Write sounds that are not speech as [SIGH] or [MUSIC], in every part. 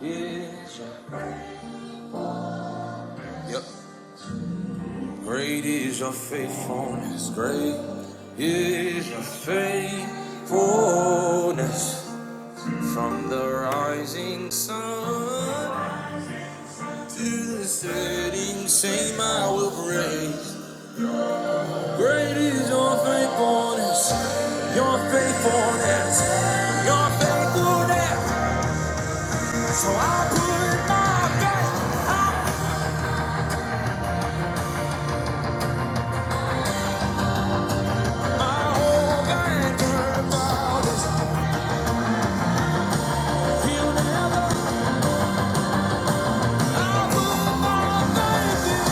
is your grace. Yep. Great is your faithfulness. Great is your faithfulness. From the rising sun to the setting same, I will praise. Great is your faithfulness. Your faithfulness. Your faithfulness. Oh, God, you're about us. He'll never.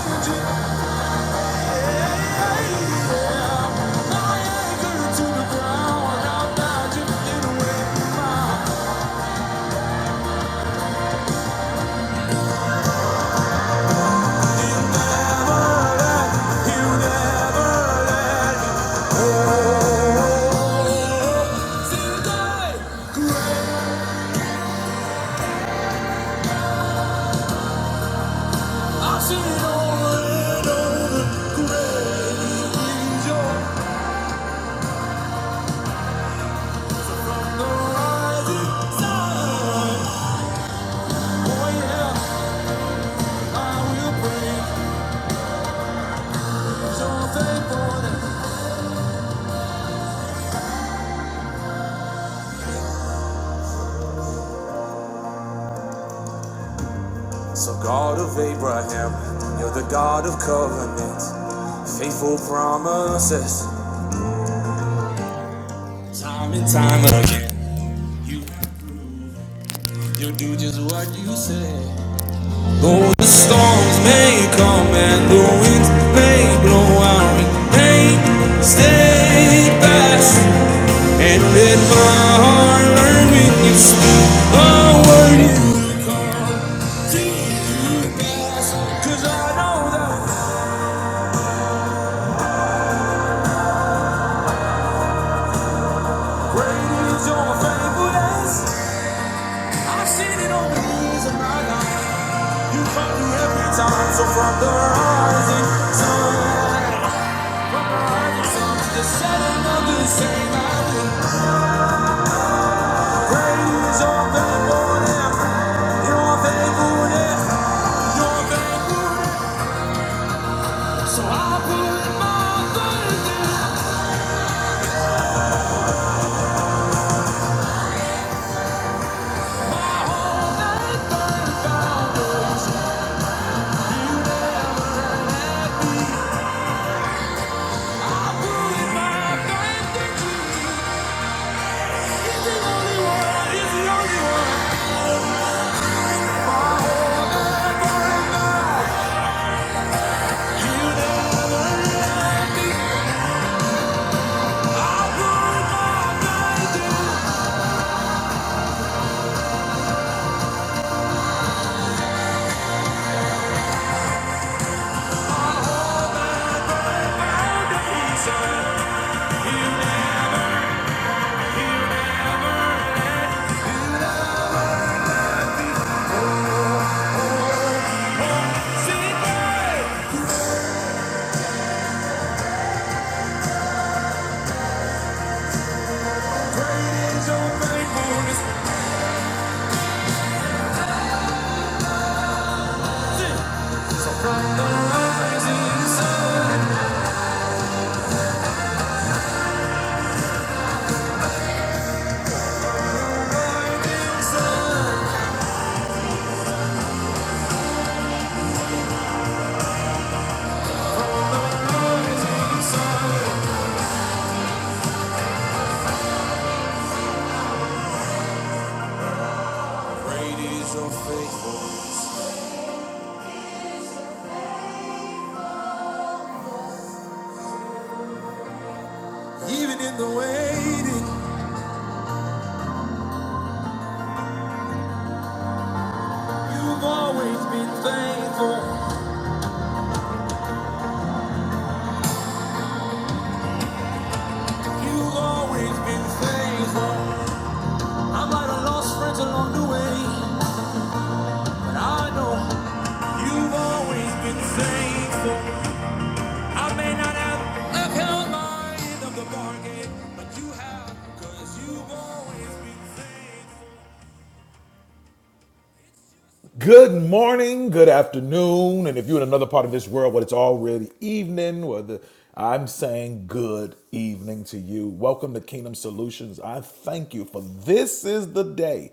Thank you. So, God of Abraham, you're the God of covenants, faithful promises. Time and time again, you do just what you say. Though the storms may come and the winds may blow out, remain steadfast. And let my heart learn when you speak a word you do. Cause I know that great is your faithfulness. I've seen it all the days of my life. You come through every time. So from the rising sun, from the rising sun, just set another same mountain. Great is your faithfulness. Your faithfulness. Your faithfulness. He's the only one. He's the only one. You never let. I put my faith in every sun. Sing it. Great is your faithfulness. The rising sun. Even in the waiting, you've always been faithful. You've always been faithful. I'm like a lost friend along the way. And I know you've always been faithful. I may not have upheld my end of the bargain, but you havebecause you've always been faithful. Good morning, good afternoon, and if you're in another part of this world where it's already evening, where the, I'm saying good evening to you. Welcome to Kingdom Solutions. I thank you for this is the day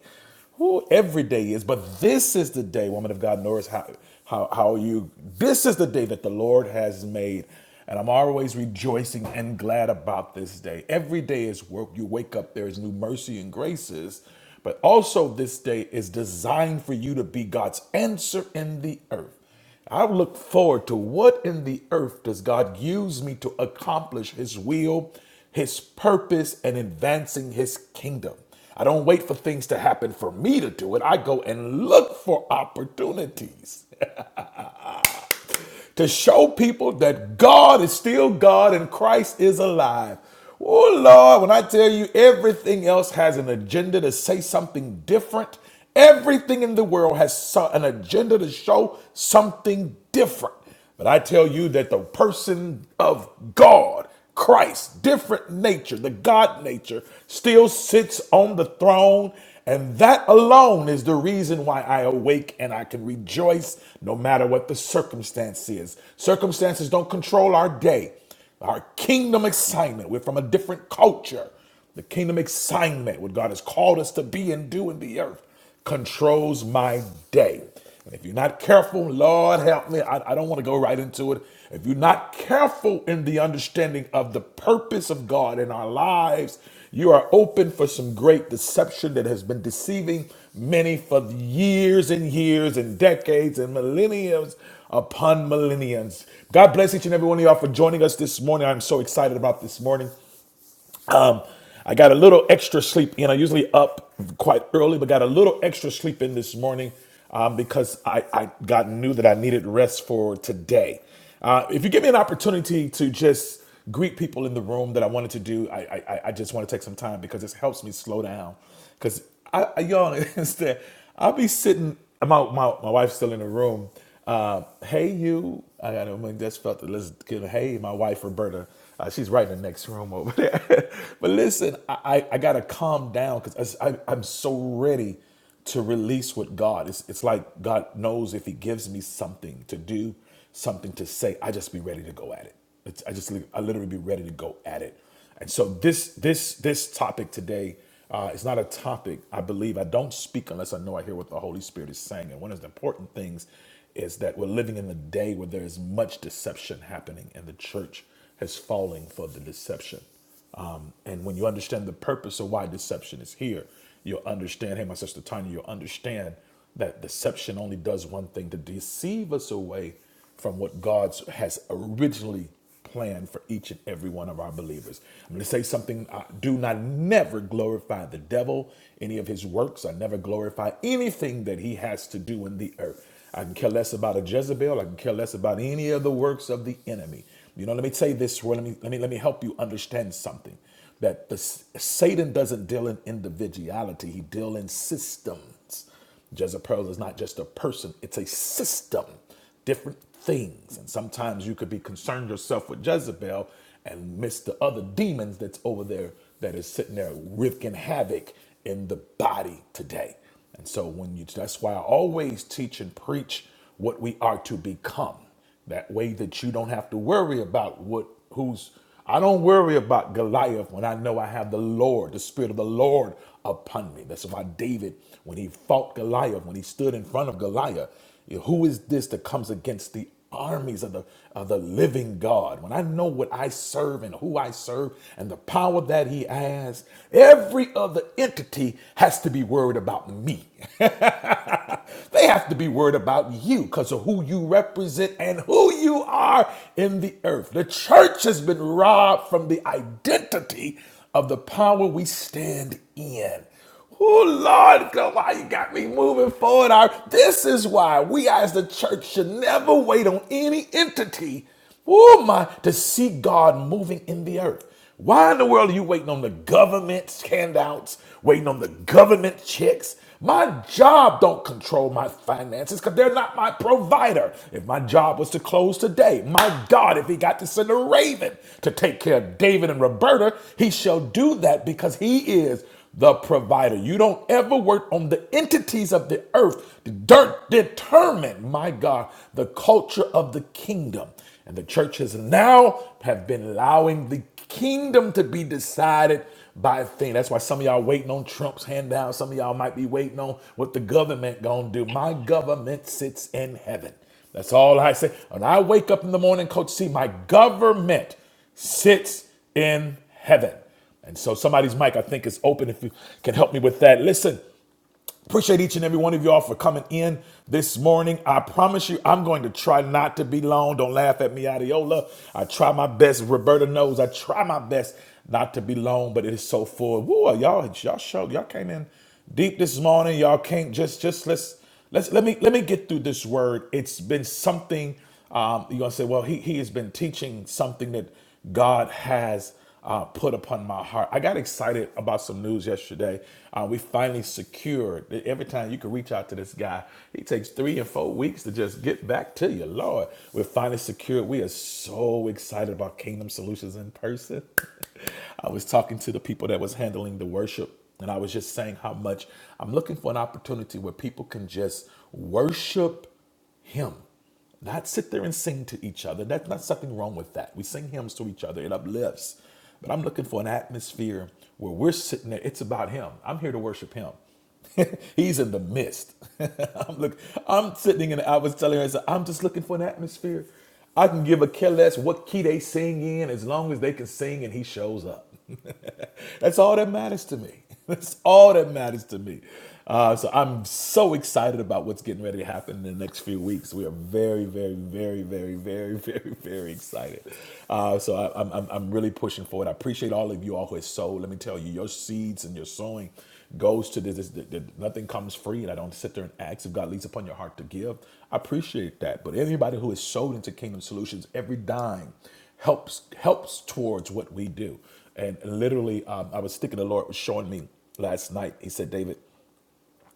Ooh, every day is, but this is the day, woman of God, notice how, how, how you, this is the day that the Lord has made. And I'm always rejoicing and glad about this day. Every day is work. You wake up, there is new mercy and graces. But also, this day is designed for you to be God's answer in the earth. I look forward to what in the earth does God use me to accomplish His will, His purpose, and advancing His kingdom. I don't wait for things to happen for me to do it. I go and look for opportunities to show people that God is still God and Christ is alive. Oh Lord, when I tell you everything else has an agenda to say something different, everything in the world has so- an agenda to show something different. But I tell you that the person of God Christ, different nature, the God nature, still sits on the throne. And that alone is the reason why I awake and I can rejoice no matter what the circumstance is. Circumstances don't control our day, our kingdom excitement. We're from a different culture. The kingdom assignment, what God has called us to be and do in the earth, controls my day. And if you're not careful, Lord help me, I, I don't want to go right into it. If you're not careful in the understanding of the purpose of God in our lives, you are open for some great deception that has been deceiving many for years and years and decades and millenniums upon millenniums. God bless each and every one of y'all for joining us this morning. I'm so excited about this morning. I got a little extra sleep. You know, usually up quite early, but got a little extra sleep in this morning um, because I, I got knew that I needed rest for today. Uh, if you give me an opportunity to just greet people in the room that I wanted to do, I, I, I just want to take some time because this helps me slow down Cause I, I y'all do [LAUGHS] understand. I'll be sitting. My my my wife's still in the room. Uh, hey you. I got to I mean, just felt the listen. kid, Hey, my wife Roberta. Uh, she's right in the next room over there. [LAUGHS] but listen, I, I I gotta calm down because I, I I'm so ready to release with God. It's it's like God knows if He gives me something to do, something to say, I just be ready to go at it. It's, I just li- I literally be ready to go at it. And so this this this topic today uh, is not a topic I believe I don't speak unless I know I hear what the Holy Spirit is saying. And one of the important things is that we're living in the day where there is much deception happening, and the church has fallen for the deception. Um, and when you understand the purpose of why deception is here, you'll understand. Hey, my sister Tanya, you'll understand that deception only does one thing: to deceive us away from what God has originally planned for each and every one of our believers. I'm going to say something. I do not never glorify the devil, any of his works. I never glorify anything that he has to do in the earth. I can care less about a Jezebel. I can care less about any of the works of the enemy. You know, let me say this. Well, let me let me let me help you understand something. That the Satan doesn't deal in individuality. He deals in systems. Jezebels. Jezebel is not just a person, it's a system, different things. And sometimes you could be concerned yourself with Jezebel and miss the other demons that's over there that is sitting there wreaking havoc in the body today. And so when you that's why I always teach and preach what we are to become. That way that you don't have to worry about what who's I don't worry about Goliath when I know I have the Lord, the Spirit of the Lord upon me. That's why David, when he fought Goliath, when he stood in front of Goliath, who is this that comes against the armies of the of the living God? When I know what I serve and who I serve and the power that he has, every other entity has to be worried about me. They have to be worried about you because of who you represent and who you are in the earth. The church has been robbed from the identity of the power we stand in. Oh Lord, God, why you got me moving forward? Our- This is why we as the church should never wait on any entity Oh my, to see God moving in the earth. Why in the world are you waiting on the government's handouts, waiting on the government checks? My job don't control my finances because they're not my provider. If my job was to close today, my God, if he got to send a raven to take care of David and Roberta, he shall do that because he is the provider. You don't ever work on the entities of the earth to dirt determine, my God, the culture of the kingdom. And the churches now have been allowing the kingdom to be decided by a thing. That's why some of y'all waiting on Trump's handout. Some of y'all might be waiting on what the government gonna do. My government sits in heaven. That's all I say. When I wake up in the morning, Coach C, my government sits in heaven. And so somebody's mic, I think, is open if you can help me with that. Listen, Appreciate each and every one of y'all for coming in this morning. I promise you, I'm going to try not to be long. Don't laugh at me, Adiola. I try my best. Roberta knows I try my best not to be long, but it is so full. Woo, y'all, y'all show, y'all came in deep this morning. Y'all can't just, just let's Let's let me let me get through this word. It's been something. Um, you're gonna say, well, he he has been teaching something that God has uh, put upon my heart. I got excited about some news yesterday. Uh, we finally secured. Every time you can reach out to this guy, he takes three and four weeks to just get back to you. Lord, we're finally secured. We are so excited about Kingdom Solutions in person. [LAUGHS] I was talking to the people that was handling the worship, and I was just saying how much I'm looking for an opportunity where people can just worship him. Not sit there and sing to each other. That's not something wrong with that. We sing hymns to each other, it uplifts. But I'm looking for an atmosphere where we're sitting there. It's about Him. I'm here to worship Him. [LAUGHS] He's in the midst. [LAUGHS] I'm look. I'm sitting in. I was telling her, I said, I'm just looking for an atmosphere. I can give a care less what key they sing in, as long as they can sing and he shows up. [LAUGHS] [LAUGHS] That's all that matters to me. [LAUGHS] That's all that matters to me. Uh, so I'm so excited about what's getting ready to happen in the next few weeks. We are very, very, very, very, very, [LAUGHS] very, very excited. Uh, so I, I'm, I'm, I'm really pushing forward. I appreciate all of you all who have sowed. Let me tell you, your seeds and your sowing goes to this. this, this, this nothing comes free, and I don't sit there and ask if God leads upon your heart to give. I appreciate that. But anybody who is sowed into Kingdom Solutions, every dime helps helps towards what we do. And literally, um, I was thinking the Lord was showing me last night. He said, David,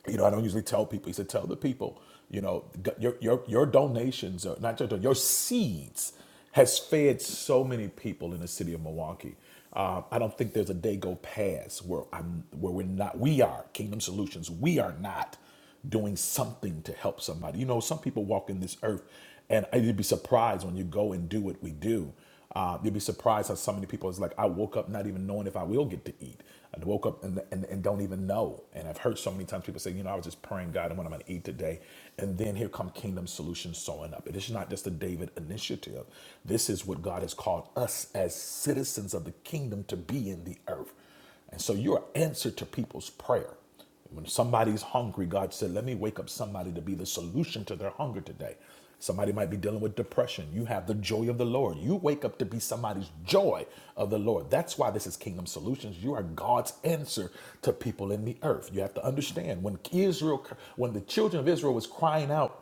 you know, I don't usually tell people. He said, tell the people, you know, g- your, your, your donations, are not your, don- your seeds has fed so many people in the city of Milwaukee. Uh, I don't think there's a day go past where I'm, where we're not, we are Kingdom Solutions. We are not doing something to help somebody. You know, some people walk in this earth, and you'd be surprised when you go and do what we do. Uh, you'd be surprised how so many people is like, I woke up not even knowing if I will get to eat. I woke up and, and, and don't even know. And I've heard so many times people say, you know, I was just praying, God, and what I'm going to eat today. And then here come Kingdom Solutions showing up. And it's not just a David initiative. This is what God has called us as citizens of the kingdom to be in the earth. And so you're an answer to people's prayer. When somebody's hungry, God said, Let me wake up somebody to be the solution to their hunger today. Somebody might be dealing with depression. You have the joy of the Lord. You wake up to be somebody's joy of the Lord. That's why this is Kingdom Solutions. You are God's answer to people in the earth. You have to understand when Israel, when the children of Israel was crying out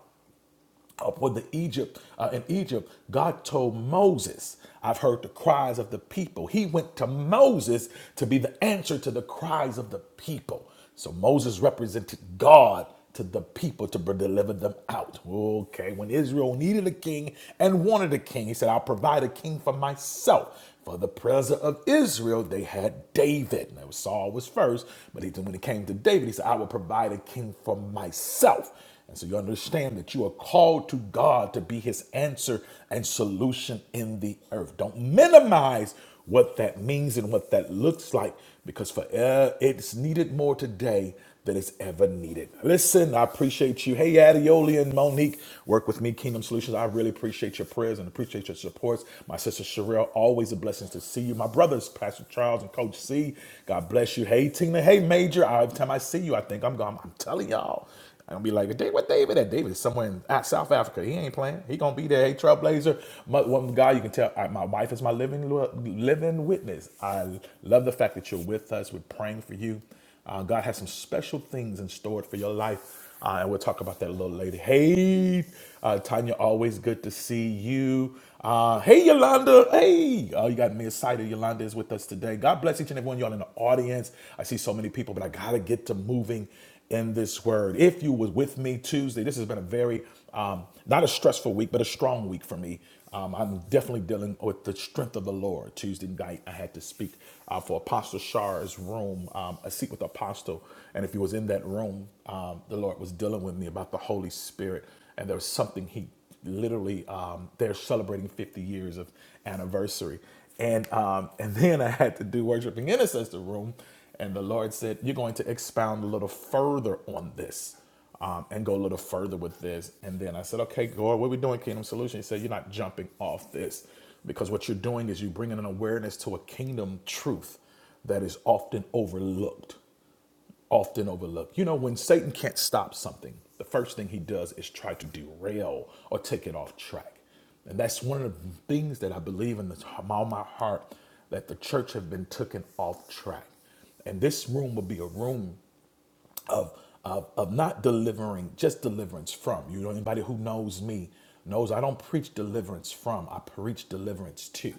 up with the Egypt uh, in Egypt, God told Moses, "I've heard the cries of the people." He went to Moses to be the answer to the cries of the people. So Moses represented God to the people to deliver them out. Okay, when Israel needed a king and wanted a king, he said, "I'll provide a king for myself." For the president of Israel, they had David. Now Saul was first, but he, when it came to David, he said, "I will provide a king for myself." And so you understand that you are called to God to be his answer and solution in the earth. Don't minimize what that means and what that looks like because for uh, it's needed more today than it's ever needed. Listen, I appreciate you. Hey, Adioli and Monique, work with me, Kingdom Solutions. I really appreciate your prayers and appreciate your supports. My sister Sherelle, always a blessing to see you. My brothers, Pastor Charles and Coach C, God bless you. Hey, Tina. Hey, Major. Every time I see you, I think I'm gone. I'm telling y'all. I'm gonna be like, Dave, what David at? David is somewhere in out- South Africa. He ain't playing. He gonna be there. Hey, Trailblazer. My, one guy you can tell, I, my wife is my living living witness. I love the fact that you're with us. We're praying for you. Uh, God has some special things in store for your life. Uh, and we'll talk about that a little later. Hey, uh, Tanya, always good to see you. Uh, hey, Yolanda. Hey, oh, you got me excited. Yolanda is with us today. God bless each and every one of y'all in the audience. I see so many people, but I got to get to moving in this word. If you was with me Tuesday, this has been a very um, not a stressful week, but a strong week for me. Um, I'm definitely dealing with the strength of the Lord. Tuesday night, I had to speak uh, for Apostle Shar's room, um, a seat with the Apostle. And if he was in that room, um, the Lord was dealing with me about the Holy Spirit. And there was something he literally um, they're celebrating 50 years of anniversary and um, and then i had to do worshiping intercessor room and the lord said you're going to expound a little further on this um, and go a little further with this and then i said okay god what are we doing kingdom solution he said you're not jumping off this because what you're doing is you're bringing an awareness to a kingdom truth that is often overlooked often overlooked. You know, when Satan can't stop something, the first thing he does is try to derail or take it off track. And that's one of the things that I believe in this, all my heart that the church have been taken off track. And this room will be a room of, of, of not delivering, just deliverance from. You know, anybody who knows me knows I don't preach deliverance from, I preach deliverance to.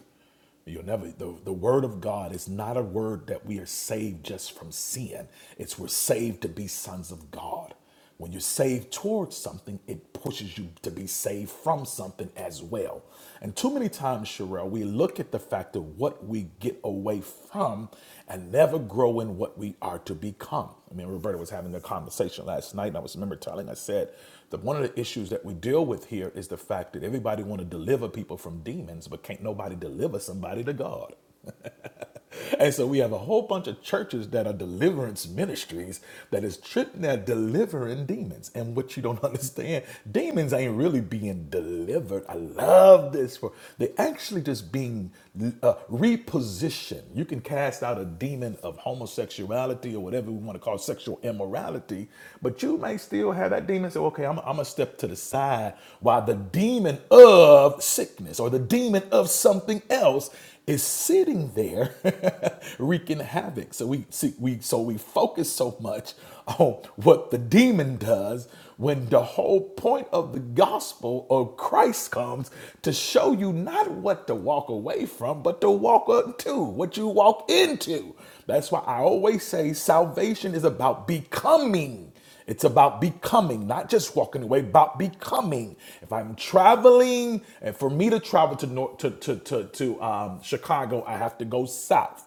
You'll never, the, the word of God is not a word that we are saved just from sin. It's we're saved to be sons of God. When you're saved towards something, it pushes you to be saved from something as well. And too many times, Sherelle, we look at the fact of what we get away from and never grow in what we are to become. I mean, Roberta was having a conversation last night, and I was remember telling, I said, the, one of the issues that we deal with here is the fact that everybody want to deliver people from demons, but can't nobody deliver somebody to God. [LAUGHS] And so we have a whole bunch of churches that are deliverance ministries that is tripping, that delivering demons. And what you don't [LAUGHS] understand, demons ain't really being delivered. I love this for they actually just being uh, repositioned. You can cast out a demon of homosexuality or whatever we want to call sexual immorality, but you may still have that demon say, "Okay, I'm, I'm gonna step to the side," while the demon of sickness or the demon of something else is sitting there [LAUGHS] wreaking havoc. So we see we so we focus so much on what the demon does when the whole point of the gospel of Christ comes to show you not what to walk away from, but to walk up what you walk into. That's why I always say salvation is about becoming. It's about becoming, not just walking away, about becoming. If I'm traveling, and for me to travel to North, to, to, to, to um, Chicago, I have to go south.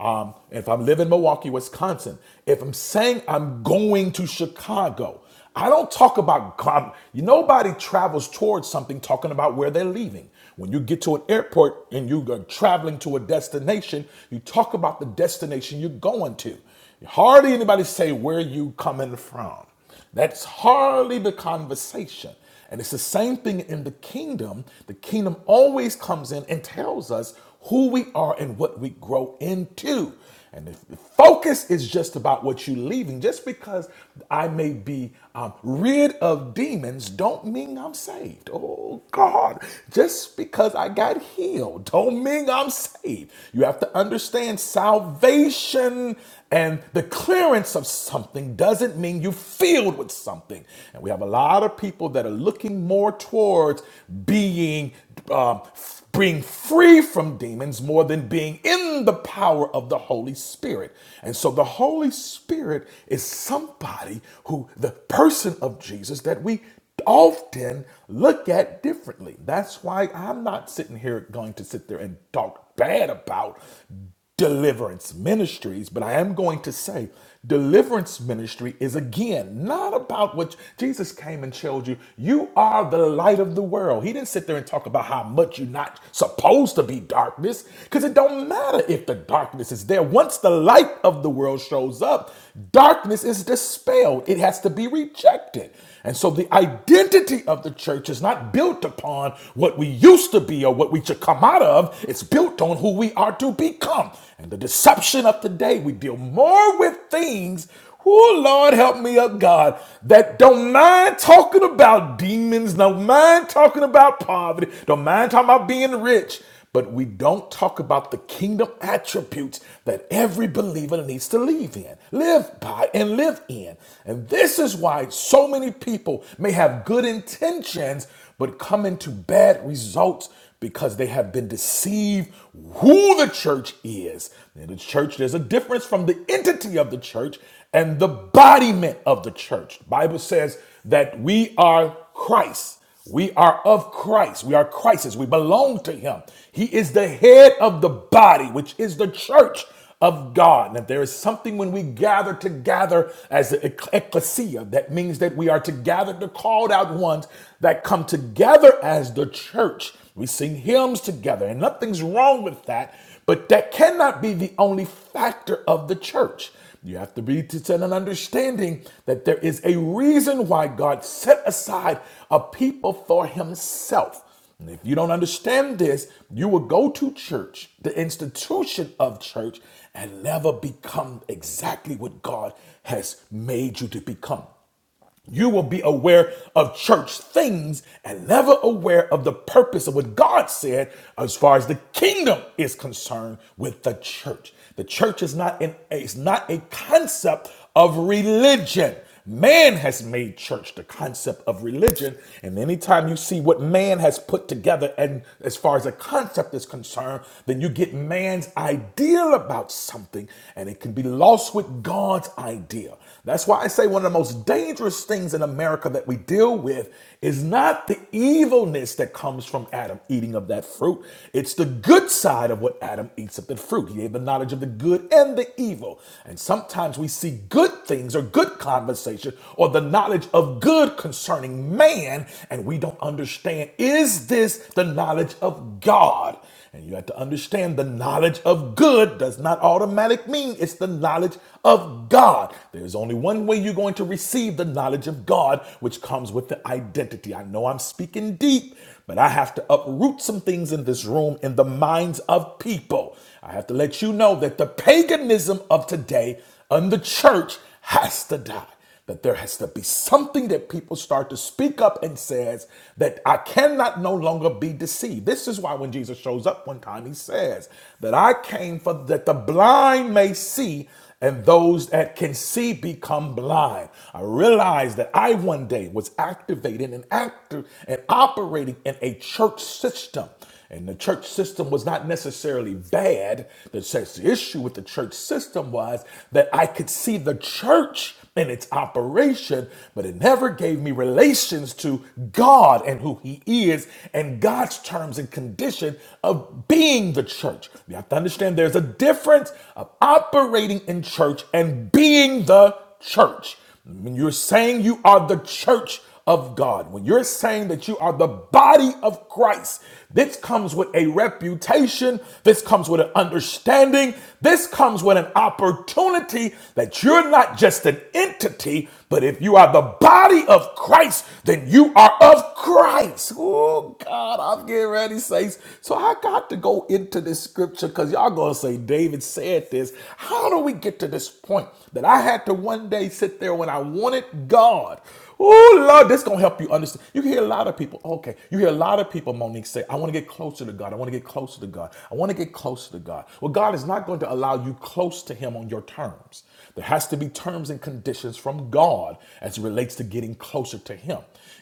Um, if I'm living in Milwaukee, Wisconsin, if I'm saying I'm going to Chicago, I don't talk about com- nobody travels towards something talking about where they're leaving. When you get to an airport and you are traveling to a destination, you talk about the destination you're going to. Hardly anybody say where you coming from. That's hardly the conversation. And it's the same thing in the kingdom. The kingdom always comes in and tells us who we are and what we grow into. And if the focus is just about what you're leaving, just because I may be um, rid of demons, don't mean I'm saved. Oh God, just because I got healed, don't mean I'm saved. You have to understand salvation and the clearance of something doesn't mean you filled with something. And we have a lot of people that are looking more towards being um, f- being free from demons more than being in the power of the Holy Spirit. And so the Holy Spirit is somebody who the person of Jesus that we often look at differently. That's why I'm not sitting here going to sit there and talk bad about deliverance ministries, but I am going to say deliverance ministry is again not about what Jesus came and showed you. You are the light of the world. He didn't sit there and talk about how much you're not supposed to be darkness, because it don't matter if the darkness is there. Once the light of the world shows up, darkness is dispelled. It has to be rejected. And so the identity of the church is not built upon what we used to be or what we should come out of. It's built on who we are to become. And the deception of today, we deal more with things. Oh, Lord, help me up, God, that don't mind talking about demons, don't mind talking about poverty, don't mind talking about being rich but we don't talk about the kingdom attributes that every believer needs to live in, live by, and live in. And this is why so many people may have good intentions, but come into bad results because they have been deceived who the church is. In the church, there's a difference from the entity of the church and the bodiment of the church. The Bible says that we are Christ. We are of Christ. We are Christ's. We belong to Him. He is the head of the body, which is the church of God. And if there is something when we gather together as the ecclesia, that means that we are together, the called out ones that come together as the church. We sing hymns together, and nothing's wrong with that, but that cannot be the only factor of the church. You have to be to set an understanding that there is a reason why God set aside a people for himself. And if you don't understand this, you will go to church, the institution of church, and never become exactly what God has made you to become. You will be aware of church things and never aware of the purpose of what God said as far as the kingdom is concerned with the church. The church is not an is not a concept of religion. Man has made church the concept of religion, and anytime you see what man has put together, and as far as a concept is concerned, then you get man's ideal about something, and it can be lost with God's idea. That's why I say one of the most dangerous things in America that we deal with is not the evilness that comes from Adam eating of that fruit. It's the good side of what Adam eats of the fruit. He gave the knowledge of the good and the evil. And sometimes we see good things or good conversation or the knowledge of good concerning man, and we don't understand is this the knowledge of God? And you have to understand the knowledge of good does not automatic mean it's the knowledge of God. There's only one way you're going to receive the knowledge of God, which comes with the identity. I know I'm speaking deep, but I have to uproot some things in this room in the minds of people. I have to let you know that the paganism of today and the church has to die. That there has to be something that people start to speak up and says that I cannot no longer be deceived. This is why when Jesus shows up one time, he says that I came for that the blind may see and those that can see become blind. I realized that I one day was activated and active and operating in a church system and the church system was not necessarily bad. The church- the issue with the church system was that I could see the church in its operation, but it never gave me relations to God and who He is and God's terms and condition of being the church. You have to understand there's a difference of operating in church and being the church. When you're saying you are the church of God, when you're saying that you are the body of Christ, this comes with a reputation, this comes with an understanding, this comes with an opportunity that you're not just an entity, but if you are the body of Christ, then you are of Christ. Oh God, I'm getting ready, saints. So I got to go into this this scripture because y'all gonna say David said this. How do we get to this point that I had to one day sit there when I wanted God? Oh Lord, this gonna help you understand. You hear a lot of people. Okay, you hear a lot of people, Monique, say, I want to get closer to God. I want to get closer to God. I want to get closer to God. Well, God is not going to allow you close to Him on your terms. There has to be terms and conditions from God as it relates to getting closer to Him.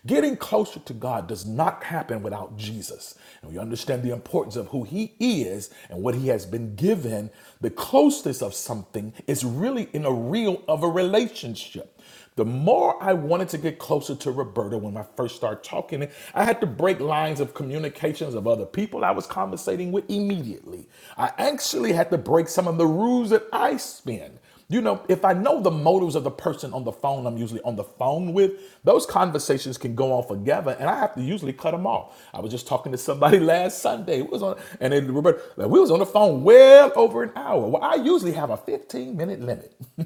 Getting closer to God does not happen without Jesus. And we understand the importance of who He is and what He has been given. The closeness of something is really in a reel of a relationship. The more I wanted to get closer to Roberta when I first started talking, I had to break lines of communications of other people I was conversating with immediately. I actually had to break some of the rules that I spin. You know, if I know the motives of the person on the phone I'm usually on the phone with, those conversations conversations can go on forever, and I have to usually cut them off. I was just talking to somebody [LAUGHS] last Sunday. We was on, and then Roberta, like, we was on the phone well over an hour. Well, I usually have a 15 minute limit, [LAUGHS]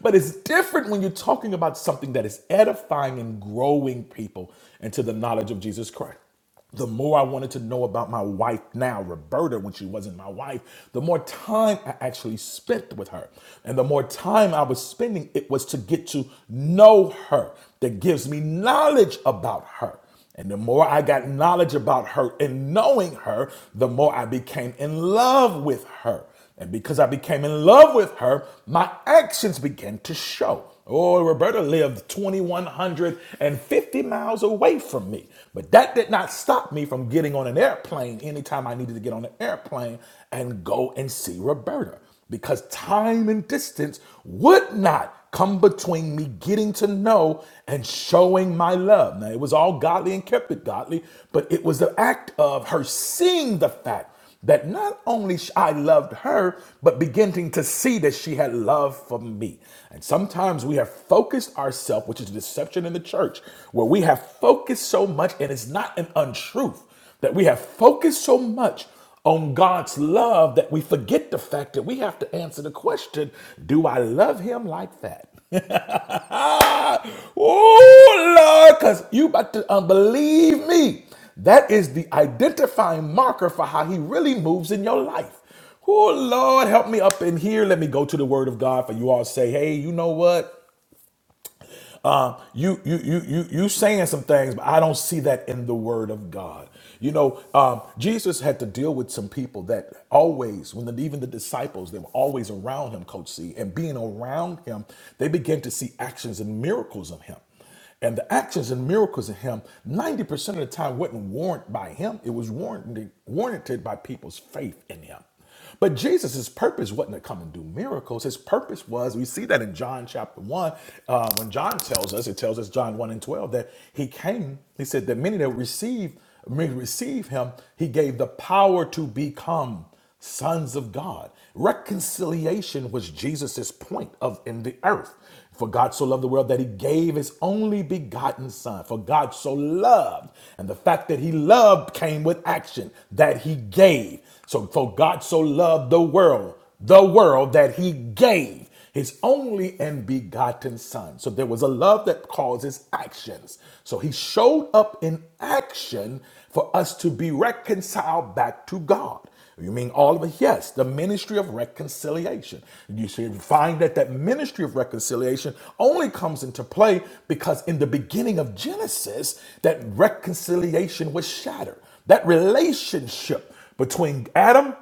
but it's different when you're talking about something that is edifying and growing people into the knowledge of Jesus Christ the more I wanted to know about my wife now, Roberta, when she wasn't my wife, the more time I actually spent with her. And the more time I was spending, it was to get to know her. That gives me knowledge about her. And the more I got knowledge about her and knowing her, the more I became in love with her. And because I became in love with her, my actions began to show. Oh, Roberta lived 2,150 miles away from me. But that did not stop me from getting on an airplane anytime I needed to get on an airplane and go and see Roberta. Because time and distance would not come between me getting to know and showing my love. Now, it was all godly and kept it godly, but it was the act of her seeing the fact that not only I loved her, but beginning to see that she had love for me. And sometimes we have focused ourselves, which is a deception in the church, where we have focused so much, and it's not an untruth, that we have focused so much on God's love that we forget the fact that we have to answer the question do I love him like that? [LAUGHS] oh Lord, because you about to unbelieve me. That is the identifying marker for how he really moves in your life. Oh, Lord, help me up in here. Let me go to the word of God for you all to say, hey, you know what? Uh, you, you, you, you, you saying some things, but I don't see that in the Word of God. You know, um, Jesus had to deal with some people that always, when the, even the disciples, they were always around him, Coach C, and being around him, they began to see actions and miracles of him. And the actions and miracles of him, 90% of the time, wasn't warranted by him. It was warranted, warranted by people's faith in him. But Jesus' purpose wasn't to come and do miracles. His purpose was, we see that in John chapter 1, uh, when John tells us, it tells us, John 1 and 12, that he came, he said that many that received, many receive him, he gave the power to become sons of God. Reconciliation was Jesus's point of in the earth. For God so loved the world that he gave his only begotten son. For God so loved. And the fact that he loved came with action that he gave. So for God so loved the world, the world that he gave his only and begotten son. So there was a love that causes actions. So he showed up in action for us to be reconciled back to God. You mean all of it? Yes, the ministry of reconciliation. You should find that that ministry of reconciliation only comes into play because in the beginning of Genesis, that reconciliation was shattered. That relationship between Adam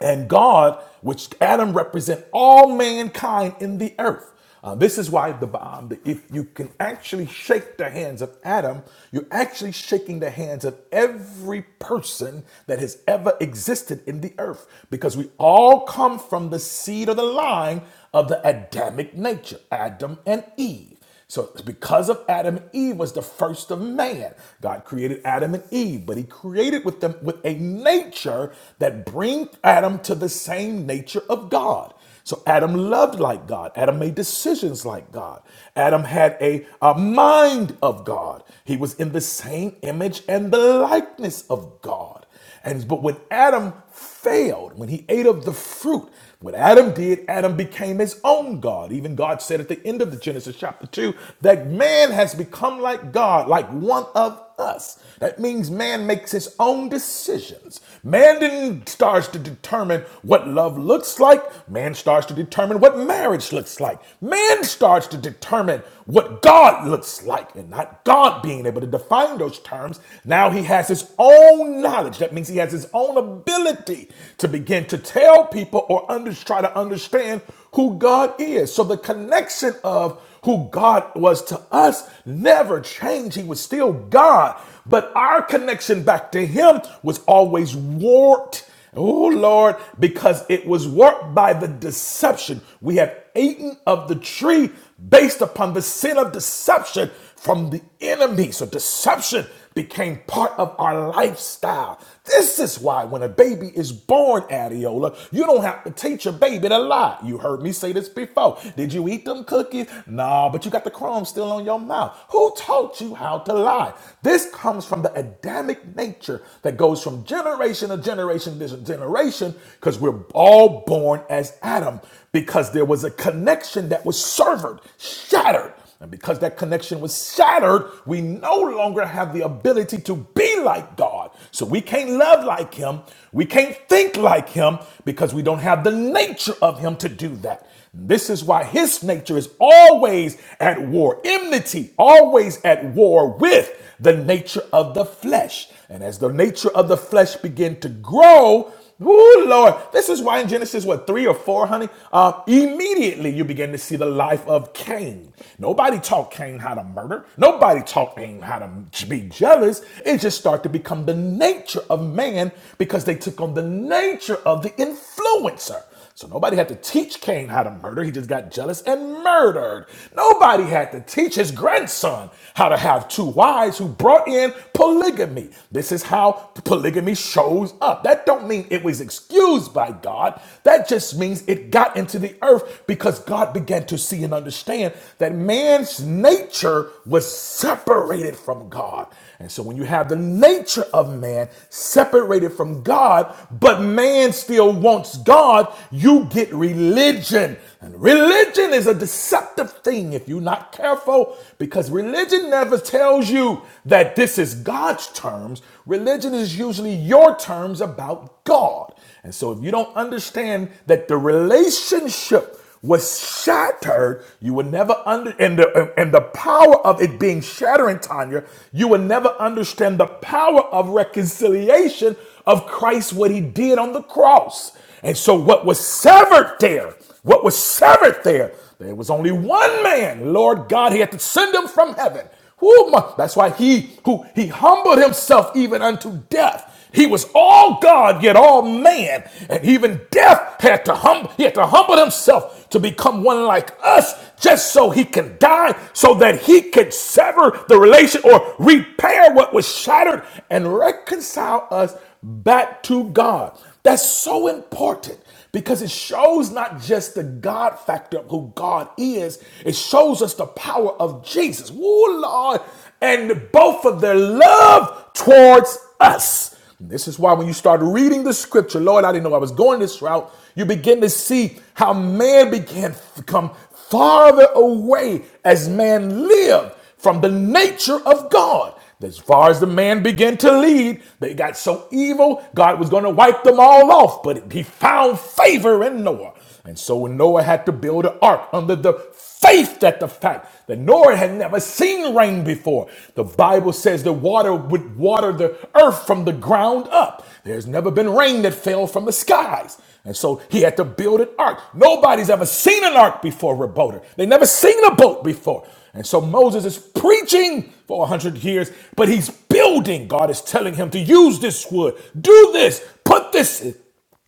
and God, which Adam represent all mankind in the earth. Uh, this is why the um, the- if you can actually shake the hands of Adam, you're actually shaking the hands of every person that has ever existed in the earth, because we all come from the seed or the line of the Adamic nature, Adam and Eve. So because of Adam and Eve was the first of man. God created Adam and Eve, but he created with them with a nature that bring Adam to the same nature of God. So Adam loved like God. Adam made decisions like God. Adam had a, a mind of God. He was in the same image and the likeness of God. And but when Adam failed, when he ate of the fruit, what Adam did, Adam became his own God. Even God said at the end of the Genesis chapter 2 that man has become like God, like one of us. That means man makes his own decisions. Man then starts to determine what love looks like. Man starts to determine what marriage looks like. Man starts to determine what God looks like and not God being able to define those church terms. Now he has his own knowledge. That means he has his own ability to begin to tell people or under, try to understand who God is. So the connection of who God was to us never changed. He was still God. But our connection back to him was always warped Oh Lord, because it was worked by the deception. We have eaten of the tree based upon the sin of deception from the enemy. So deception became part of our lifestyle. This is why when a baby is born, Adiola, you don't have to teach your baby to lie. You heard me say this before. Did you eat them cookies? No, but you got the crumbs still on your mouth. Who taught you how to lie? This comes from the Adamic nature that goes goes from generation to generation to generation because we're all born as Adam because there was a connection that was severed, shattered. And because that connection was shattered, we no longer have the ability to be like God. So we can't love like Him. We can't think like Him because we don't have the nature of Him to do that. This is why His nature is always at war, enmity, always at war with the nature of the flesh. And as the nature of the flesh began to grow, oh Lord. This is why in Genesis, what, three or four, honey? Um, immediately you begin to see the life of Cain. Nobody taught Cain how to murder. Nobody taught Cain how to be jealous. It just started to become the nature of man because they took on the nature of the influencer. So nobody had to teach Cain how to murder. He just got jealous and murdered. Nobody had to teach his grandson how to have two wives who brought in polygamy. This is how polygamy shows up. That don't mean it was excused by God. That just means it got into the earth because God began to see and understand that man's nature was separated from God. And so when you have the nature of man separated from God, but man still wants God, you get religion. And religion is a deceptive thing if you're not careful because religion never tells you that this is God's terms. Religion is usually your terms about God. And so if you don't understand that the relationship was shattered, you will never under and the and the power of it being shattering, Tanya, you will never understand the power of reconciliation of Christ, what he did on the cross. And so what was severed there, what was severed there, there was only one man, Lord God, he had to send him from heaven who that's why he who he humbled himself even unto death. He was all God yet all man, and even death had to humble. He had to humble himself to become one like us, just so he can die, so that he could sever the relation or repair what was shattered and reconcile us back to God. That's so important because it shows not just the God factor of who God is, it shows us the power of Jesus. Woo, Lord. And both of their love towards us. This is why when you start reading the scripture, Lord, I didn't know I was going this route, you begin to see how man began to come farther away as man lived from the nature of God. As far as the man began to lead, they got so evil, God was going to wipe them all off. But he found favor in Noah. And so Noah had to build an ark under the faith that the fact that Noah had never seen rain before. The Bible says the water would water the earth from the ground up. There's never been rain that fell from the skies. And so he had to build an ark. Nobody's ever seen an ark before, Reboter. They never seen a boat before. And so Moses is preaching for 100 years, but he's building. God is telling him to use this wood, do this, put this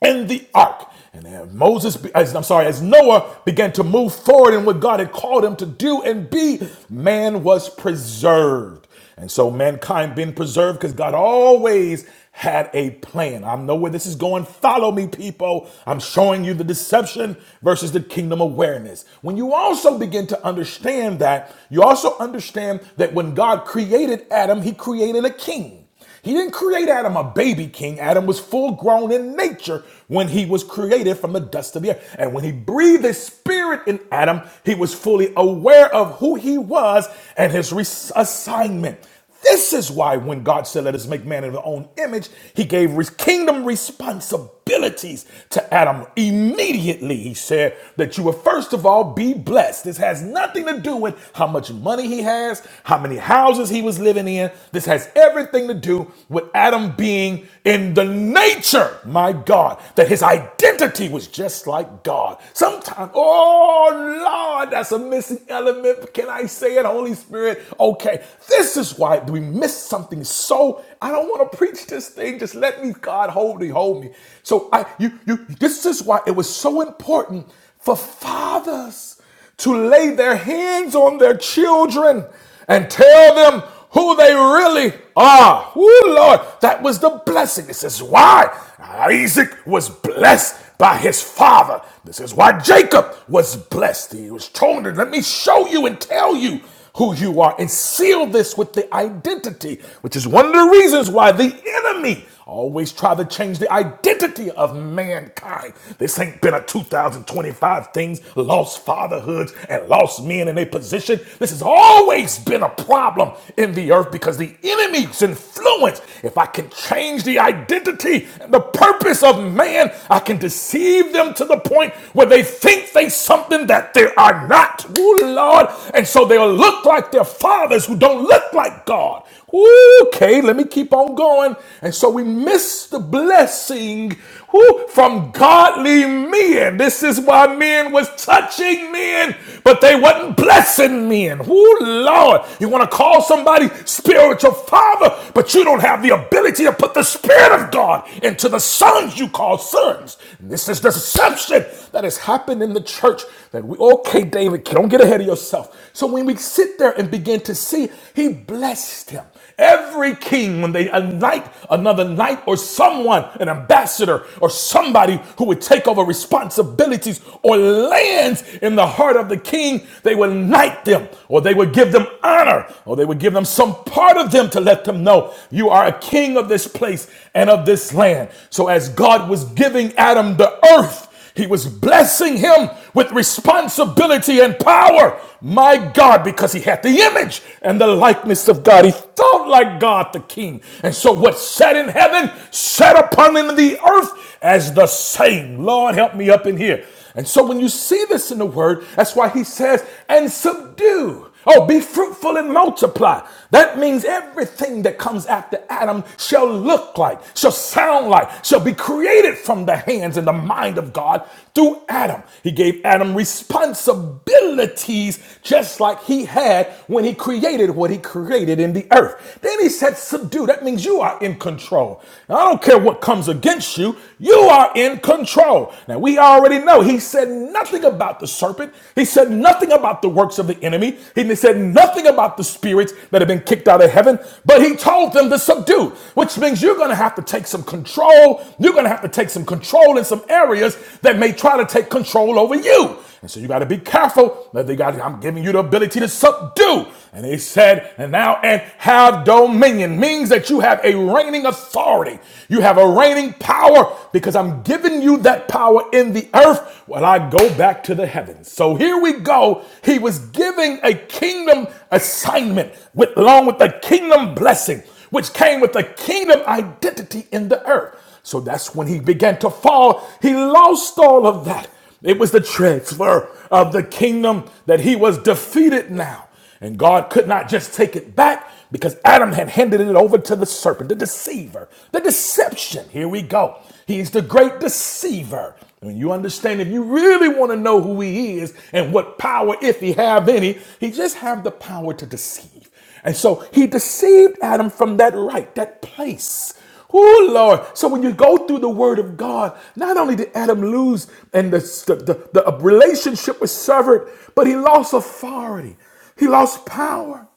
in the ark. And as Moses, as, I'm sorry, as Noah began to move forward in what God had called him to do and be, man was preserved. And so mankind been preserved because God always had a plan. I know where this is going. Follow me, people. I'm showing you the deception versus the kingdom awareness. When you also begin to understand that, you also understand that when God created Adam, he created a king. He didn't create Adam a baby king. Adam was full grown in nature when he was created from the dust of the earth. And when he breathed his spirit in Adam, he was fully aware of who he was and his assignment. This is why when God said, Let us make man in our own image, he gave kingdom responsibilities to Adam immediately. He said that you will first of all be blessed. This has nothing to do with how much money he has, how many houses he was living in. This has everything to do do with Adam being in the nature, my God, that his identity was just like God. Sometimes, oh Lord, that's a missing element. Can I say it, Holy Spirit? Okay, this is why we miss something so. I don't want to preach this thing. Just let me, God, hold me, hold me. So I, you, you. This is why it was so important for fathers to lay their hands on their children and tell them who they really are. Woo, Lord, that was the blessing. This is why Isaac was blessed by his father. This is why Jacob was blessed. He was told, Let me show you and tell you who you are and seal this with the identity, which is one of the reasons why the enemy Always try to change the identity of mankind. This ain't been a 2025 things, lost fatherhoods and lost men in a position. This has always been a problem in the earth because the enemy's influence. If I can change the identity and the purpose of man, I can deceive them to the point where they think they something that they are not. Ooh, Lord. And so they'll look like their fathers who don't look like God. Ooh, okay, let me keep on going. And so we miss the blessing ooh, from godly men. This is why men was touching men, but they wasn't blessing men. Ooh, Lord, you want to call somebody spiritual father, but you don't have the ability to put the spirit of God into the sons you call sons. And This is the deception that has happened in the church. That we okay, David, don't get ahead of yourself. So when we sit there and begin to see he blessed him. Every king, when they anoint another knight or someone, an ambassador or somebody who would take over responsibilities or lands in the heart of the king, they would knight them or they would give them honor or they would give them some part of them to let them know you are a king of this place and of this land. So as God was giving Adam the earth, he was blessing him with responsibility and power. My God, because he had the image and the likeness of God. He thought like God the King. And so what sat in heaven sat upon him in the earth as the same. Lord, help me up in here. And so when you see this in the word, that's why he says, and subdue. Oh, be fruitful and multiply. That means everything that comes after Adam shall look like, shall sound like, shall be created from the hands and the mind of God through Adam. He gave Adam responsibilities just like he had when he created what he created in the earth. Then he said, Subdue. That means you are in control. Now, I don't care what comes against you, you are in control. Now, we already know he said nothing about the serpent, he said nothing about nothing about the works of the enemy. He said nothing about the spirits that have been kicked out of heaven, but he told them to subdue, which means you're going to have to take some control. You're going to have to take some control in some areas that may try to take control over you. And so you got to be careful that they got, I'm giving you the ability to subdue. And he said, and now and have dominion means that you have a reigning authority. You have a reigning power because I'm giving you that power in the in the earth while I go back to the heavens. So here we go. He was giving a kingdom assignment with, along with the kingdom blessing, which came with the kingdom identity in the earth. So that's when he began to fall. He lost all of that. It was the transfer of the kingdom that he was defeated now. And God could not just take it back because Adam had handed it over to the serpent, the deceiver, the deception. Here we go. He's the great deceiver. And you understand, if you really want to know who he is and what power, if he have any, he just have the power to deceive. And so he deceived Adam from that right, that place. Oh Lord. So when you go through the word of God, not only did Adam lose and the, the, the the uh, relationship was severed, but he lost authority. He lost power.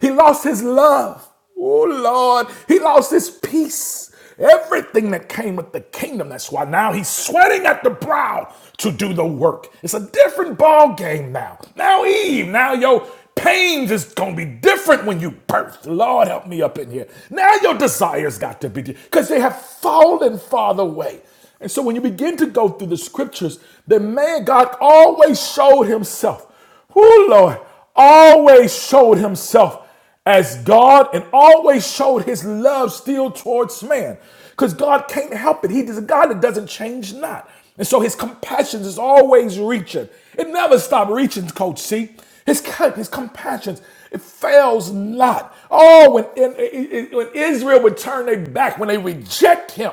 He lost his love. Oh Lord. He lost his peace everything that came with the kingdom. That's why now he's sweating at the brow to do the work. It's a different ball game now. Now Eve, now your pains is gonna be different when you birth. Lord help me up in here. Now your desires got to be different because they have fallen far away. And so when you begin to go through the scriptures, the man God always showed himself who Lord always showed himself as God and always showed his love still towards man. Because God can't help it. He is a God that doesn't change not. And so his compassions is always reaching. It never stops reaching, Coach C. His, com- his compassions, it fails not. Oh, when, when Israel would turn their back, when they reject him,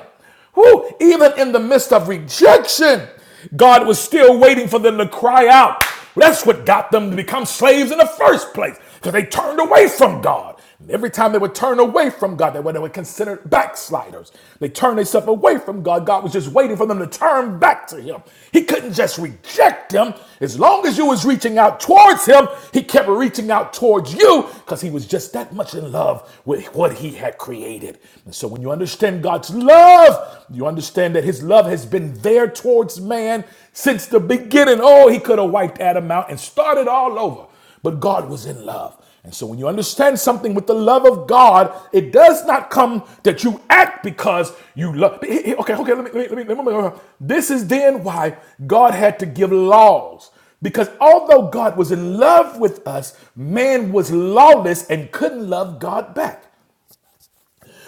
Whew, even in the midst of rejection, God was still waiting for them to cry out. That's what got them to become slaves in the first place, because they turned away from God. And every time they would turn away from God, they were, they were considered backsliders. They turned themselves away from God. God was just waiting for them to turn back to Him. He couldn't just reject them. As long as you was reaching out towards Him, He kept reaching out towards you because He was just that much in love with what He had created. And so so when you understand God's love, you understand that his love has been there towards man since the beginning. Oh, he could have wiped Adam out and started all over, but God was in love. And so when you understand something with the love of God, it does not come that you act because you love. Okay, okay, let me, let me, let me, let me- This is then why God had to give laws. Because although God was in love with us, man was lawless and couldn't love God back.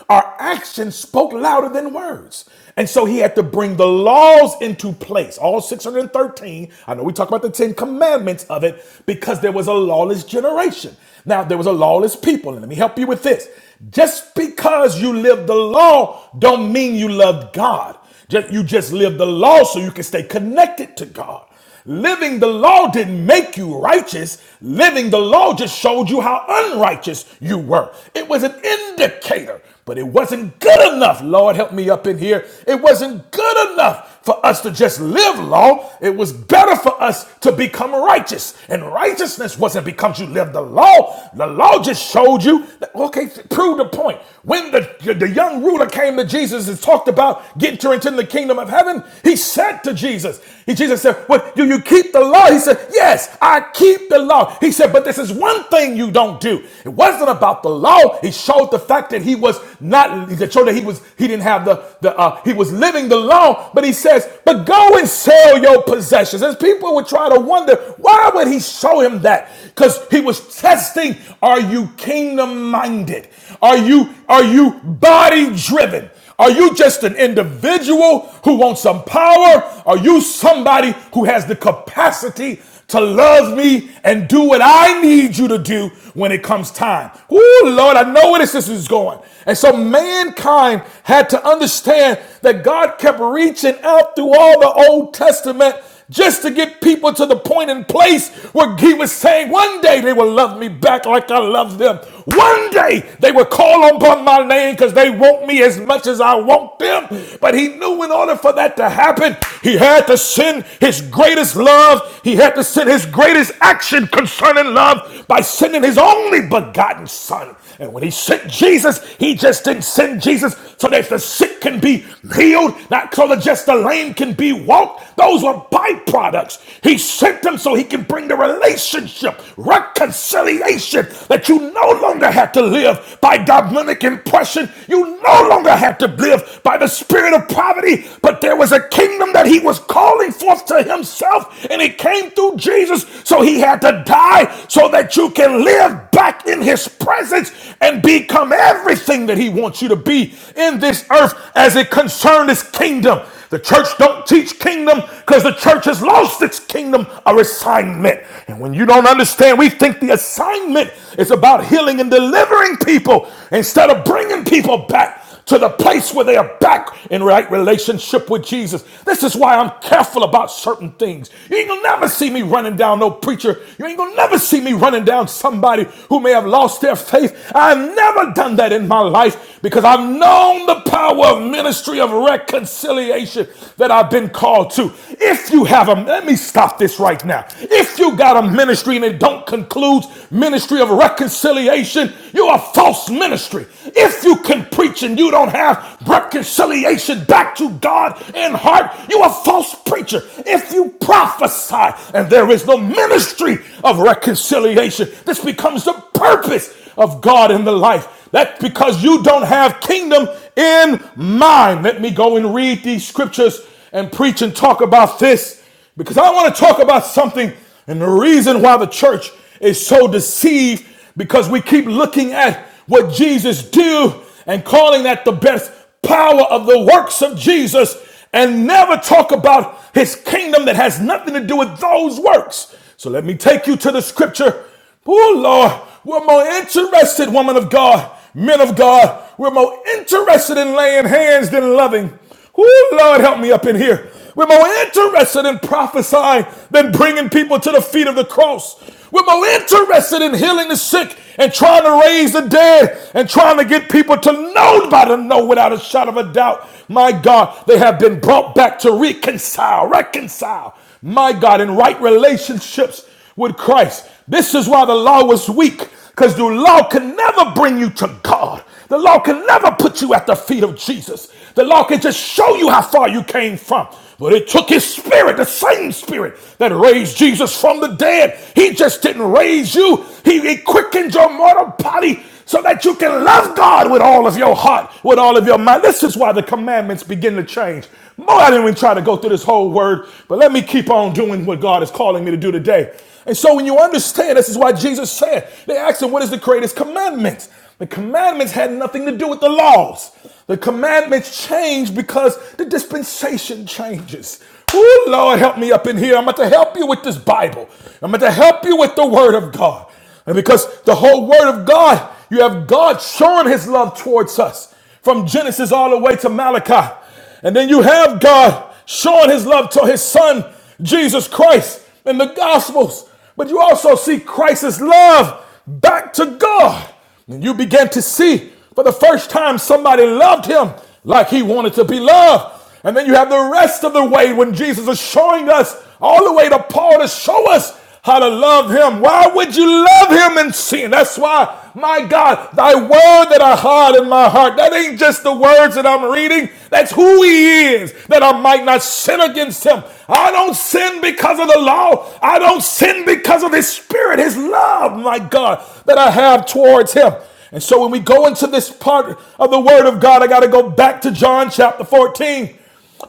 Our actions spoke louder than words. And so he had to bring the laws into place, all 613. I know we talk about the 10 commandments of it because there was a lawless generation. Now, there was a lawless people. And let me help you with this. Just because you live the law don't mean you love God. Just, you just live the law so you can stay connected to God. Living the law didn't make you righteous. Living the law just showed you how unrighteous you were. It was an indicator, but it wasn't good enough. Lord, help me up in here. It wasn't good enough for us to just live law. It was better for us to become righteous. And righteousness wasn't because you lived the law. The law just showed you, that- okay, prove the point. When the, the young ruler came to Jesus and talked about getting to enter into the kingdom of heaven, he said to Jesus, Jesus. He, Jesus said, What do you keep the law? He said, Yes, I keep the law. He said, But this is one thing you don't do. It wasn't about the law. He showed the fact that he was not that showed that he was he didn't have the, the uh, he was living the law, but he says, But go and sell your possessions. As people would try to wonder, why would he show him that? Because he was testing, are you kingdom minded? Are you are you body driven? Are you just an individual who wants some power? Are you somebody who has the capacity to love me and do what I need you to do when it comes time? Ooh, Lord, I know where this this is going. And so mankind had to understand that God kept reaching out through all the Old Testament just to get people to the point and place where he was saying, One day they will love me back like I love them. One day they will call upon my name because they want me as much as I want them. But he knew in order for that to happen, he had to send his greatest love, he had to send his greatest action concerning love by sending his only begotten son. And when he sent Jesus, he just didn't send Jesus so that the sick can be healed, not so that just the lame can be walked. Those were byproducts. He sent them so he can bring the relationship, reconciliation, that you no longer have to live by Dominic impression. You no longer have to live by the spirit of poverty, but there was a kingdom that he was calling forth to himself, and it came through Jesus. So he had to die so that you can can live back in his presence and become everything that he wants you to be in this earth as it concerns his kingdom. The church don't teach kingdom because the church has lost its kingdom or assignment. And when you don't understand, we think the assignment is about healing and delivering people instead of bringing people back to the place where they are back in right relationship with Jesus. This is why I'm careful about certain things. You ain't gonna never see me running down no preacher. You ain't gonna never see me running down somebody who may have lost their faith. I've never done that in my life because I've known the power of ministry of reconciliation that I've been called to. If you have a, let me stop this right now. If you got a ministry and it don't conclude ministry of reconciliation, you're a false ministry. If if you can preach and you don't have reconciliation back to God in heart, you're a false preacher. If you prophesy and there is no ministry of reconciliation, this becomes the purpose of God in the life. That's because you don't have kingdom in mind. Let me go and read these scriptures and preach and talk about this because I want to talk about something and the reason why the church is so deceived because we keep looking at what Jesus did and calling that the best power of the works of Jesus and never talk about his kingdom that has nothing to do with those works. So let me take you to the scripture Poor Lord, we're more interested, woman of God, men of God, we're more interested in laying hands than loving. Oh Lord, help me up in here. We're more interested in prophesying than bringing people to the feet of the cross. We're more interested in healing the sick and trying to raise the dead and trying to get people to know by the know without a shadow of a doubt. My God, they have been brought back to reconcile, reconcile. My God, in right relationships with Christ. This is why the law was weak, because the law can never bring you to God. The law can never put you at the feet of Jesus. The law can just show you how far you came from. But it took his spirit, the same spirit that raised Jesus from the dead. He just didn't raise you. He, he quickened your mortal body so that you can love God with all of your heart, with all of your mind. This is why the commandments begin to change. Boy, I didn't even try to go through this whole word, but let me keep on doing what God is calling me to do today. And so when you understand, this is why Jesus said, they asked him, what is the greatest commandment? The commandments had nothing to do with the laws. The commandments change because the dispensation changes. Oh Lord, help me up in here. I'm about to help you with this Bible. I'm about to help you with the Word of God. And because the whole Word of God, you have God showing His love towards us from Genesis all the way to Malachi. And then you have God showing his love to his son, Jesus Christ, in the Gospels. But you also see Christ's love back to God. And you begin to see for the first time somebody loved him like he wanted to be loved. And then you have the rest of the way when Jesus is showing us all the way to Paul to show us how to love him. Why would you love him in sin? That's why, my God, thy word that I hide in my heart, that ain't just the words that I'm reading, that's who he is, that I might not sin against him. I don't sin because of the law. I don't sin because of his spirit, his love, my God, that I have towards him. And so when we go into this part of the word of God, I got to go back to John chapter 14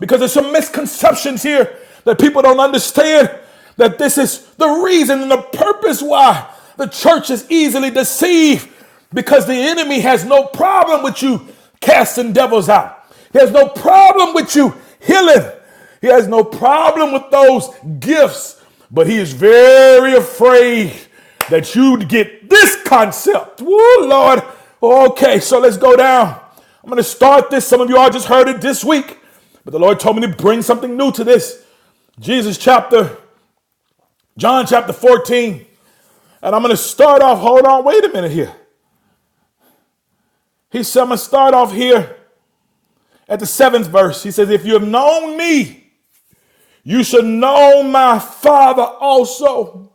because there's some misconceptions here that people don't understand that this is the reason and the purpose why the church is easily deceived because the enemy has no problem with you casting devils out. He has no problem with you healing. He has no problem with those gifts, but he is very afraid that you'd get this concept. Woo, Lord. Okay, so let's go down. I'm going to start this. Some of you all just heard it this week. But the Lord told me to bring something new to this. Jesus chapter, John chapter 14. And I'm going to start off, hold on, wait a minute here. He said, I'm going to start off here at the seventh verse. He says, If you have known me, you should know my Father also.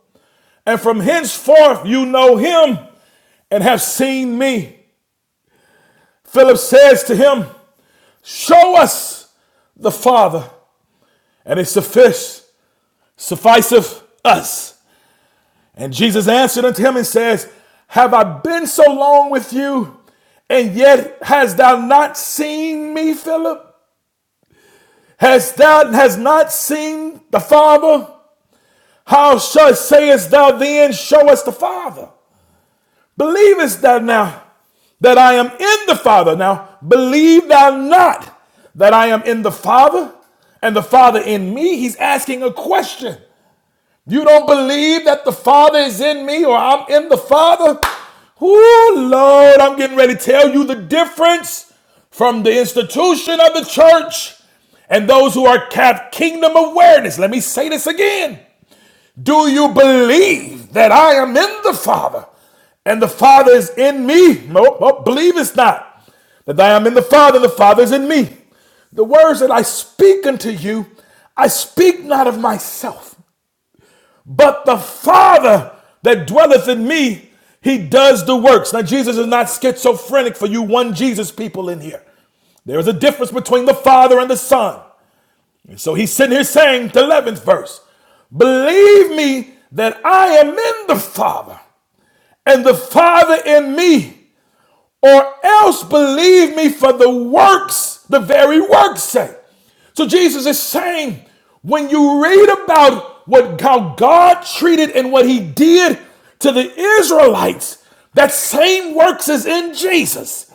And from henceforth you know him and have seen me. Philip says to him, Show us the Father, and it suffice, sufficeth us. And Jesus answered unto him and says, Have I been so long with you, and yet hast thou not seen me, Philip? Hast thou hast not seen the Father? How shall sayest thou then, Show us the Father? Believest thou now that I am in the Father? Now believe thou not that I am in the Father, and the Father in me. He's asking a question. You don't believe that the Father is in me or I'm in the Father? Oh, Lord, I'm getting ready to tell you the difference from the institution of the church and those who are have kingdom awareness. Let me say this again. Do you believe that I am in the Father and the Father is in me? No, no believe it's not. That I am in the Father and the Father is in me. The words that I speak unto you, I speak not of myself. But the Father that dwelleth in me, he does the works. Now, Jesus is not schizophrenic for you, one Jesus people in here. There is a difference between the Father and the Son. And so he's sitting here saying, the 11th verse, believe me that I am in the Father and the Father in me or else believe me for the works, the very works sake. So Jesus is saying, when you read about what how God treated and what he did to the Israelites, that same works is in Jesus.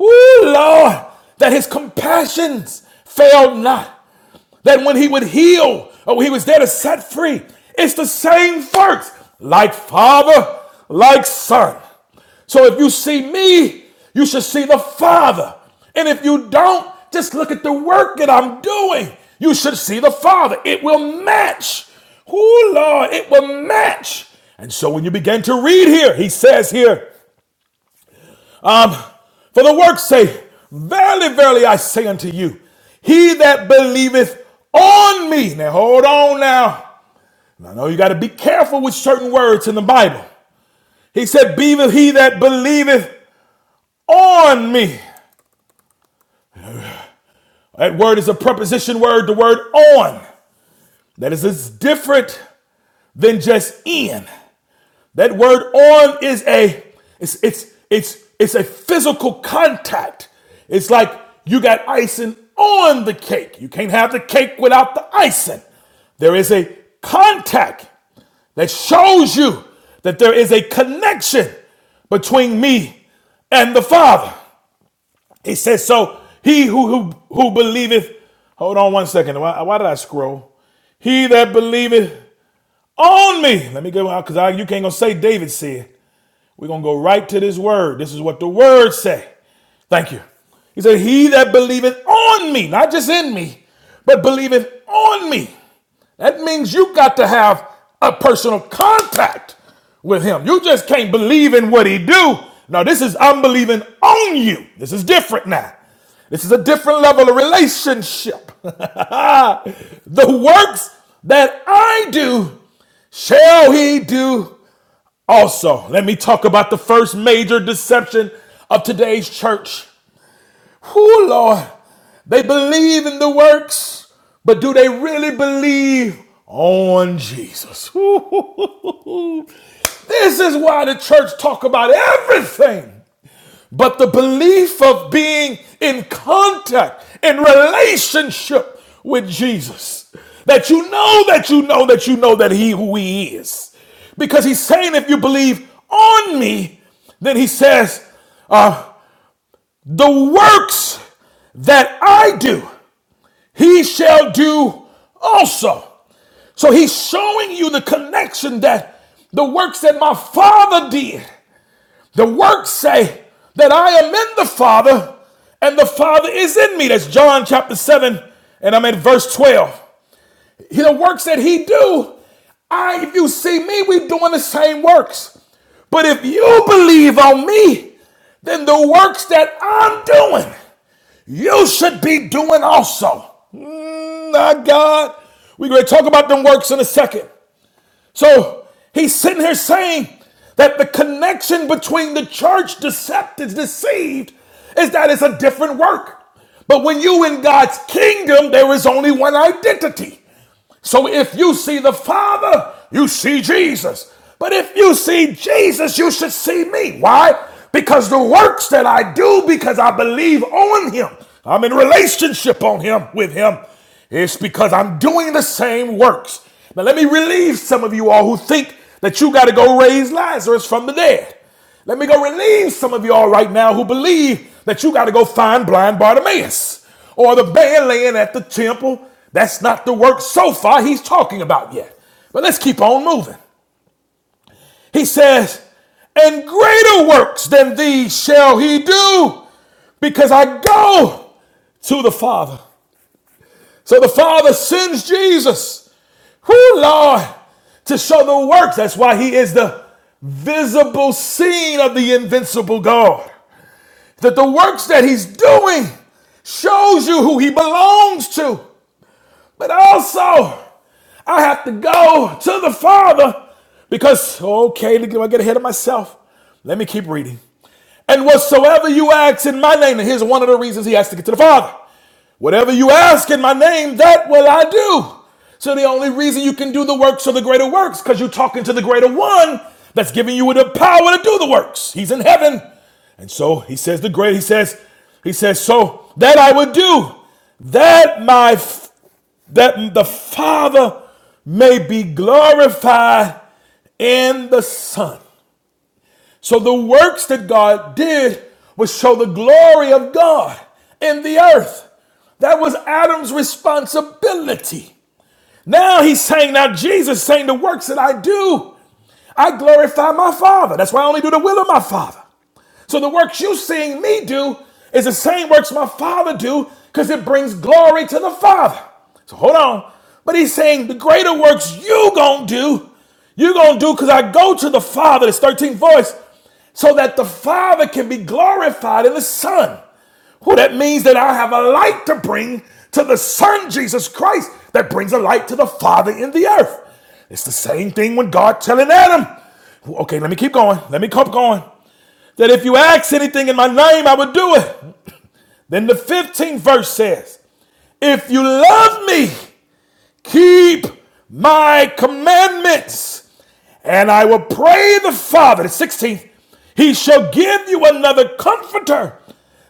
Ooh, Lord, that his compassions failed not that when he would heal or he was there to set free, it's the same works, like Father, like Son. So if you see me, you should see the Father. And if you don't, just look at the work that I'm doing. You should see the Father. It will match. Oh, Lord, it will match. And so when you begin to read here, he says here, um, for the work's sake, verily, verily, I say unto you, he that believeth on me. Now hold on now. I know you got to be careful with certain words in the Bible. He said, "Be he that believeth on me." That word is a preposition word. The word "on" that is is different than just "in." That word on is a it's it's it's it's a physical contact. It's like you got icing on the cake. You can't have the cake without the icing. There is a contact that shows you that there is a connection between me and the Father. He says, So he who who, who believeth, hold on one second. Why, why did I scroll? He that believeth on me. Let me go out because you can't gonna say David said. We're going to go right to this word. This is what the word say. Thank you. He said, he that believeth on me, not just in me, but believeth on me. That means you got to have a personal contact with him. You just can't believe in what he do. Now this is I'm believing on you. This is different now. This is a different level of relationship. [LAUGHS] the works that I do shall he do also, let me talk about the first major deception of today's church. Who, Lord, they believe in the works, but do they really believe on Jesus? [LAUGHS] This is why the church talk about everything but the belief of being in contact, in relationship with Jesus, that you know that you know that you know that He who He is. Because He's saying, if you believe on me, then He says, uh, the works that I do, He shall do also. So He's showing you the connection that the works that my Father did the works say that I am in the Father and the Father is in me. That's John chapter 7, and I'm at verse 12. The works that he do, I if you see me, we are doing the same works. But if you believe on me, then the works that I'm doing, you should be doing also. Mm, my God. We're going to talk about them works in a second. So he's sitting here saying that the connection between the church decept deceived is that it's a different work. But when you in God's kingdom, there is only one identity. So if you see the Father, you see Jesus. But if you see Jesus, you should see me. Why? Because the works that I do, because I believe on Him, I'm in relationship on Him with Him, it's because I'm doing the same works. Now let me relieve some of you all who think that you got to go raise Lazarus from the dead. Let me go relieve some of y'all right now who believe that you got to go find blind Bartimaeus or the man laying at the temple. That's not the work so far he's talking about yet. But let's keep on moving. He says, And greater works than these shall he do because I go to the Father. So the Father sends Jesus, who Lord, to show the works. That's why he is the visible scene of the invincible God that the works that he's doing shows you who he belongs to. But also, I have to go to the Father because, okay, look, I get ahead of myself. Let me keep reading. And whatsoever you ask in my name, and here's one of the reasons he has to get to the Father. Whatever you ask in my name, that will I do. So the only reason you can do the works or the greater works, because you're talking to the greater one that's giving you the power to do the works. He's in heaven. And so he says the great, he says, he says, so that I would do, that my that the Father may be glorified in the Son. So the works that God did was show the glory of God in the earth. That was Adam's responsibility. Now he's saying, now Jesus is saying, the works that I do, I glorify my Father. That's why I only do the will of my Father. So the works you seeing me do is the same works my Father do because it brings glory to the Father. So hold on. But he's saying the greater works you going to do, you going to do because I go to the Father, this 13th voice, so that the Father can be glorified in the Son. Well, that means that I have a light to bring to the Son, Jesus Christ, that brings a light to the Father in the earth. It's the same thing when God telling Adam, "Well, okay, let me keep going. Let me keep going that if you ask anything in my name, I will do it. Then the 15th verse says, If you love me, keep my commandments, and I will pray the Father. The 16th, he shall give you another comforter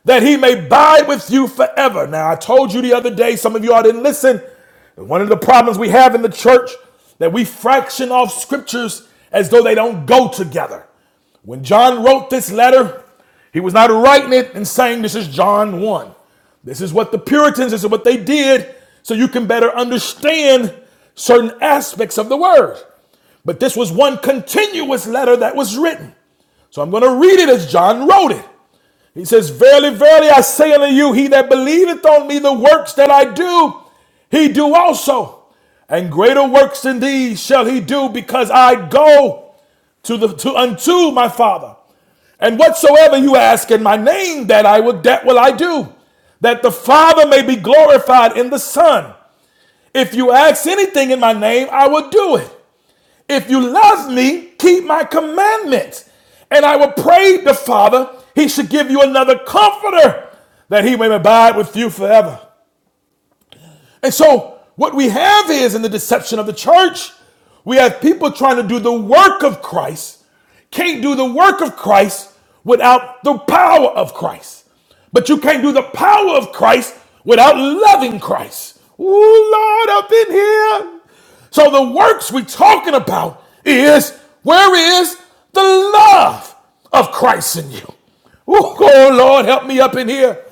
that he may abide with you forever. Now, I told you the other day, some of you all didn't listen. One of the problems we have in the church that we fraction off scriptures as though they don't go together. When John wrote this letter, he was not writing it and saying, This is John 1. This is what the Puritans, this is what they did, so you can better understand certain aspects of the word. But this was one continuous letter that was written. So I'm going to read it as John wrote it. He says, Verily, verily, I say unto you, he that believeth on me, the works that I do, he do also. And greater works than these shall he do, because I go to the to unto my father. And whatsoever you ask in my name, that I will that will I do, that the Father may be glorified in the Son. If you ask anything in my name, I will do it. If you love me, keep my commandments. And I will pray the Father, he should give you another comforter, that he may abide with you forever. And so, what we have is in the deception of the church, we have people trying to do the work of Christ, can't do the work of Christ without the power of Christ. But you can't do the power of Christ without loving Christ. Ooh, Lord, up in here. So, the works we're talking about is where is the love of Christ in you? Ooh, oh, Lord, help me up in here.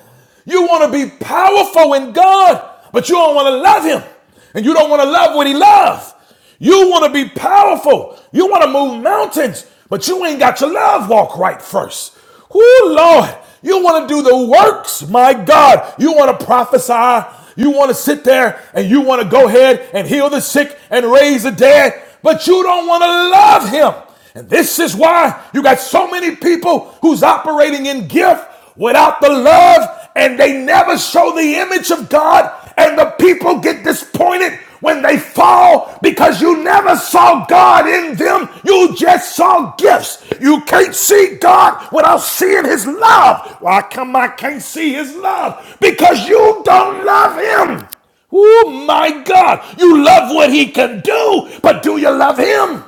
You want to be powerful in God, but you don't want to love Him. And you don't want to love what He loves. You want to be powerful. You want to move mountains, but you ain't got your love walk right first. Oh Lord. You want to do the works, my God. You want to prophesy. You want to sit there and you want to go ahead and heal the sick and raise the dead, but you don't want to love Him. And this is why you got so many people who's operating in gift without the love, and they never show the image of God, and the people get disappointed when they fall because you never saw God in them. You just saw gifts. You can't see God without seeing his love. Why come I can't see his love? Because you don't love him. Oh my God. You love what he can do, but do you love him?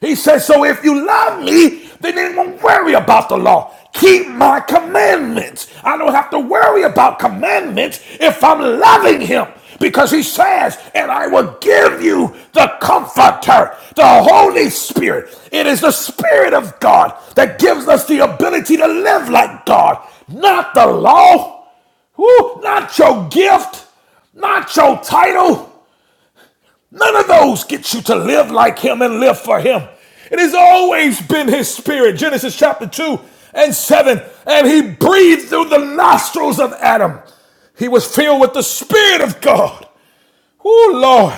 He says, So if you love me, then you will not worry about the law. Keep my commandments. I don't have to worry about commandments if I'm loving him. Because he says, and I will give you the comforter, the Holy Spirit. It is the Spirit of God that gives us the ability to live like God, not the law, Woo, not your gift, not your title. None of those get you to live like him and live for him. It has always been his spirit. Genesis chapter 2 and 7. And he breathed through the nostrils of Adam. He was filled with the spirit of God. Oh, Lord.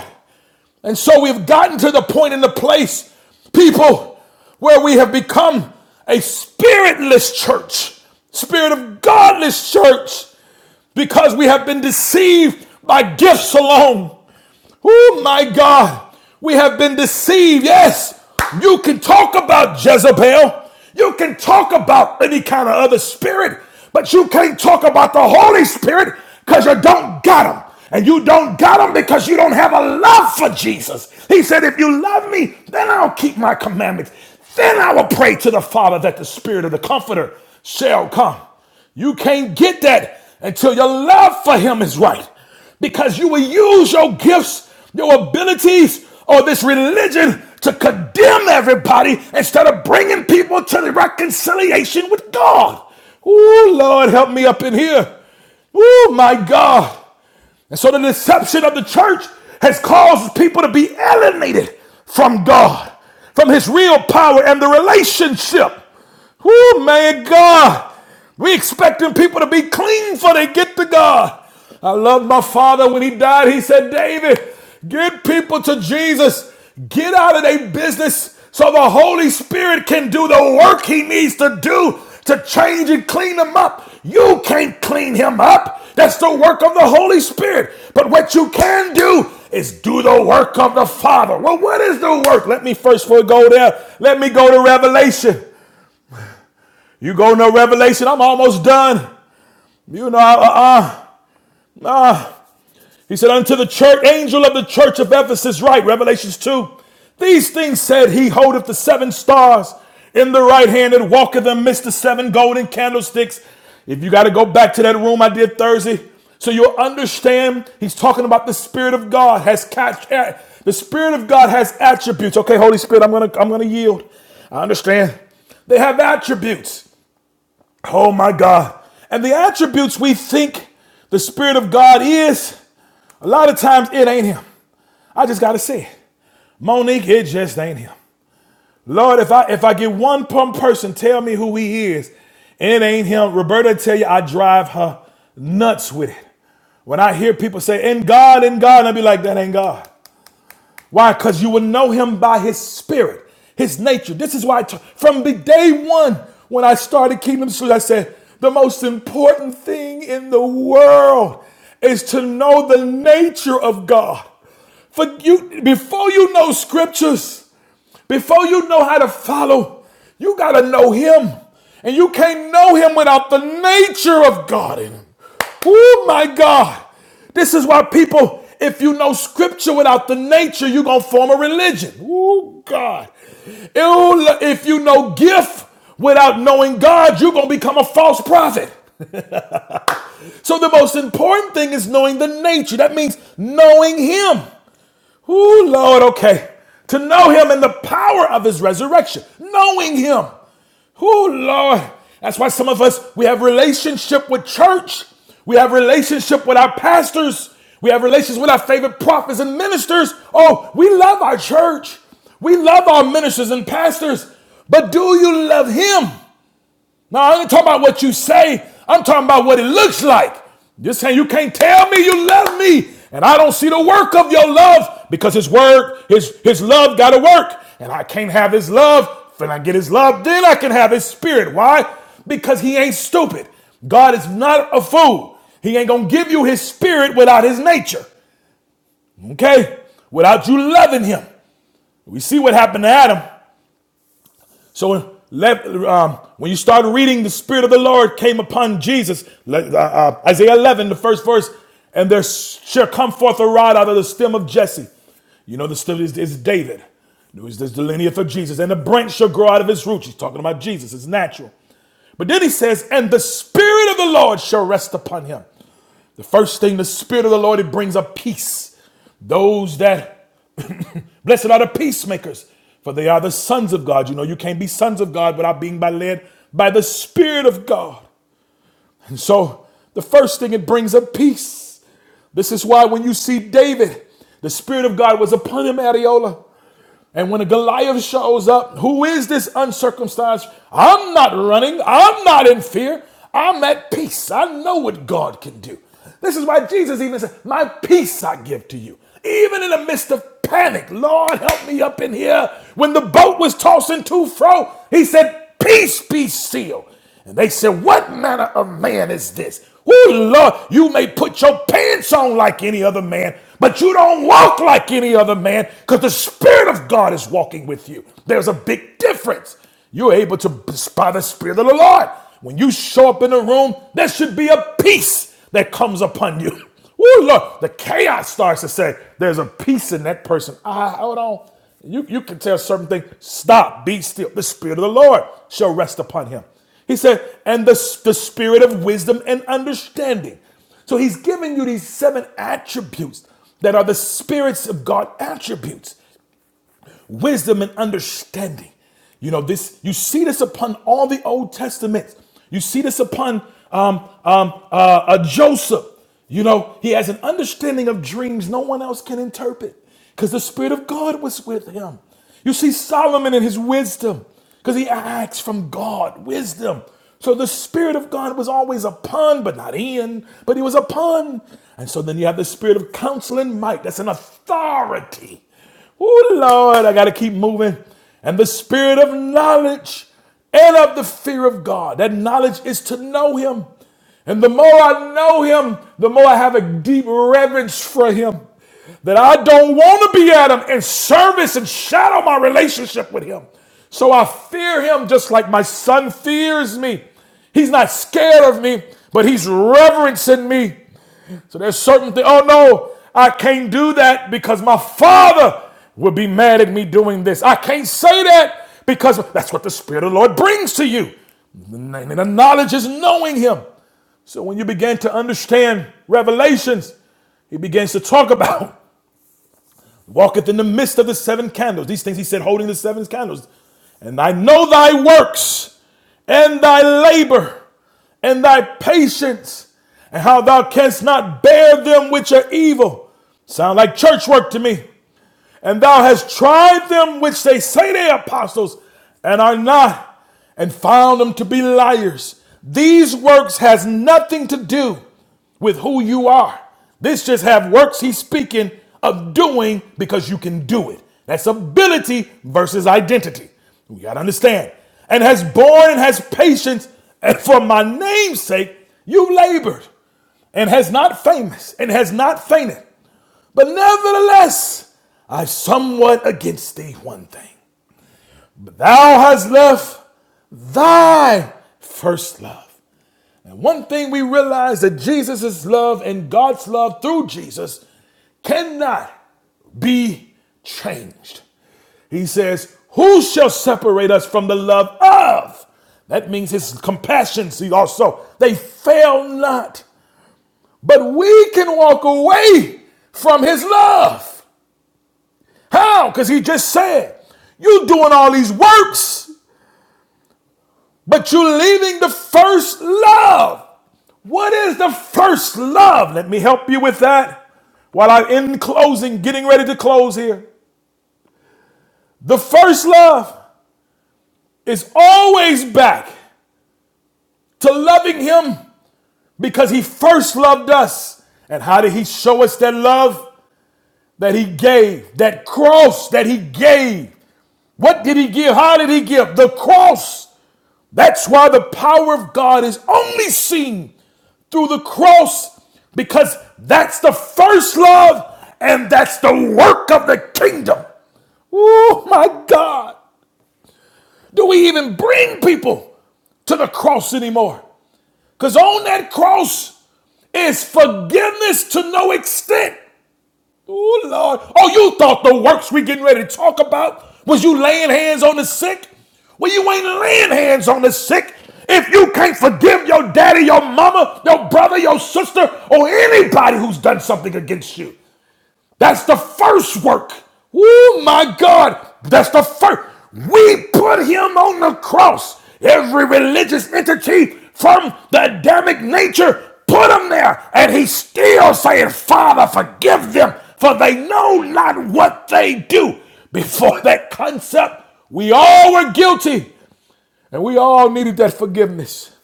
And so we've gotten to the point in the place, people, where we have become a spiritless church, spirit of godless church because we have been deceived by gifts alone. Oh my God, we have been deceived. Yes, you can talk about Jezebel, you can talk about any kind of other spirit, but you can't talk about the Holy Spirit because you don't got him. And you don't got him because you don't have a love for Jesus. He said, If you love me, then I'll keep my commandments. Then I will pray to the Father that the Spirit of the Comforter shall come. You can't get that until your love for him is right. Because you will use your gifts, your abilities, or this religion to condemn everybody instead of bringing people to the reconciliation with God. Ooh, Lord, help me up in here. Oh, my God. And so the deception of the church has caused people to be alienated from God, from his real power and the relationship. Whoo, man, God. We expecting people to be clean before they get to God. I love my father when he died. He said, David, get people to Jesus. Get out of their business so the Holy Spirit can do the work he needs to do to change and clean him up. You can't clean him up. That's the work of the Holy Spirit. But what you can do is do the work of the Father. Well, what is the work? Let me first go there. Let me go to Revelation. You go to Revelation. I'm almost done. You know, uh, uh He said, Unto the church, angel of the church of Ephesus, write, Revelations 2. These things said he holdeth the seven stars in the right hand and walketh amidst the seven golden candlesticks. If you got to go back to that room I did Thursday, so you'll understand he's talking about the Spirit of God has catch eh, the Spirit of God has attributes. Okay, Holy Spirit, I'm gonna I'm gonna yield. I understand. They have attributes. Oh my God. And the attributes we think the Spirit of God is, a lot of times it ain't him. I just gotta say it. Monique, it just ain't him. Lord, if I if I get one pump person tell me who he is, it ain't him. Roberta tell you I drive her nuts with it. When I hear people say, in God, in God, I be like, that ain't God. Why? Because you will know him by his spirit, his nature. This is why, I t- from the day one when I started Kingdom Street, I said, the most important thing in the world is to know the nature of God. For you, before you know scriptures, before you know how to follow, you got to know him. And you can't know him without the nature of God in him. Oh my God. This is why people, if you know scripture without the nature, you're going to form a religion. Oh God. If you know gift without knowing God, you're going to become a false prophet. So the most important thing is knowing the nature. That means knowing him. Ooh, Lord, okay. To know him and the power of his resurrection, knowing him. Ooh, Lord. That's why some of us, we have relationship with church. We have relationship with our pastors. We have relations with our favorite prophets and ministers. Oh, we love our church. We love our ministers and pastors. But do you love him? No, I ain't talking about what you say. I'm talking about what it looks like. You're saying you can't tell me you love me, and I don't see the work of your love because his word, his his love gotta work. And I can't have his love. When I get his love, then I can have his spirit. Why? Because he ain't stupid. God is not a fool. He ain't gonna give you his spirit without his nature. Okay? Without you loving him. We see what happened to Adam. So let, um, when you start reading, the Spirit of the Lord came upon Jesus. uh, uh, Isaiah 11, the first verse, and there shall come forth a rod out of the stem of Jesse. You know, the stem is, is David. There's there's the lineage of Jesus. And the branch shall grow out of his roots. He's talking about Jesus. It's natural. But then he says, and the Spirit of the Lord shall rest upon him. The first thing, the Spirit of the Lord, it brings a peace. Those that, [LAUGHS] [COUGHS] blessed are the peacemakers, for they are the sons of God. You know, you can't be sons of God without being by led by the Spirit of God. And so the first thing it brings up peace. This is why when you see David, the Spirit of God was upon him, Adiola. And when a Goliath shows up, who is this uncircumcised? I'm not running. I'm not in fear. I'm at peace. I know what God can do. This is why Jesus even said, My peace I give to you. Even in the midst of panic, Lord, help me up in here. When the boat was tossing to fro, he said, Peace be still. And they said, What manner of man is this? Oh Lord, you may put your pants on like any other man, but you don't walk like any other man because the Spirit of God is walking with you. There's a big difference. You're able to spy the Spirit of the Lord. When you show up in a room, there should be a peace that comes upon you. [LAUGHS] Oh Lord, the chaos starts to say, There's a peace in that person. Ah, hold on. You, you can tell certain things. Stop, be still. The Spirit of the Lord shall rest upon him. He said, and the, the spirit of wisdom and understanding. So he's giving you these seven attributes that are the spirits of God attributes wisdom and understanding. You know, this you see this upon all the Old Testaments. You see this upon um, um, uh, uh, Joseph. You know, he has an understanding of dreams no one else can interpret because the Spirit of God was with him. You see Solomon in his wisdom because he acts from God, wisdom. So the Spirit of God was always upon, but not in, but he was upon. And so then you have the Spirit of counsel and might. That's an authority Oh, Lord, I got to keep moving. And the spirit of knowledge and of the fear of God. That knowledge is to know Him. And the more I know Him, the more I have a deep reverence for Him. That I don't want to be at Him in service and shadow my relationship with Him. So I fear Him just like my son fears me. He's not scared of me, but He's reverencing me. So there's certain things. Oh no, I can't do that because my father will be mad at me doing this. I can't say that because that's what the Spirit of the Lord brings to you. And the knowledge is knowing Him. So when you begin to understand revelations, He begins to talk about walketh in the midst of the seven candles. These things he said, holding the seven candles. And I know thy works and thy labor and thy patience and how thou canst not bear them which are evil. Sound like church work to me. And thou hast tried them which they say they are apostles and are not, and found them to be liars. These works has nothing to do with who you are. This just have works he's speaking of doing because you can do it. That's ability versus identity. We gotta understand. And has borne and has patience, and for my name's sake you labored, and has not famous, and has not fainted. But nevertheless, I somewhat against thee one thing. But thou hast left thy first love. And one thing we realize that Jesus' love and God's love through Jesus cannot be changed. He says, Who shall separate us from the love of? That means his compassion, see also, they fail not. But we can walk away from his love. How? Because he just said, you doing all these works, but you're leaving the first love. What is the first love? Let me help you with that while I'm in closing, getting ready to close here. The first love is always back to loving him because he first loved us. And how did he show us that love that he gave? That cross that he gave. What did he give? How did he give? The cross. That's why the power of God is only seen through the cross because that's the first love and that's the work of the kingdom. Oh my God. Do we even bring people to the cross anymore? Because on that cross is forgiveness to no extent. Oh Lord. Oh, you thought the works we getting ready to talk about was you laying hands on the sick? Well, you ain't laying hands on the sick. If you can't forgive your daddy, your mama, your brother, your sister, or anybody who's done something against you, that's the first work. Oh my God. That's the first. We put him on the cross. Every religious entity from the Adamic nature put him there. And he's still saying, Father, forgive them, for they know not what they do. Before that concept, we all were guilty and we all needed that forgiveness.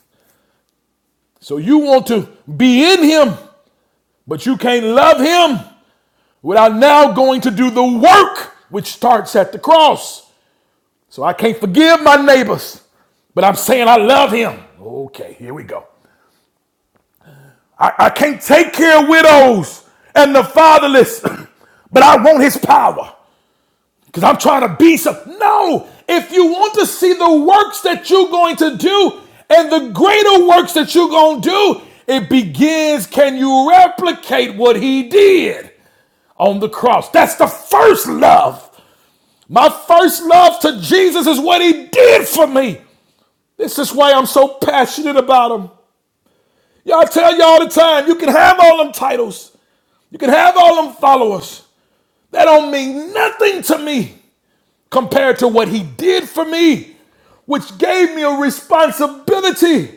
So you want to be in him, but you can't love him without now going to do the work which starts at the cross. So I can't forgive my neighbors, but I'm saying I love him. Okay, here we go. I, I can't take care of widows and the fatherless, [CLEARS THROAT] but I want his power because I'm trying to be some. No, if you want to see the works that you're going to do and the greater works that you're going to do, it begins. Can you replicate what he did on the cross? That's the first love. My first love to Jesus is what he did for me. This is why I'm so passionate about him. Y'all tell you all the time, you can have all them titles. You can have all them followers. That don't mean nothing to me compared to what he did for me, which gave me a responsibility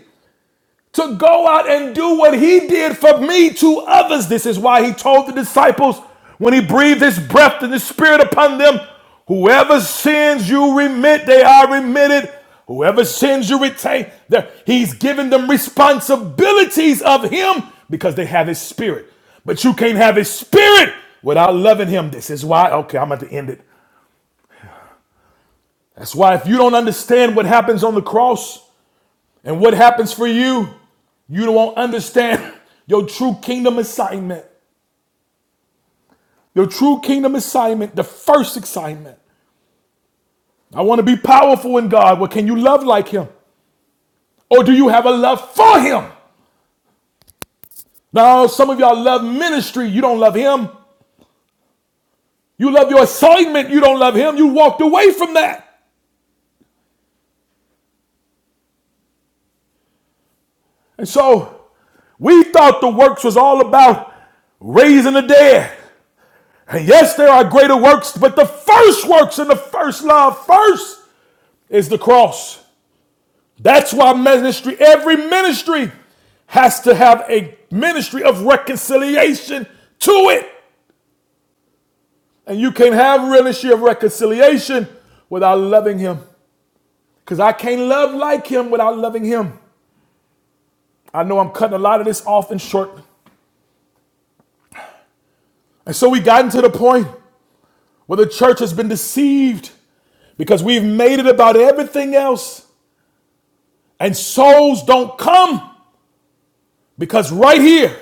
to go out and do what he did for me to others. This is why he told the disciples when he breathed his breath and His spirit upon them, whoever sins you remit, they are remitted. Whoever sins you retain, he's given them responsibilities of him because they have his spirit. But you can't have his spirit without loving him. This is why, okay, I'm at the end it. That's why if you don't understand what happens on the cross, and what happens for you? You don't understand [LAUGHS] your true kingdom assignment. Your true kingdom assignment, the first assignment. I want to be powerful in God. Well, can you love like Him? Or do you have a love for Him? Now, some of y'all love ministry. You don't love Him. You love your assignment. You don't love Him. You walked away from that. And so we thought the works was all about raising the dead. And yes, there are greater works, but the first works and the first love first is the cross. That's why ministry, every ministry has to have a ministry of reconciliation to it. And you can't have a ministry of reconciliation without loving him. Because I can't love like him without loving him. I know I'm cutting a lot of this off in short. And so we gotten to the point where the church has been deceived because we've made it about everything else. And souls don't come because right here,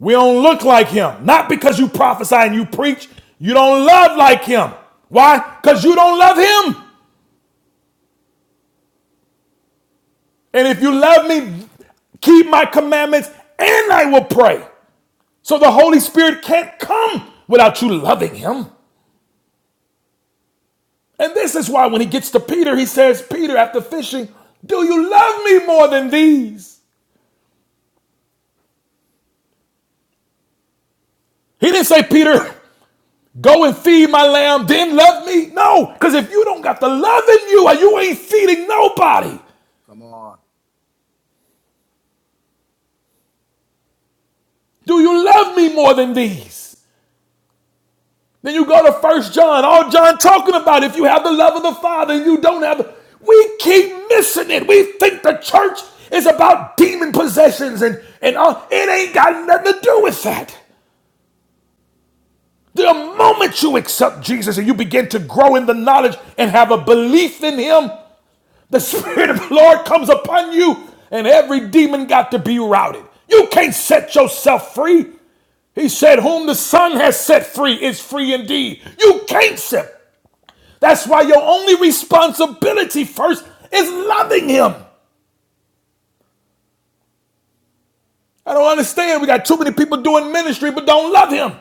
We don't look like him. Not because you prophesy and you preach, you don't love like him. Why? Because you don't love him. And if you love me, keep my commandments and I will pray. So the Holy Spirit can't come without you loving him. And this is why when he gets to Peter, he says, Peter, after fishing, do you love me more than these? He didn't say, Peter, go and feed my lamb, then love me. No, because if you don't got the love in you, you ain't feeding nobody. Come on. Do you love me more than these? Then you go to First John, all John talking about if you have the love of the Father and you don't have, we keep missing it. We think the church is about demon possessions and, and all. It ain't got nothing to do with that. The moment you accept Jesus and you begin to grow in the knowledge and have a belief in Him, the [LAUGHS] Spirit of the Lord comes upon you and every demon got to be routed. You can't set yourself free. He said, Whom the Son has set free is free indeed. You can't set. That's why your only responsibility first is loving Him. I don't understand. We got too many people doing ministry but don't love Him.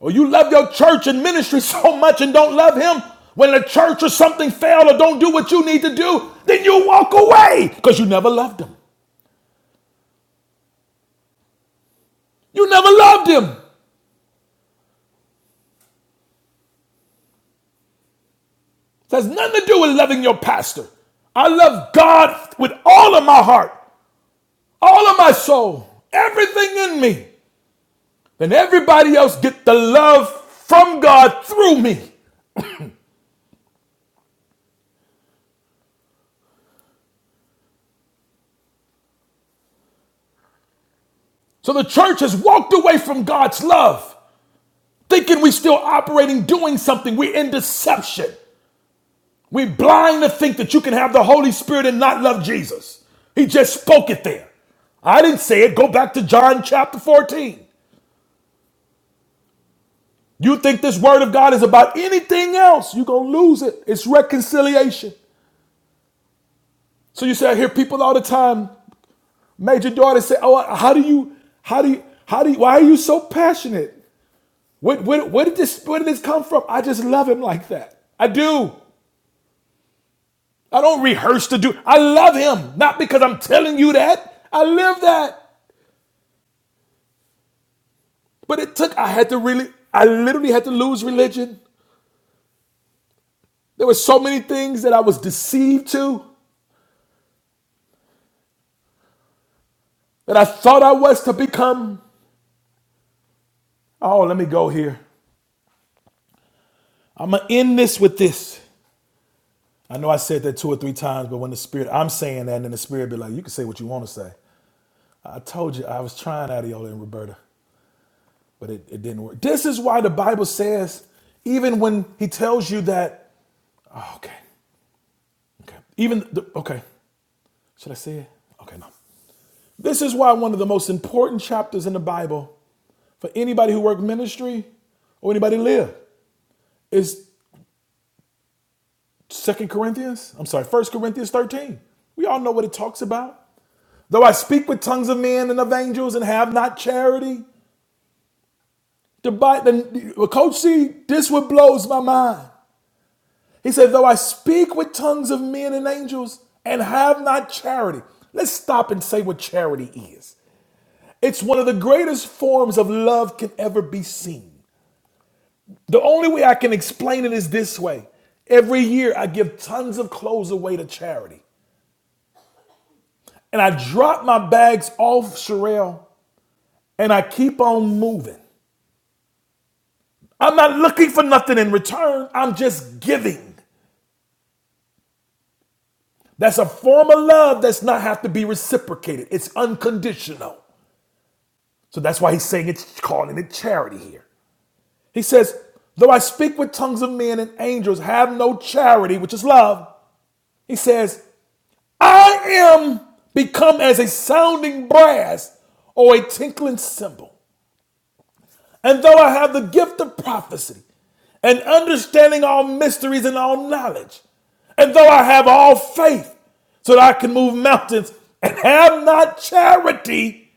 Or you love your church and ministry [LAUGHS] so much and don't love Him. When the church or something failed or don't do what you need to do, then you walk away because you never loved Him. You never loved Him. It has nothing to do with loving your pastor. I love God with all of my heart. all of my soul, everything in me, then everybody else get the love from God through me. So the church has walked away from God's love, thinking we are still operating doing something. We're in deception. We're blind to think that you can have the Holy Spirit and not love Jesus. He just spoke it there. I didn't say it. Go back to John chapter 14. You think this word of God is about anything else, you're going to lose it. It's reconciliation. So you say, I hear people all the time. Major daughter said, "Oh, how do you? How do you? How do you? Why are you so passionate? What? What? Where did this? Where did this come from? I just love him like that. I do. I don't rehearse to do. I love him, not because I'm telling you that. I live that. But it took. I had to really. I literally had to lose religion. There were so many things that I was deceived to that I thought I was to become. Oh, let me go here. I'm gonna end this with this. I know I said that two or three times, but when the spirit, I'm saying that, and then the spirit be like, you can say what you want to say. I told you I was trying Adiola and Roberta, but it, it didn't work. This is why the Bible says, even when he tells you that, oh, okay, okay, even, the, okay, should I say it? Okay, no. This is why one of the most important chapters in the Bible for anybody who work ministry or anybody live is Second Corinthians, I'm sorry, First Corinthians 13. We all know what it talks about. Though I speak with tongues of men and of angels and have not charity, the, Bi- the coach C, this what blows my mind. He said, though I speak with tongues of men and angels and have not charity. Let's stop and say what charity is. It's one of the greatest forms of love can ever be seen. The only way I can explain it is this way. Every year I give tons of clothes away to charity. And I drop my bags off Sherelle and I keep on moving. I'm not looking for nothing in return. I'm just giving. That's a form of love that's not have to be reciprocated. It's unconditional. So that's why he's saying it's calling it charity here. He says, though I speak with tongues of men and angels, have no charity, which is love. He says, I am become as a sounding brass or a tinkling cymbal. And though I have the gift of prophecy and understanding all mysteries and all knowledge, and though I have all faith so that I can move mountains and have not charity,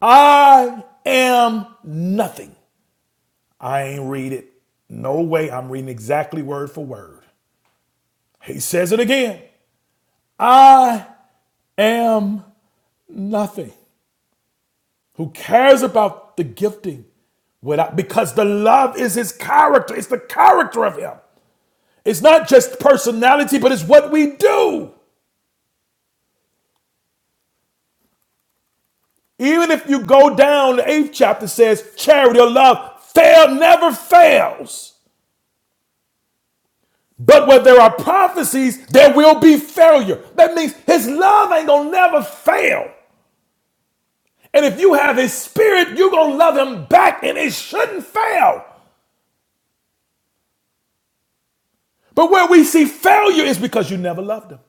I am nothing. I ain't read it. No way. I'm reading exactly word for word. He says it again I am nothing. Who cares about the gifting without, because the love is his character, it's the character of him. It's not just personality, but it's what we do. Even if you go down, the eighth chapter says, charity or love fail never fails. But where there are prophecies, there will be failure. That means his love ain't gonna never fail. And if you have his spirit, you're gonna love him back and it shouldn't fail. But where we see failure is because you never loved him.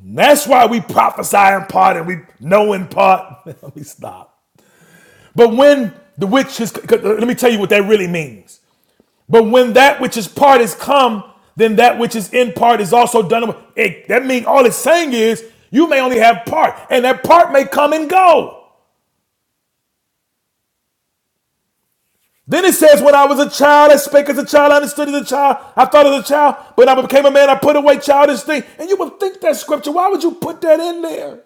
And that's why we prophesy in part and we know in part. [LAUGHS] Let me stop. But when the which is, let me tell you what that really means. But when that which is part is come, then that which is in part is also done. away. It, that means all it's saying is you may only have part, and that part may come and go. Then it says, When I was a child, I spake as a child, I understood as a child, I thought as a child, but when I became a man, I put away childish things. And you would think that scripture, why would you put that in there?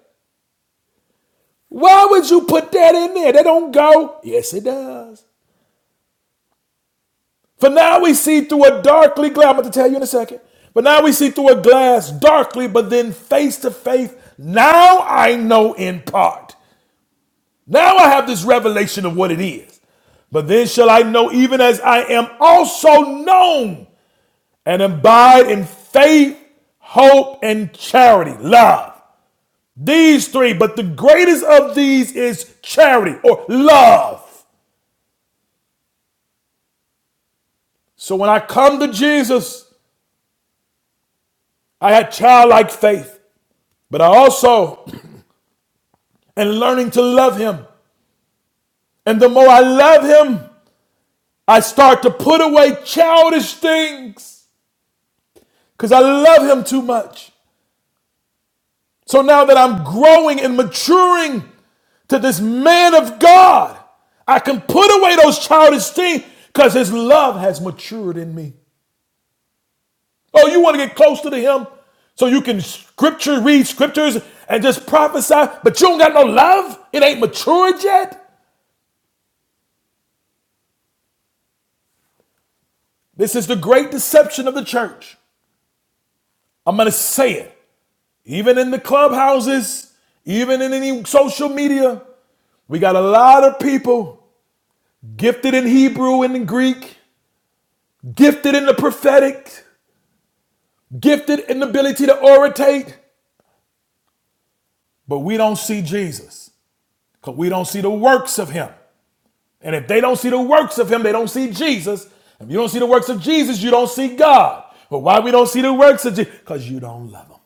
Why would you put that in there? That don't go. Yes, it does. For now we see through a darkly glass. I'm going to tell you in a second. But now we see through a glass darkly, but then face to face. Now I know in part. Now I have this revelation of what it is. But then shall I know even as I am also known and abide in faith, hope, and charity, love. These three, but the greatest of these is charity or love. So when I come to Jesus, I had childlike faith, but I also and learning to love Him. And the more I love Him, I start to put away childish things because I love Him too much. So now that I'm growing and maturing to this man of God, I can put away those childish things because His love has matured in me. Oh, you want to get closer to Him so you can scripture, read scriptures, and just prophesy, but you don't got no love? It ain't matured yet? This is the great deception of the church. I'm going to say it. even in the clubhouses, even in any social media. We got a lot of people gifted in Hebrew and in Greek, gifted in the prophetic, gifted in the ability to orate, but we don't see Jesus because we don't see the works of him. And if they don't see the works of him, they don't see Jesus. If you don't see the works of Jesus, you don't see God. But why we don't see the works of Jesus? Because you don't love him.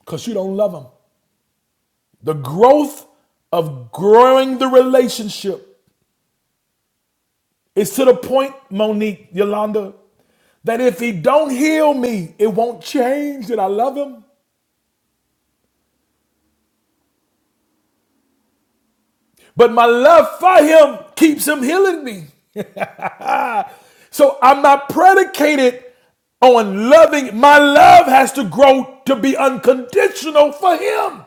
Because you don't love him. The growth of growing the relationship It's to the point, Monique Yolanda, that if he don't heal me, it won't change that I love him. But my love for him keeps him healing me. [LAUGHS] so I'm not predicated on loving. My love has to grow to be unconditional for him.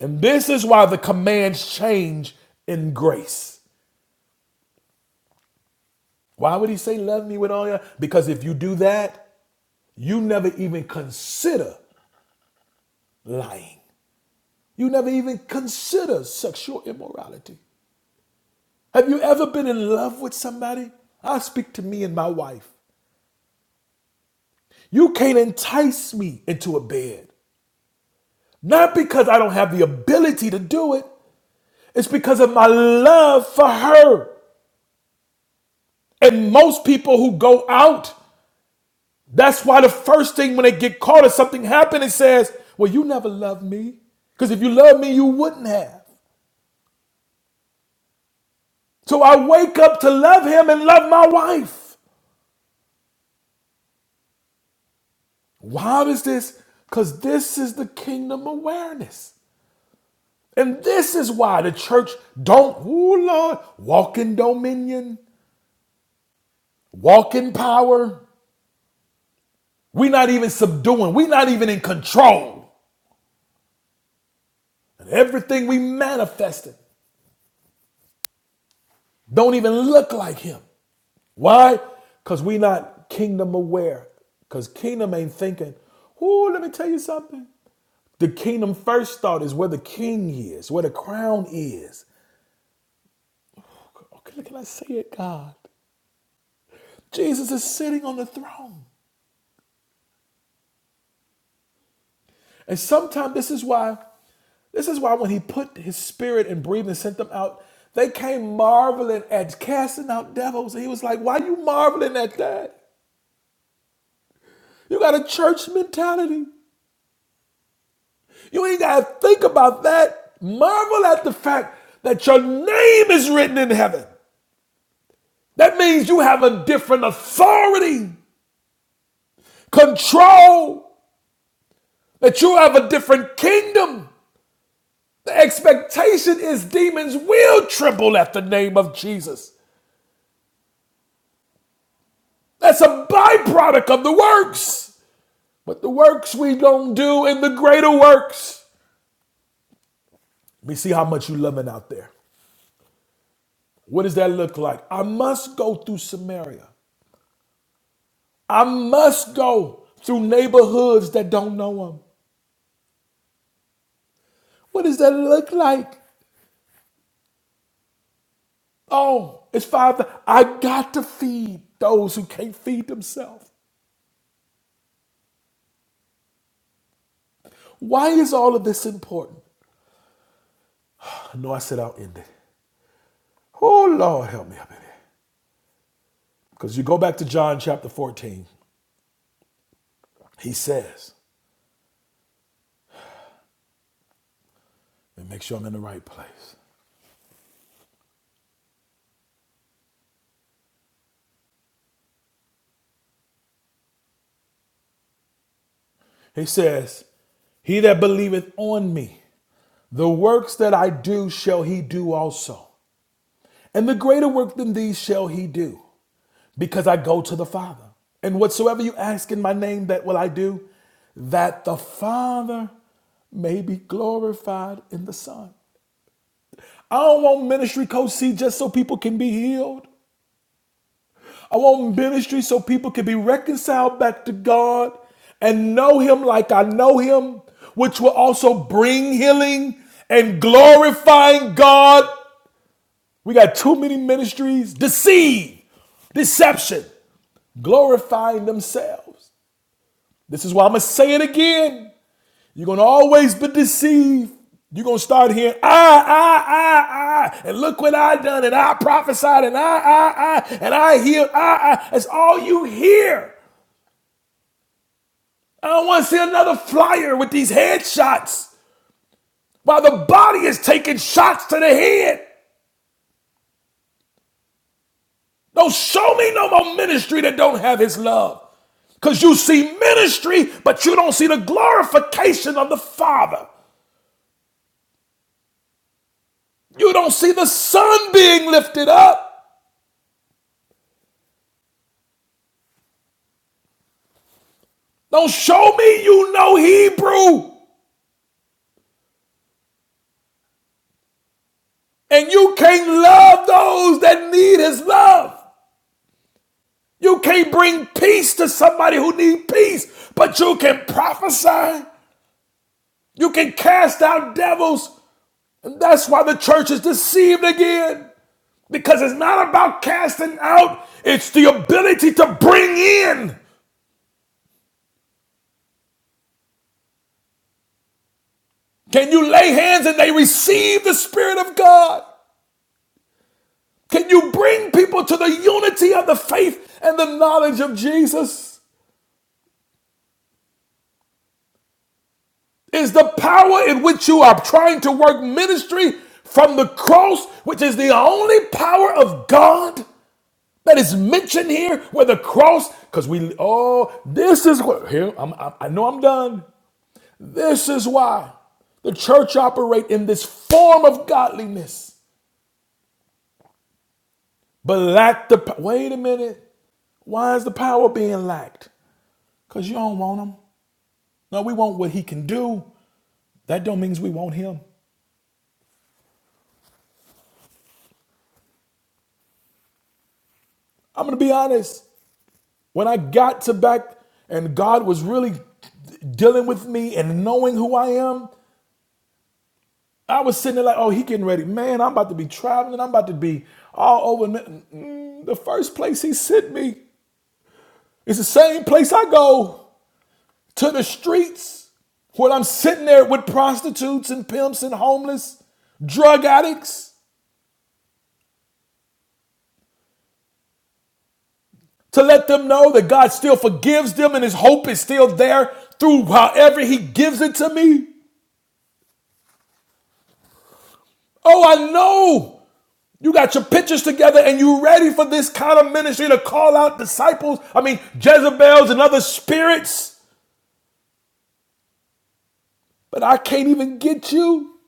And this is why the commands change in grace. Why would he say, Love me with all your? Because if you do that, you never even consider lying. You never even consider sexual immorality. Have you ever been in love with somebody? I speak to me and my wife. You can't entice me into a bed. Not because I don't have the ability to do it, it's because of my love for her. And most people who go out, that's why the first thing when they get caught or something happens, it says, Well, you never loved me. Because if you loved me, you wouldn't have. So I wake up to love him and love my wife. Why is this? Because this is the kingdom awareness. And this is why the church don't, ooh Lord, walk in dominion, walk in power. We're not even subduing, we're not even in control. And everything we manifested don't even look like him. Why? Because we not kingdom aware. Because kingdom ain't thinking, ooh, let me tell you something. The kingdom first thought is where the king is, where the crown is. Okay, can I say it, God? Jesus is sitting on the throne. And sometimes this is why, this is why when he put his spirit and breathed and sent them out, they came marveling at casting out devils. And he was like, Why are you marveling at that? You got a church mentality. You ain't gotta think about that. Marvel at the fact that your name is written in heaven. That means you have a different authority, control, that you have a different kingdom. The expectation is demons will tremble at the name of Jesus. That's a byproduct of the works. But the works we don't do in the greater works. Let me see how much you loving out there. What does that look like? I must go through Samaria. I must go through neighborhoods that don't know him. What does that look like? Oh, it's five. I got to feed those who can't feed themselves. Why is all of this important? I know I said I'll end it. Oh, Lord, help me up in here. Because you go back to John chapter 14, he says, and make sure I'm in the right place. He says, He that believeth on me, the works that I do shall he do also. And the greater work than these shall he do, because I go to the Father. And whatsoever you ask in my name, that will I do, that the Father may be glorified in the Son. I don't want ministry, Coach C, just so people can be healed. I want ministry so people can be reconciled back to God and know Him like I know Him, which will also bring healing and glorifying God. We got too many ministries deceive, deception, glorifying themselves. This is why I'm going to say it again. You're going to always be deceived. You're going to start hearing, I, I, I, I, and look what I done, and I prophesied, and I, I, I, and I healed, I, I. That's all you hear. I don't want to see another flyer with these headshots while the body is taking shots to the head. Don't show me no more ministry that don't have his love. Because you see ministry, but you don't see the glorification of the Father. You don't see the Son being lifted up. Don't show me you know Hebrew and you can't love those that need his love. You can't bring peace to somebody who needs peace, but you can prophesy. You can cast out devils. And that's why the church is deceived again. Because it's not about casting out, it's the ability to bring in. Can you lay hands and they receive the Spirit of God? Can you bring people to the unity of the faith and the knowledge of Jesus? Is the power in which you are trying to work ministry from the cross, which is the only power of God? that is mentioned here where the cross because we oh this is what here I'm, i i know i'm done this is why the church operate in this form of godliness but lack the po- wait a minute why is the power being lacked because you don't want him no we want what he can do that don't means we want him i'm gonna be honest when i got to back and god was really dealing with me and knowing who i am I was sitting there like, oh, he getting ready. Man, I'm about to be traveling. I'm about to be all over. Mm, the first place he sent me is the same place I go to the streets where I'm sitting there with prostitutes and pimps and homeless drug addicts to let them know that God still forgives them and his hope is still there through however he gives it to me. Oh, I know You got your pictures together and you ready for this kind of ministry to call out disciples. I mean, Jezebels and other spirits. But I can't even get you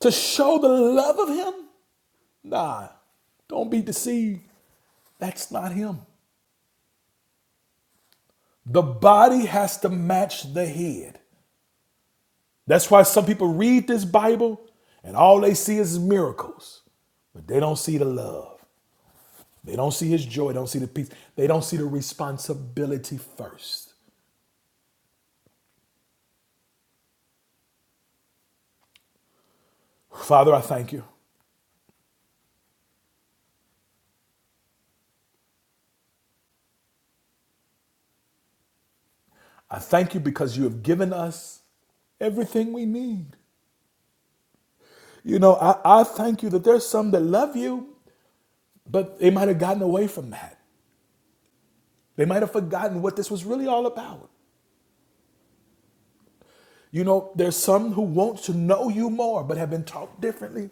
to show the love of him. Nah, don't be deceived. That's not him. The body has to match the head. That's why some people read this Bible and all they see is miracles, but they don't see the love. They don't see his joy. They don't see the peace. They don't see the responsibility first. Father, I thank you. I thank you because you have given us everything we need. You know, I, I thank you that there's some that love you, but they might have gotten away from that. They might have forgotten what this was really all about. You know, there's some who want to know you more, but have been taught differently.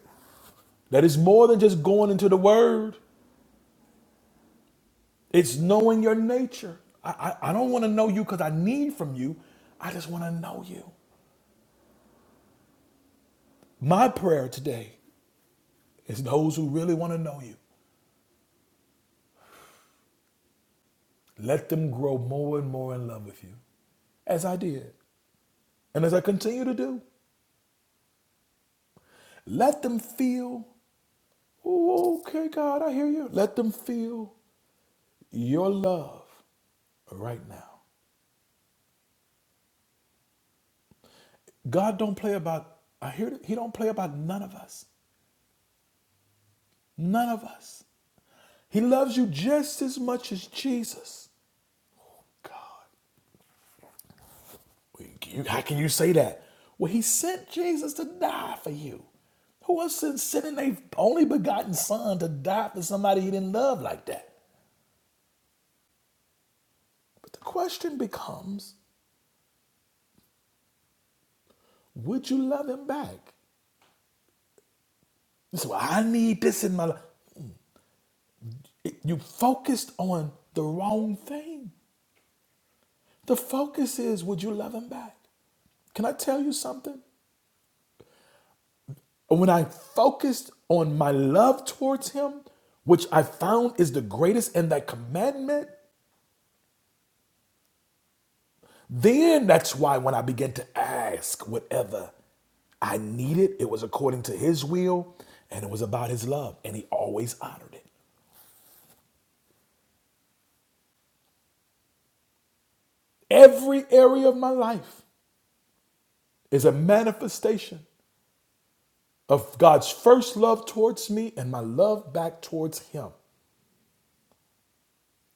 That is more than just going into the word, it's knowing your nature. I, I, I don't want to know you because I need from you. I just want to know you. My prayer today is those who really want to know you, let them grow more and more in love with you. as I did and as I continue to do. Let them feel, "Ooh, okay, God, I hear you. Let them feel your love right now. God don't play about, I hear it, he don't play about none of us. None of us. He loves you just as much as Jesus. God, how can you say that? Well, he sent Jesus to die for you. Who was sending their only begotten son to die for somebody he didn't love like that? But the question becomes would you love him back? This is why I need this in my life. It- You focused on the wrong thing. The focus is, would you love him back? Can I tell you something? When I focused on my love towards him, which I found is the greatest in that commandment, then that's why when I began to ask whatever I needed, it was according to his will and it was about his love, and he always honored it every area of my life. is a manifestation of God's first love towards me and my love back towards Him.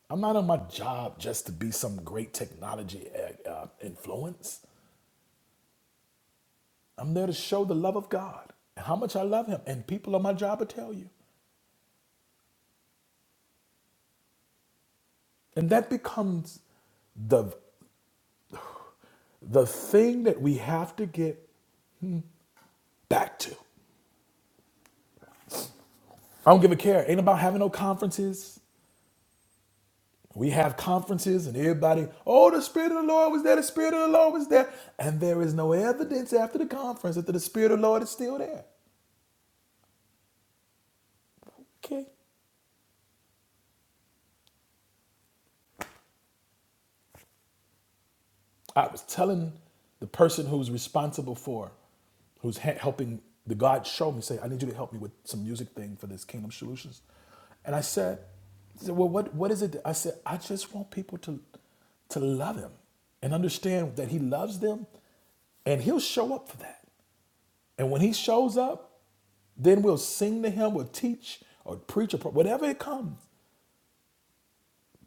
I'm not on my job just to be some great technology uh, uh, influence. I'm there to show the love of God and how much I love Him. And people on my job will tell you. And that becomes the the thing that we have to get back to. I don't give a care. Ain't about having no conferences. We have conferences and everybody, oh, the Spirit of the Lord was there, the Spirit of the Lord was there. And there is no evidence after the conference that the Spirit of the Lord is still there. Okay. I was telling the person who's responsible for, who's he- helping the God show me, say, I need you to help me with some music thing for this Kingdom Solutions. And I said, he said, well, what, what is it? that-" I said, I just want people to, to love him and understand that he loves them and he'll show up for that. And when he shows up, Then we'll sing to him, we'll teach or preach or whatever it comes.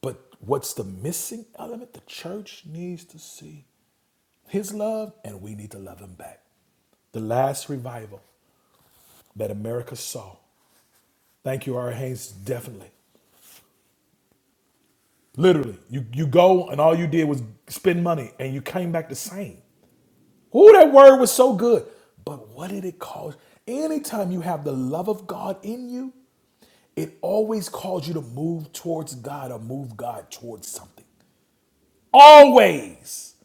But what's the missing element? The church needs to see his love, and we need to love him back. The last revival that America saw. Thank you, R. Haynes, definitely. Literally, you, you go and all you did was spend money and you came back the same. Ooh, that word was so good. But what did it cause? Anytime you have the love of God in you, it always calls you to move towards God or move God towards something. Always.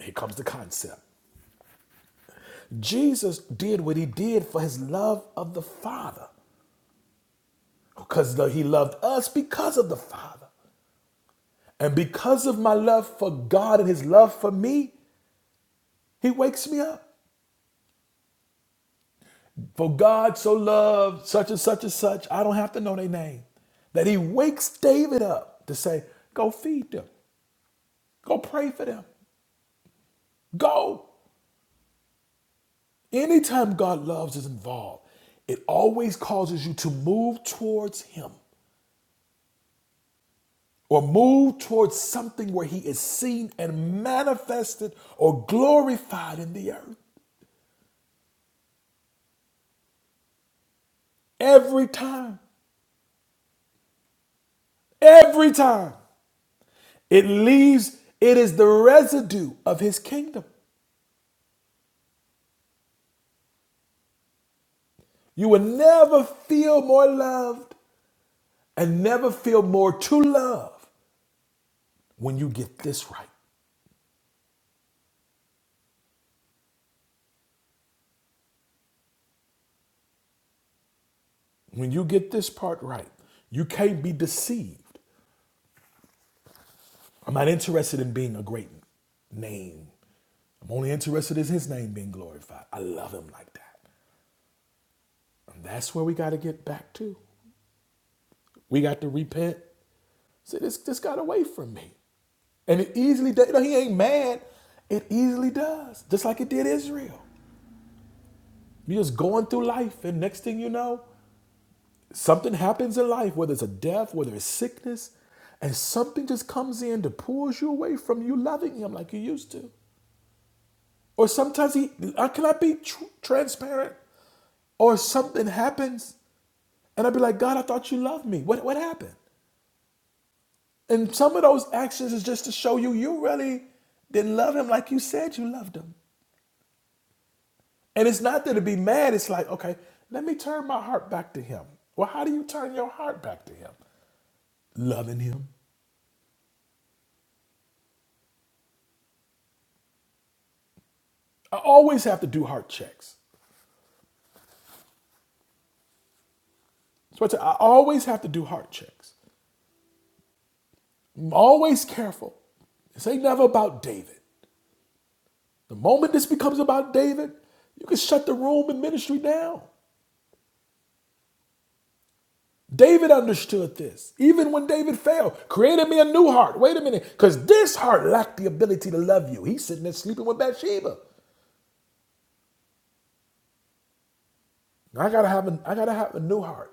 Here comes the concept. Jesus did what he did for his love of the Father, because he loved us because of the Father. And because of my love for God and his love for me, he wakes me up. For God so loved such and such and such, I don't have to know their name, that he wakes David up to say, Go feed them, go pray for them, go. Anytime God loves is involved, it always causes you to move towards him. or move towards something where he is seen and manifested or glorified in the earth. Every time, every time it leaves, it is the residue of his kingdom. You will never feel more loved and never feel more to love when you get this right. When you get this part right, you can't be deceived. I'm not interested in being a great name. I'm only interested in his name being glorified. I love him like that. That's where we got to get back to. We got to repent. See, this this got away from me, and it easily does. You know, He ain't mad. It easily does, just like it did Israel. You're just going through life, and next thing you know, something happens in life, whether it's a death, whether it's sickness, and something just comes in to pulls you away from you loving Him like you used to. Or sometimes He, I cannot be tr- transparent. Or something happens, and I'd be like, God, I thought you loved me. What what happened? And some of those actions is just to show you you really didn't love him like you said you loved him. And it's not that to be mad, it's like, okay, let me turn my heart back to him. Well, how do you turn your heart back to him? Loving him. I always have to do heart checks. So I, tell- you, I always have to do heart checks. I'm always careful. This ain't never about David. The moment this becomes about David, you can shut the room and ministry down. David understood this. Even when David failed, created me a new heart. Wait a minute, because this heart lacked the ability to love you. He's sitting there sleeping with Bathsheba. I gotta have a, I gotta have a new heart.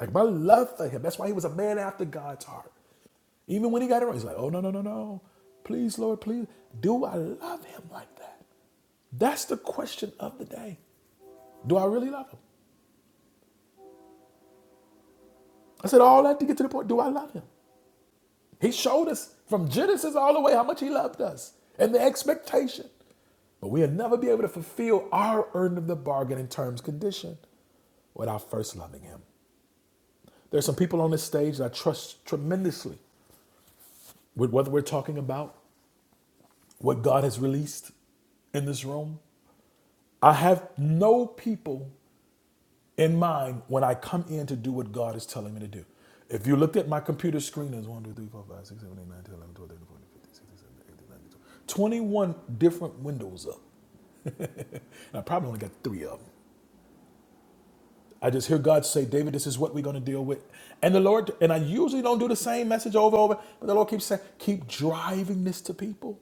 Like my love for him. That's why he was a man after God's heart. Even when he got it wrong, he's like, oh no, no, no, no. Please, Lord, please. Do I love him like that? That's the question of the day. Do I really love him? I said all that to get to the point. Do I love him? He showed us from Genesis all the way how much he loved us and the expectation. But we'll never be able to fulfill our end of the bargain in terms condition without first loving him. There's some people on this stage that I trust tremendously with what we're talking about, what God has released in this room. I have no people in mind when I come in to do what God is telling me to do. If you looked at my computer screen, it's one, 2, 3, 4, 5, 6, 7, 8, 9, 10, 11, 12, thirteen, fourteen. 21 different windows up. [LAUGHS] and I probably only got three of them. I just hear God say, David, this is what we're going to deal with. And the Lord, and I usually don't do the same message over and over, but the Lord keeps saying, keep driving this to people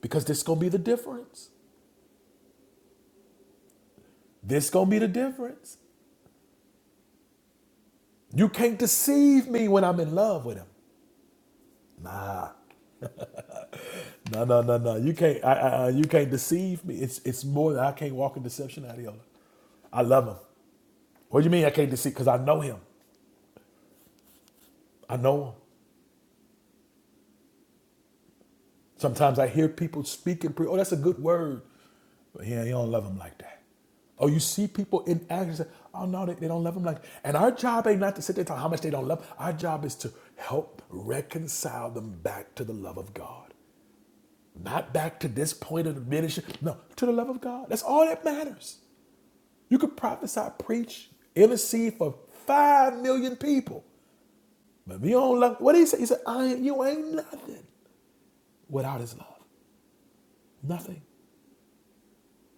because this going to be the difference. This going to be the difference. You can't deceive me when I'm in love with him. No, no, no, no. You can't, I, I, I- you can't deceive me. It's, it's more than I can't walk in deception, Adiola. I love him. What do you mean I can't deceive? Because I know him. I know him. Sometimes I hear people speaking, pre- oh, that's a good word. But yeah, you don't love them like that. Or you see people in action, say, oh, no, they, they don't love them like that. And our job ain't not to sit there and tell how much they don't love. Our job is to help reconcile them back to the love of God. Not back to this point of the ministry. No, to the love of God. That's all that matters. You could prophesy, preach, intercede for five million people. But if you don't love, what did he say? He said, I, you ain't nothing without his love. Nothing.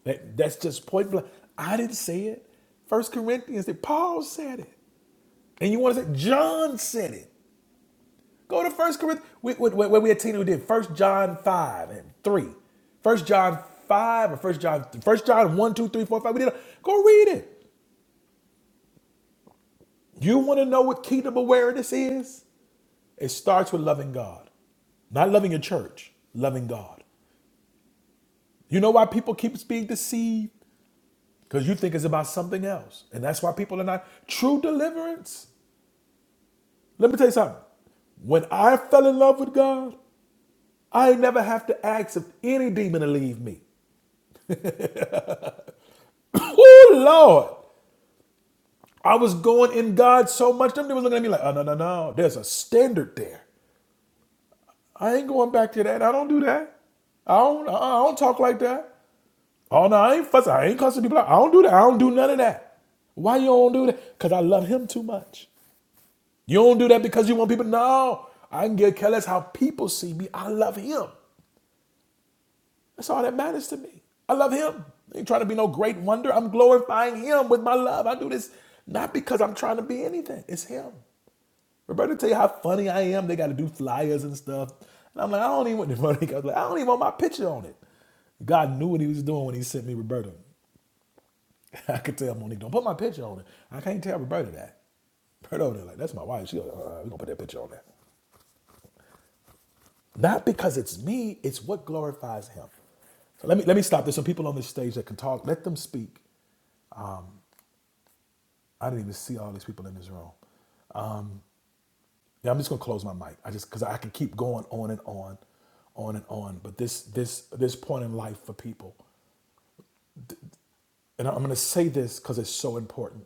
That, that's just point blank. I didn't say it. First Corinthians, Paul said it. And you want to say John said it. Go to First Corinthians. We, we, we, we had Tina who did First John 5 and 3. First John 5 or First John, First John one 2 3 4 5. We did a, go read it. You want to know what kingdom awareness is? It starts with loving God. Not loving your church, loving God. You know why people keep being deceived? Because you think it's about something else. And that's why people are not. True deliverance Let me tell you something. When I fell in love with God, I never have to ask if any demon to leave me. Oh Lord. I was going in God so much, them demons looking at me like, oh no, no, no. There's a standard there. I ain't going back to that. I don't do that. I don't I don't talk like that. Oh no, I ain't fussing. I ain't cussing people out. I don't do that. I don't do none of that. Why you don't do that? Because I love him too much. You don't do that because you want people. No, I can get careless how people see me. I love him. That's all that matters to me. I love him. I ain't trying to be no great wonder. I'm glorifying him with my love. I do this not because I'm trying to be anything. It's him. Roberta tell you how funny I am. They got to do flyers and stuff. And I'm like, I don't even want the money. [LAUGHS] I was like, I don't even want my picture on it. God knew what he was doing when he sent me Roberta. [LAUGHS] I could tell Monique, don't put my picture on it. I can't tell Roberta that. Roberta over there, like, that's my wife. She like, uh, we're going to put that picture on that. Not because it's me, it's what glorifies him. So let me let me stop. There's some people on this stage that can talk. Let them speak. I didn't even see all these people in this room. Yeah, I'm just gonna close my mic. I just because I can keep going on and on, on and on. But this this this point in life for people, and I'm gonna say this because it's so important.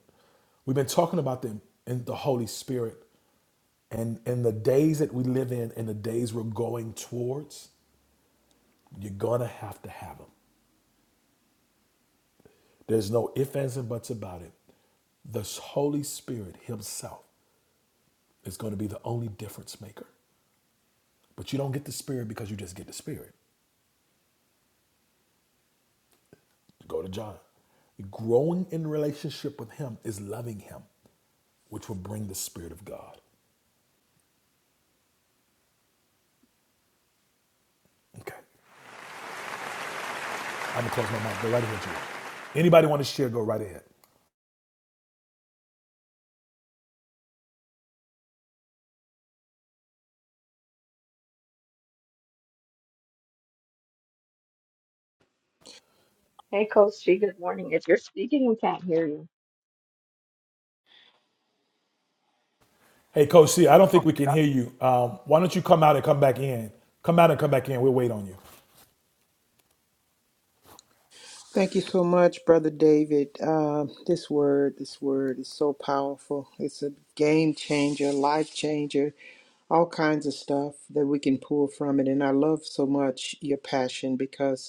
We've been talking about the in the Holy Spirit and in the days that we live in and the days we're going towards, you're gonna have to have them. There's no ifs, ands, and buts about it. The Holy Spirit Himself is gonna be the only difference maker. But you don't get the Spirit because you just get the Spirit. Go to John. Growing in relationship with Him is loving Him, which will bring the Spirit of God. Okay. I'm going to close my mic. Go right ahead, you all. Anybody want to share, go right ahead. Hey, Coach G, good morning. If you're speaking, we can't hear you. Hey, Coach C, I don't think we can hear you. Um, why don't you come out and come back in? Come out and come back in. We'll wait on you. Thank you so much, Brother David. Uh, this word, this word is so powerful. It's a game changer, life changer, all kinds of stuff that we can pull from it. And I love so much your passion because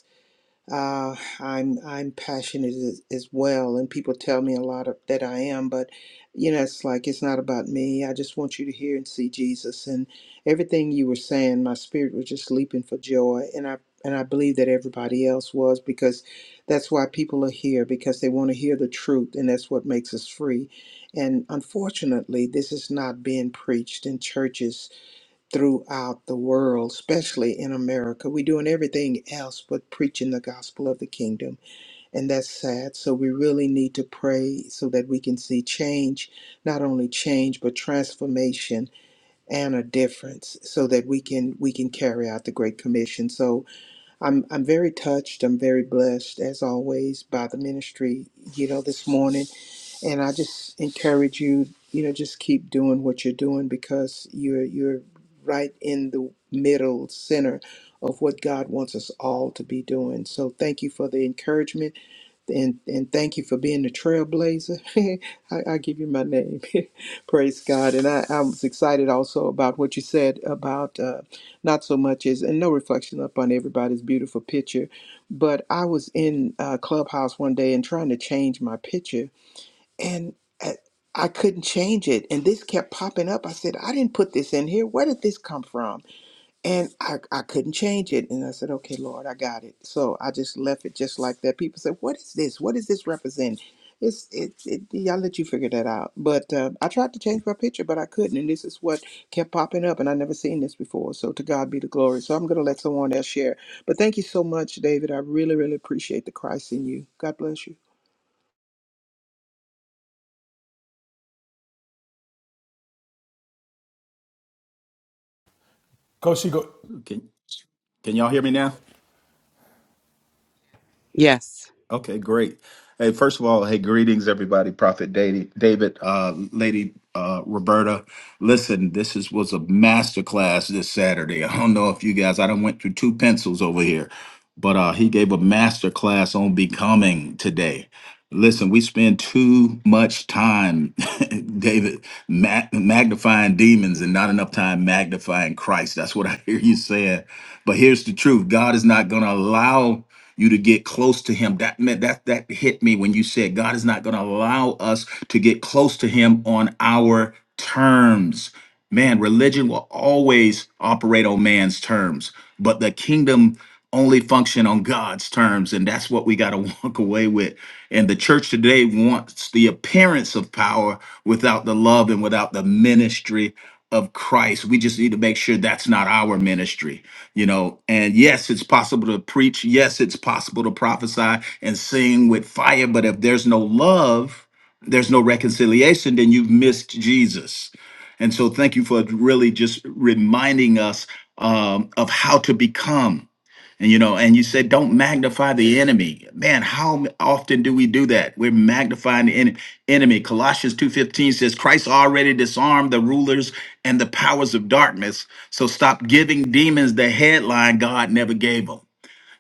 uh, I'm I'm passionate as, as well, and people tell me a lot of, that I am, but you know, it's like it's not about me. I just want you to hear and see Jesus, and everything you were saying, my spirit was just leaping for joy, and I and I believe that everybody else was because that's why people are here because they want to hear the truth, and that's what makes us free. And unfortunately, this is not being preached in churches throughout the world, especially in America. We're doing everything else but preaching the gospel of the kingdom, and that's sad. So we really need to pray so that we can see change, not only change but transformation and a difference so that we can we can carry out the great commission so i'm i'm very touched i'm very blessed as always by the ministry you know this morning and I just encourage you, you know, just keep doing what you're doing because you're you're right in the middle center of what God wants us all to be doing. So thank you for the encouragement and and thank you for being the trailblazer. [LAUGHS] I, I give you my name. [LAUGHS] Praise God. And I, I was excited also about what you said about uh, not so much as and no reflection upon everybody's beautiful picture, but I was in uh, Clubhouse one day and trying to change my picture and I, I couldn't change it. And this kept popping up. I said, I didn't put this in here. Where did this come from? And I, I couldn't change it. And I said, okay, Lord, I got it. So I just left it just like that. People said, what is this? What does this represent? It's it, it yeah, I'll let you figure that out. But uh, I tried to change my picture, but I couldn't. And this is what kept popping up, and I never seen this before. So to God be the glory. So I'm gonna let someone else share. But thank you so much, David. I really, really appreciate the Christ in you. God bless you. Coach C, go. Can can y'all hear me now? Yes. Okay, great. Hey, first of all, hey, greetings, everybody. Prophet Da- David, uh, Lady uh, Roberta. Listen, this is was a master class this Saturday. [LAUGHS] I don't know if you guys. I done went through two pencils over here, but uh, he gave a master class on becoming today. Listen, we spend too much time, [LAUGHS] David, ma- magnifying demons and not enough time magnifying Christ. That's what I hear you saying. But here's the truth: God is not going to allow you to get close to him. That meant that that hit me when you said God is not going to allow us to get close to him on our terms. Man, religion will always operate on man's terms, but the kingdom only function on God's terms, and that's what we got to [LAUGHS] walk away with. And the church today wants the appearance of power without the love and without the ministry of Christ. We just need to make sure that's not our ministry you know and yes it's possible to preach yes it's possible to prophesy and sing with fire but if there's no love there's no reconciliation then you've missed jesus and so thank you for really just reminding us um, of how to become and you know, and you said don't magnify the enemy. Man, how often do we do that? We're magnifying the en- enemy. Colossians 2:15 says Christ already disarmed the rulers and the powers of darkness. So stop giving demons the headline God never gave them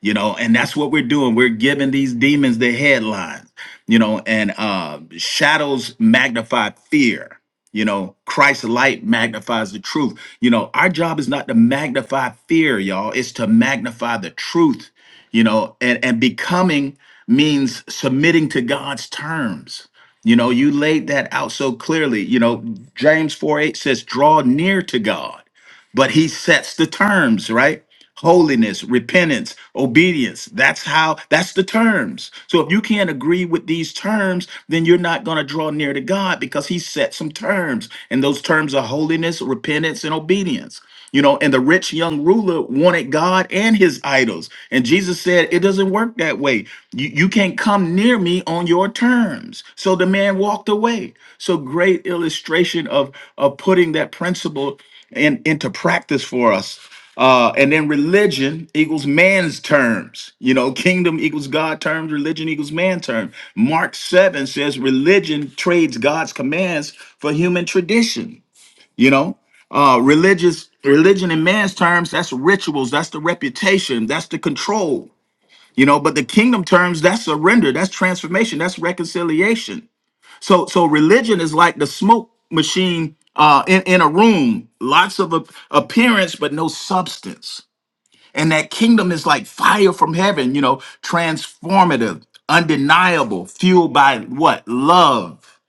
you know and that's what we're doing we're giving these demons the headlines you know and uh shadows magnify fear you know christ's light magnifies the truth you know our job is not to magnify fear y'all it's to magnify the truth you know and and becoming means submitting to god's terms you know you laid that out so clearly you know james 4 8 says draw near to god but he sets the terms right holiness, repentance, obedience. That's how, that's the terms. So if you can't agree with these terms, then you're not going to draw near to God because He set some terms. And those terms are holiness, repentance, and obedience. You know, and the rich young ruler wanted God and his idols. And Jesus said, It doesn't work that way. You, you can't come near me on your terms. So the man walked away. So great illustration of, of putting that principle in, into practice for us uh, and then religion equals man's terms. You know, kingdom equals God terms, religion equals man terms. Mark 7 says religion trades God's commands for human tradition. You know, uh, religious religion in man's terms, that's rituals, that's the reputation, that's the control. You know, but the kingdom terms, that's surrender, that's transformation, that's reconciliation. So, so religion is like the smoke machine uh, in in a room, lots of a- appearance but no substance and that kingdom is like fire from heaven, you know, transformative, undeniable, fueled by what? Love,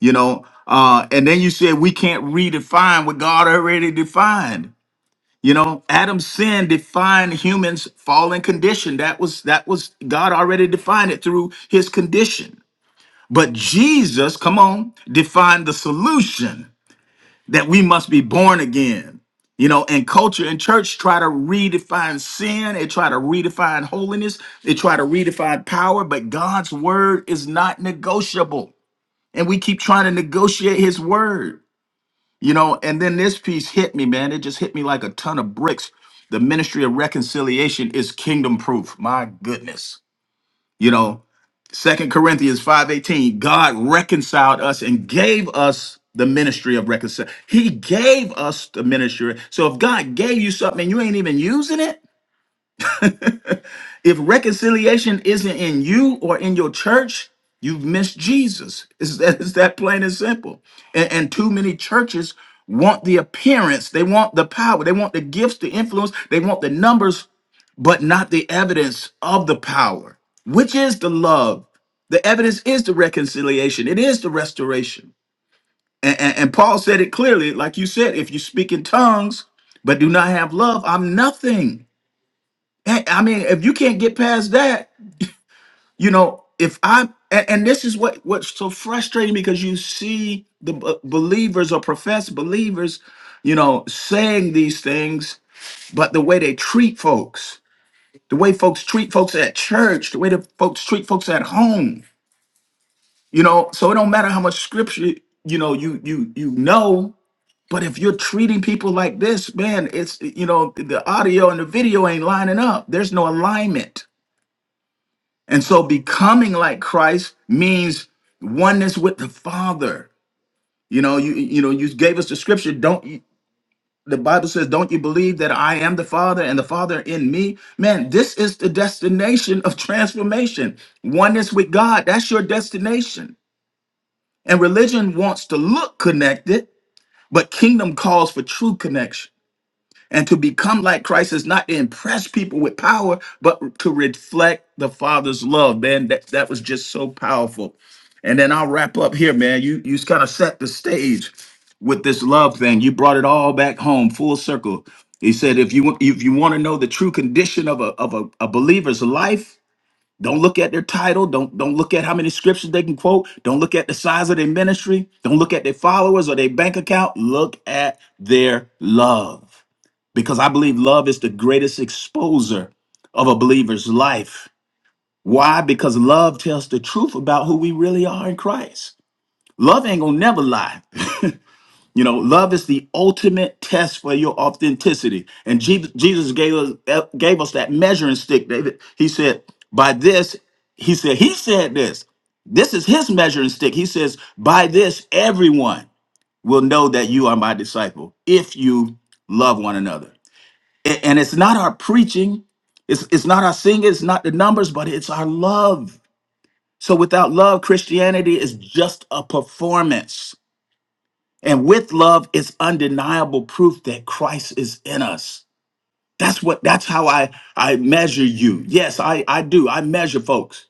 you know. Uh, and then you said we can't redefine what God already defined. You know, Adam's sin defined humans' fallen condition. That was that was God already defined it through his condition. But Jesus, come on, defined the solution that we must be born again. You know, and culture and church try to redefine sin, they try to redefine holiness, they try to redefine power, but God's word is not negotiable. And we keep trying to negotiate his word. You know, and then this piece hit me, man. It just hit me like a ton of bricks. The ministry of reconciliation is kingdom proof. My goodness. You know, Second Corinthians 5:18, God reconciled us and gave us the ministry of reconciliation. He gave us the ministry. So if God gave you something and you ain't even using it, if reconciliation isn't in you or in your church, you've missed Jesus. It's that, it's that plain and simple. And, and too many churches want the appearance, they want the power, they want the gifts, the influence, they want the numbers but not the evidence of the power, which is the love. The evidence is the reconciliation, it is the restoration. And, and, and Paul said it clearly, like you said, if you speak in tongues but do not have love, I'm nothing. Hey, I mean, if you can't get past that, you know, if I and, and this is what what's so frustrating because you see the b- believers or professed believers, you know, saying these things, but the way they treat folks the way folks treat folks at church, the way that folks treat folks at home. You know, so it don't matter how much scripture you know you you you know, but if you're treating people like this, man, it's you know the audio and the video ain't lining up. There's no alignment, and so becoming like Christ means oneness with the Father. You know, you you know you gave us the scripture. Don't the Bible says, Don't you believe that I am the Father and the Father in me? Man, this is the destination of transformation. Oneness with God, that's your destination. And religion wants to look connected, but kingdom calls for true connection. And to become like Christ is not to impress people with power, but to reflect the Father's love. Man, that, that was just so powerful. And then I'll wrap up here, man. You you kind of set the stage with this love thing. You brought it all back home, full circle. He said, if you if you want to know the true condition of a of a, a believer's life, don't look at their title. Don't don't look at how many scriptures they can quote. Don't look at the size of their ministry. Don't look at their followers or their bank account. Look at their love because I believe love is the greatest exposer of a believer's life. Why? Because love tells the truth about who we really are in Christ. Love ain't gonna never lie. [LAUGHS] you know, love is the ultimate test for your authenticity. And Je- Jesus gave us eh, gave us that measuring stick, David. He said, "By this," he said, "He said this." This is his measuring stick. He says, "By this, everyone will know that you are my disciple if you love one another." A- And it's not our preaching, it's, it's not our singing, it's not the numbers, but it's our love. So without love, Christianity is just a performance. And with love, it's undeniable proof that Christ is in us. That's what that's how I I measure you. Yes, I I do. I measure folks.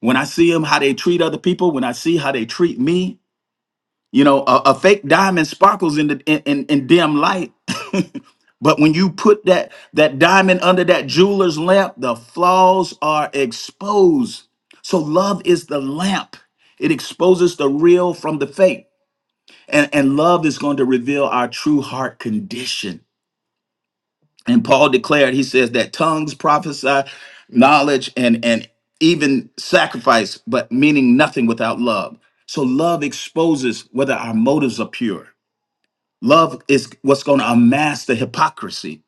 When I see them how they treat other people, when I see how they treat me, you know, a, a fake diamond sparkles in the in, in, in dim light. [LAUGHS] but when you put that that diamond under that jeweler's lamp, the flaws are exposed. So love is the lamp. It exposes the real from the fake. And, and love is going to reveal our true heart condition. And Paul declared, he says that tongues prophesy knowledge and and even sacrifice, but meaning nothing without love. So love exposes whether our motives are pure Love is what's going to amass the hypocrisy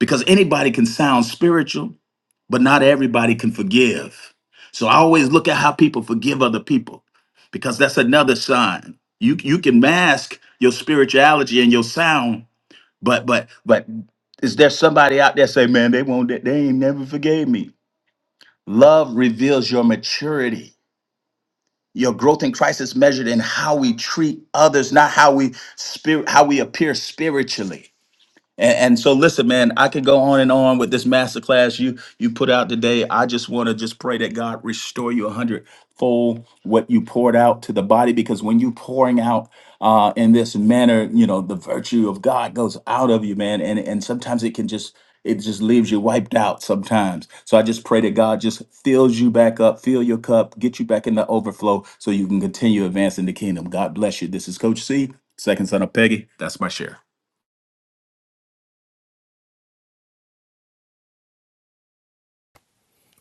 because anybody can sound spiritual, but not everybody can forgive. So I always look at how people forgive other people because that's another sign. You you can mask your spirituality and your sound, but but but is there somebody out there say, man, they won't they they ain't never forgave me? Love reveals your maturity. Your growth in Christ is measured in how we treat others, not how we spirit how we appear spiritually. And, and so, listen, man, I could go on and on with this masterclass you you put out today. I just want to just pray that God restore you a hundredfold what you poured out to the body, because when you pouring out uh, in this manner, you know the virtue of God goes out of you, man. And and sometimes it can just it just leaves you wiped out sometimes. So I just pray that God just fills you back up, fill your cup, get you back in the overflow, so you can continue advancing the kingdom. God bless you. This is Coach C, second son of Peggy. That's my share.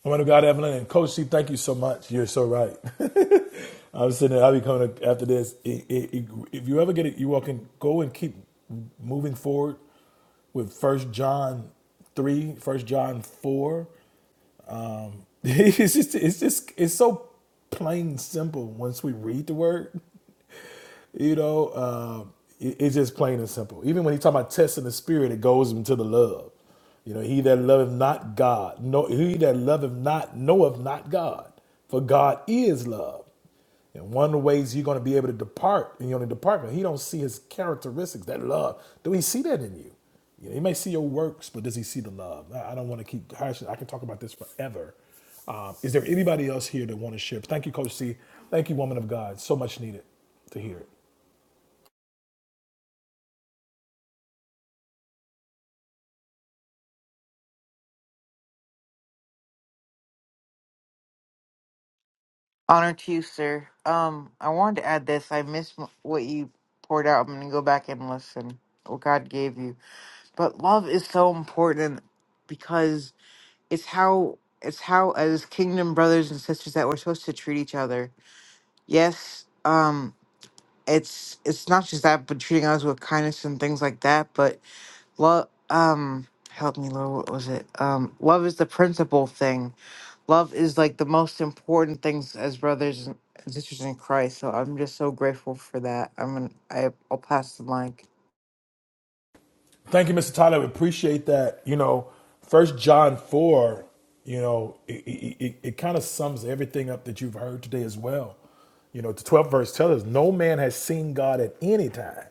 Woman of God, Evelyn, and Coach C, thank you so much. You're so right. [LAUGHS] I'm sitting there. I'll be coming up after this. I- I- I- If you ever get it, you all can go and keep moving forward with First John 3, First John 4, [LAUGHS] it's just it's just it's so plain simple once we read the word you know, uh, it- it's just plain and simple. Even when he talk about testing the spirit, it goes into the love. You know, he that loveth not God, no, he that loveth not knoweth not God, for God is love. And one of the ways you're going to be able to depart, and you're going to depart, but he don't see his characteristics, that love. Do he see that in you? You know, he may see your works, but does he see the love? I I don't want to keep hashing. I can talk about this forever. Um, is there anybody else here that want to share? Thank you, Coach C. Thank you, woman of God. So much needed to hear it. Honor to you, sir. Um, I wanted to add this. I missed m- what you poured out. I'm going to go back and listen what God gave you. But love is so important because it's how it's how as kingdom brothers and sisters that we're supposed to treat each other. Yes, um it's it's not just that but treating others with kindness and things like that, but Love, um, help me, Lord. What was it? Um, love is the principal thing. Love is like the most important things as brothers and sisters in Christ. So I'm just so grateful for that. I'm gonna, I, I'll pass the mic. Thank you, Mr. Tyler. We appreciate that. You know, First John four. You know, it, it, it, it kind of sums everything up that you've heard today as well. You know, the twelfth verse tells us, "No man has seen God at any time.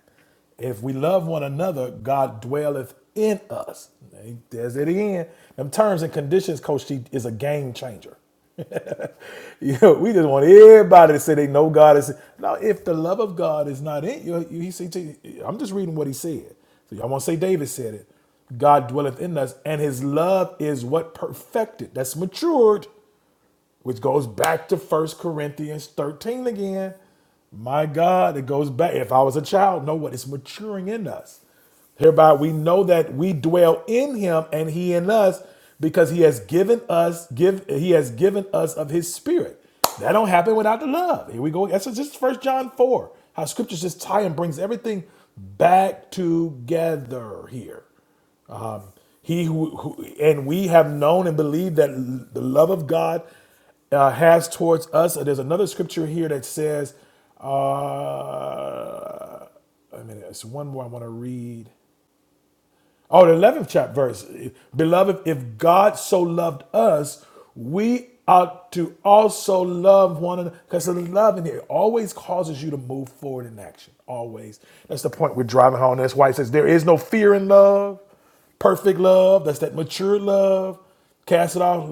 If we love one another, God dwelleth in us." He Does it again. Them terms and conditions, Coach T, is a game changer. [LAUGHS] you know, we just want everybody to say they know God is. Now, if the love of God is not in you, you- he see, I'm just reading what he said. So y'all want to say David said it. God dwelleth in us, and his love is what perfected, that's matured which goes back to First Corinthians 13 again. My God, it goes back. If I was a child, know what? It's maturing in us. Hereby we know that we dwell in him and he in us because he has given us give he has given us of his spirit. That don't happen without the love. Here we go. That's just first John 4. How scriptures just tie and brings everything back together here. He who, who and we have known and believed that l- the love of God uh, has towards us. Uh, There's another scripture here that says, uh, I mean, it's one more I want to read. Oh, the 11th chapter verse. Beloved, if God so loved us, we ought to also love one another. Because the love in here always causes you to move forward in action. Always. That's the point we're driving home. That's why it says there is no fear in love. Perfect love, that's that mature love. Cast it off.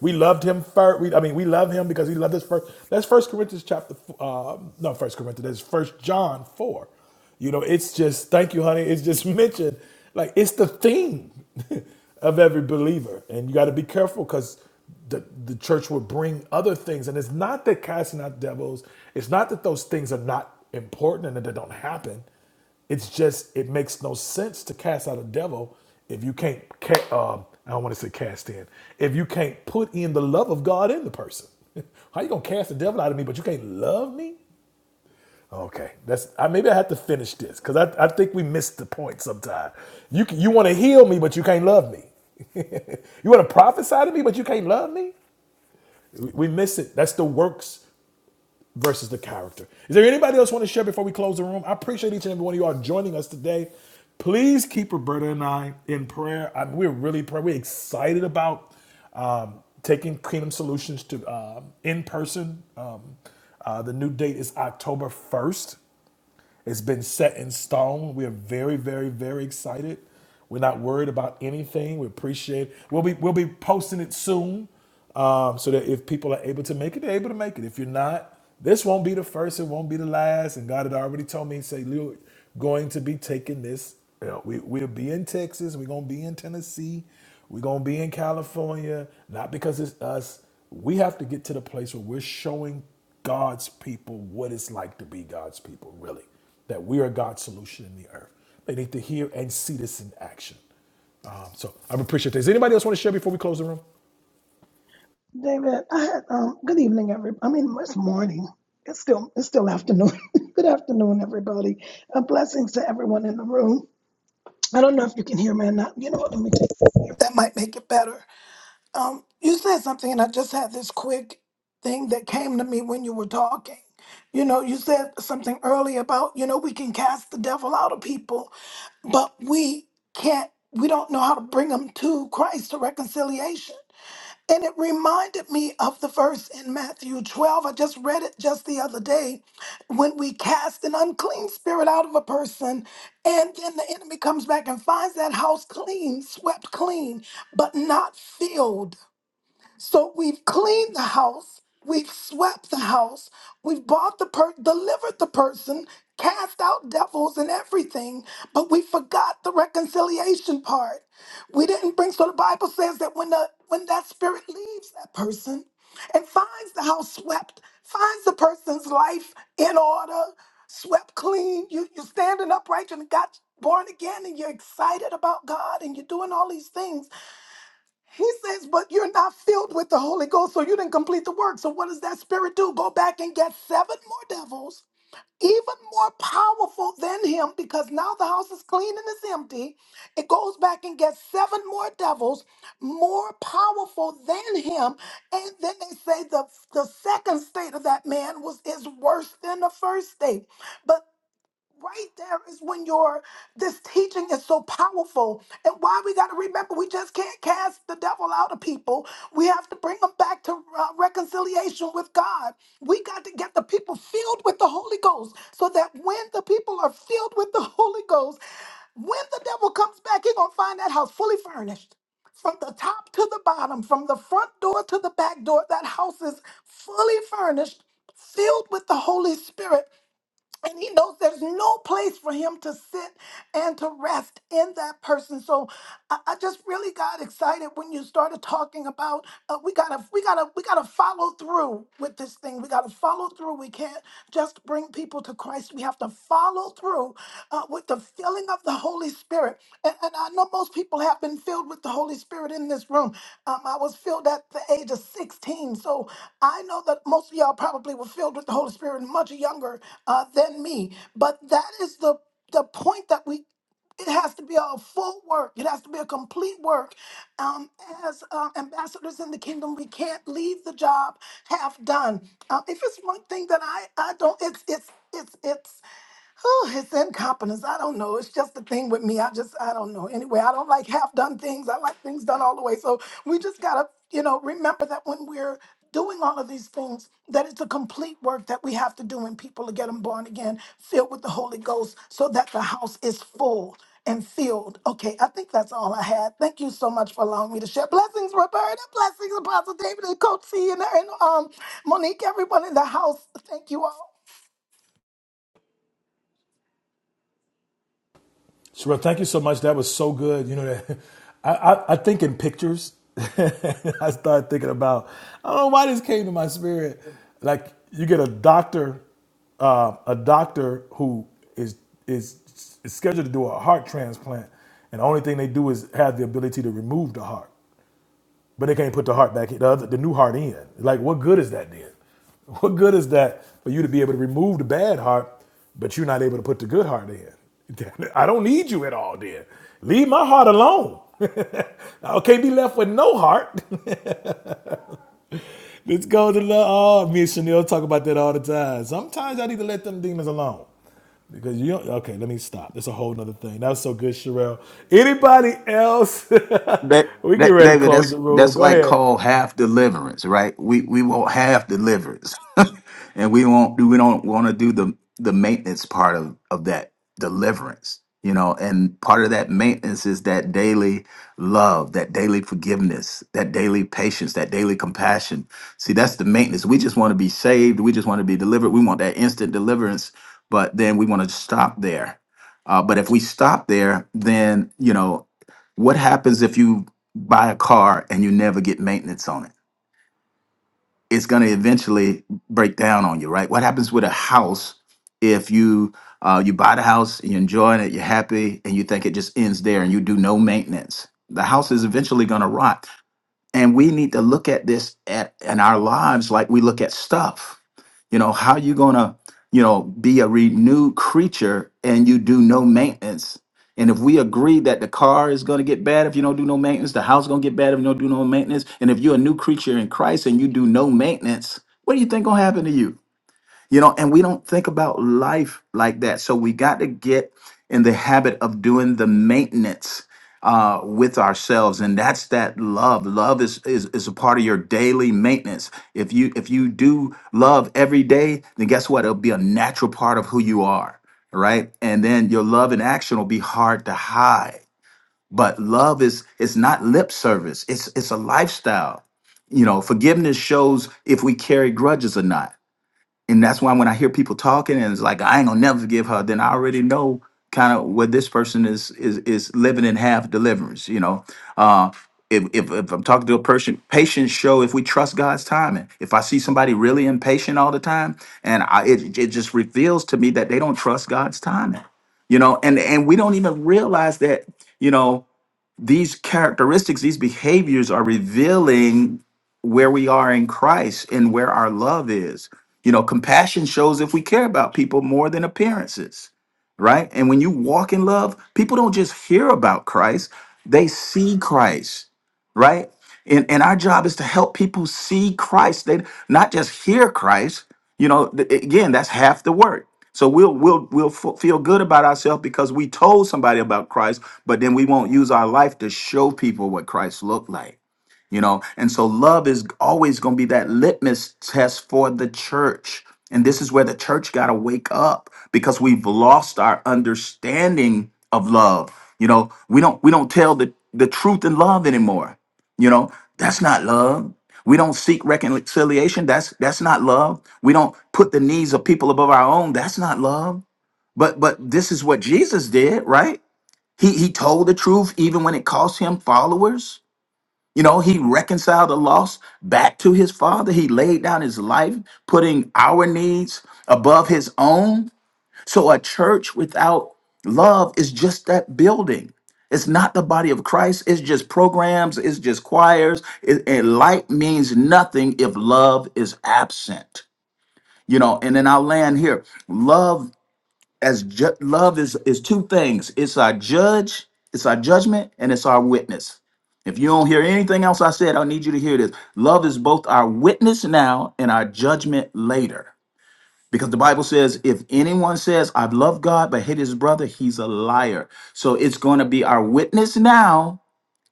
We loved him first. We, I mean, we love him because he loved us first. That's First Corinthians chapter, uh, no, First Corinthians. That's First John four. You know, it's just thank you, honey. It's just [LAUGHS] mentioned like it's the theme [LAUGHS] of every believer, and you got to be careful because the, the church will bring other things. And it's not that casting out devils, it's not that those things are not important and that they don't happen. It's just it makes no sense to cast out a devil if you can't. Ca- uh, I don't want to say cast in. If you can't put in the love of God in the person, [LAUGHS] how you gonna cast the devil out of me? But you can't love me. Okay, that's I, maybe I have to finish this because I, I think we missed the point sometimes You can, you want to heal me, but you can't love me. [LAUGHS] you want to prophesy to me, but you can't love me. We, we miss it. That's the works versus the character. Is there anybody else want to share before we close the room? I appreciate each and every one of you all joining us today. Please keep Roberta and I in prayer. I, we're really prayer. We're excited about um, taking Kingdom Solutions to um in person. Um, uh, the new date is October first. It's been set in stone. We are very, very, very excited. We're not worried about anything. We appreciate. it. We'll be we'll be posting it soon, um, so that if people are able to make it, they're able to make it. If you're not, this won't be the first. It won't be the last. And God had already told me, say, "You're going to be taking this. You know, we we'll be in Texas. We're gonna be in Tennessee. We're gonna be in California. Not because it's us. We have to get to the place where we're showing God's people what it's like to be God's people, really that we are God's solution in the earth. They need to hear and see this in action. Um, so I appreciate that. Does Anybody else want to share before we close the room? David, I had um good evening everybody. I mean it's morning. It's still it's still afternoon. [LAUGHS] good afternoon everybody. Uh, blessings to everyone in the room. I don't know if you can hear me or not. You know what? Let me just if that might make it better. Um you said something and I just had this quick thing that came to me when you were talking. You know, you said something earlier about, you know, we can cast the devil out of people, but we can't we don't know how to bring them to Christ to reconciliation and it reminded me of the verse in Matthew 12. I just read it just the other day. When we cast an unclean spirit out of a person, and then the enemy comes back and finds that house clean, swept clean, but not filled. So we've cleaned the house, we've swept the house, we've bought the per delivered the person, cast out devils and everything, but we forgot the reconciliation part. We didn't bring so the Bible says that when the when that spirit [LAUGHS] leaves that person and finds the house swept, finds the person's life in order, swept clean, you, you're standing upright and got born again and you're excited about God and you're doing all these things he says, but you're not filled with the Holy Ghost, so you didn't complete the work. So what does that spirit do? Go back and get seven more devils, even more powerful than him, because now the house is clean and it's empty. It goes back and gets seven more devils, more powerful than him. And then they say the, the second state of that man was is worse than the first state. But right there is when your this teaching is so powerful and why we got to remember we just can't cast the devil out of people we have to bring them back to uh, reconciliation with god we got to get the people filled with the holy ghost so that when the people are filled with the [LAUGHS] holy ghost when the devil comes back he gonna find that house fully furnished from the top to the bottom from the front door to the back door that house is fully furnished filled with the holy spirit and he knows there's no place for him to sit and to rest in that person. So I, I just really got excited when you started talking about uh, we gotta we gotta we gotta follow through with this thing. We gotta follow through. We can't just bring people to Christ. We have to follow through filled uh, with the filling of the Holy Spirit. And, and I know most people have been filled with the Holy Spirit in this room. Um, I was filled at the age of 16. So I know that most of y'all probably were filled with the Holy Spirit much younger uh, than me. But that is the, the point that we it has to be a full work. It has to be a complete work. Um, as uh, ambassadors in the kingdom, we can't leave the job half done. Uh, if it's one thing that I, I don't, it's it's it's it's Oh, it's incompetence. I don't know. It's just the thing with me. I just, I don't know. Anyway, I don't like half done things. I like things done all the way. So we just got to, you know, remember that when we're doing all of these things, that it's a complete work that we have to do in people to get them born again, filled with the Holy Ghost, so that the house is full and filled. Okay, I think that's all I had. Thank you so much for allowing me to share. Blessings, Roberta. Blessings, Apostle David and Coach C and, and um, Monique, everyone in the house. Thank you all. Sherelle, thank you so much. That was so good. You know that [LAUGHS] I, I, I think in pictures. [LAUGHS] I started thinking about I don't know why this came to my spirit. Like you get a doctor, uh, a doctor who is is is scheduled to do a heart transplant, and the only thing they do is have the ability to remove the heart. but they can't put the heart back in, the, other, the new heart in. Like, what good is that then? [LAUGHS] What good is that for you to be able to remove the bad heart, but you're not able to put the good heart in? [LAUGHS] I don't need you at all, then. Leave my heart alone. [LAUGHS] I can't be left with no heart. [LAUGHS] Let's go to the, oh, me and Chanel talk about that all the time. Sometimes I need to let them demons alone. Because you don't, okay, let me stop. That's a whole nother thing. That was so good, Sherelle. Anybody else? That, [LAUGHS] we get that, ready to David, close that's the room. that's Go like ahead. called half deliverance, right? We we want half deliverance, [LAUGHS] and we won't do we don't want to do the the maintenance part of of that deliverance, you know. And part of that maintenance is that daily love, that daily forgiveness, that daily patience, that daily compassion. See, that's the maintenance. We just want to be saved. We just want to be delivered. We want that instant deliverance, but then we want to stop there. Uh, but if we stop there, then you know what happens if you buy a car and you never get maintenance on it? It's going to eventually break down on you, right? What happens with a house if you uh, you buy the house, you're enjoying it, you're happy, and you think it just ends there, and you do no maintenance? The house is eventually going to rot and we need to look at this at in our lives like we look at stuff you know how you gonna you know be a renewed creature and you do no maintenance and if we agree that the car is going to get bad if you don't do no maintenance the house going to get bad if you don't do no maintenance and if you're a new creature in christ and you do no maintenance what do you think going to happen to you you know and we don't think about life like that so we got to get in the habit of doing the maintenance uh, with ourselves and that's that love love is, is is a part of your daily maintenance if you if you do love every day then guess what it'll be a natural part of who you are right and then your love in action will be hard to hide but love is it's not lip service it's it's a lifestyle you know forgiveness shows if we carry grudges or not and that's why when I hear people talking and it's like I ain't gonna never forgive her, then I already know kind of where this person is is is living in half deliverance. You know, uh, if, if if I'm talking to a person, patience show if we trust God's timing. If I see somebody really impatient all the time, and I, it it just reveals to me that they don't trust God's timing. You know, and and we don't even realize that. You know these characteristics, these behaviors are revealing where we are in Christ and where our love is. You know, compassion shows if we care about people more than appearances, right? And when you walk in love, people don't just hear about Christ, they see Christ, right? And, and our job is to help people see Christ. They not just hear Christ. You know, th- again, that's half the work so we'll we'll we'll f- feel good about ourselves because we told somebody about Christ, but then we won't use our life to show people what Christ looked like you know and so love is always going to be that litmus test for the church and this is where the church got to wake up because we've lost our understanding of love you know we don't we don't tell the the truth in love anymore you know that's not love we don't seek reconciliation that's that's not love we don't put the needs of people above our own that's not love but but this is what jesus did right he he told the truth even when it cost him followers you know, he reconciled the loss back to his father. He laid down his life, putting our needs above his own. So a church without love is just that building. It's not the body of Christ. It's just programs. It's just choirs. It, it- light means nothing if love is absent. You know, and then I'll land here. Love as ju- love is is two things it's our judge it's our judgment and it's our witness if you don't hear anything else i said i need you to hear this love is both our witness now and our judgment later because the bible says if anyone says i've loved god but hate his brother he's a liar so it's going to be our witness now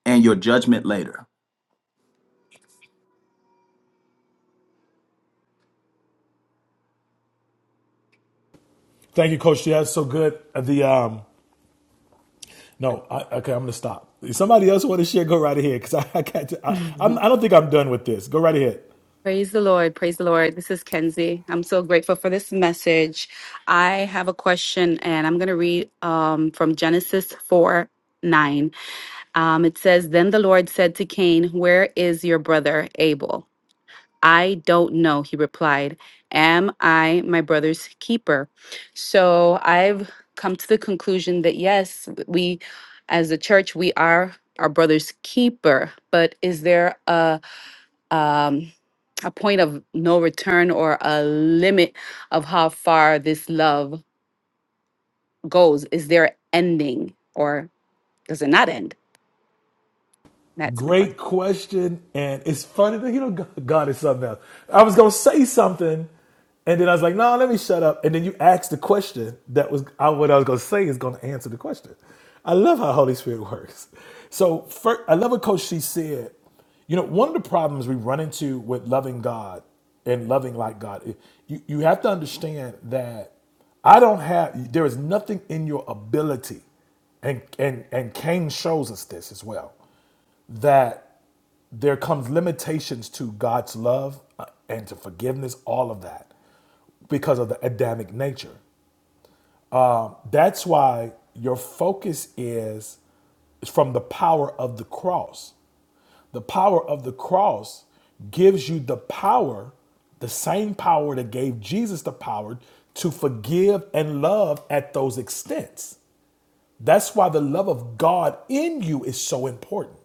and your judgment later Thank you, Coach. Yeah, that's so good. Uh, The um, no, I, okay, I'm gonna stop. If somebody else want to share, go right ahead because I, I can't. [LAUGHS] I, I'm, Mhm. I don't think I'm done with this. Go right ahead. Praise the Lord. Praise the Lord. This is Kenzie. I'm so grateful for this message. I have a question and I'm going to read um, from Genesis 4 9. Um, it says, Then the Lord said to Cain, 'Where is your brother Abel? I don't know, he replied. Am I my brother's keeper? So I've come to the conclusion that yes, we as a church, we are our brother's keeper, but is there a um, a point of no return or a limit of how far this love goes? Is there ending or does it not end? That's my question. Great question, and it's funny that you know God is something else. I was gonna say something, and then I was like, "No, let me shut up." And then you asked the question that was I, what I was gonna say is gonna answer the question. I love how Holy Spirit works. So first, I love what Coach she said. You know, one of the problems we run into with loving God and loving like God, it- you you have to understand that I don't have. There is nothing in your ability and and and Cain shows us this as well. That there comes limitations to God's love uh, and to forgiveness, all of that, because of the Adamic nature. Um, that's why your focus is from the power of the cross. The power of the cross gives you the power, the same power that gave Jesus the power to forgive and love at those extents. That's why the love of God in you is so important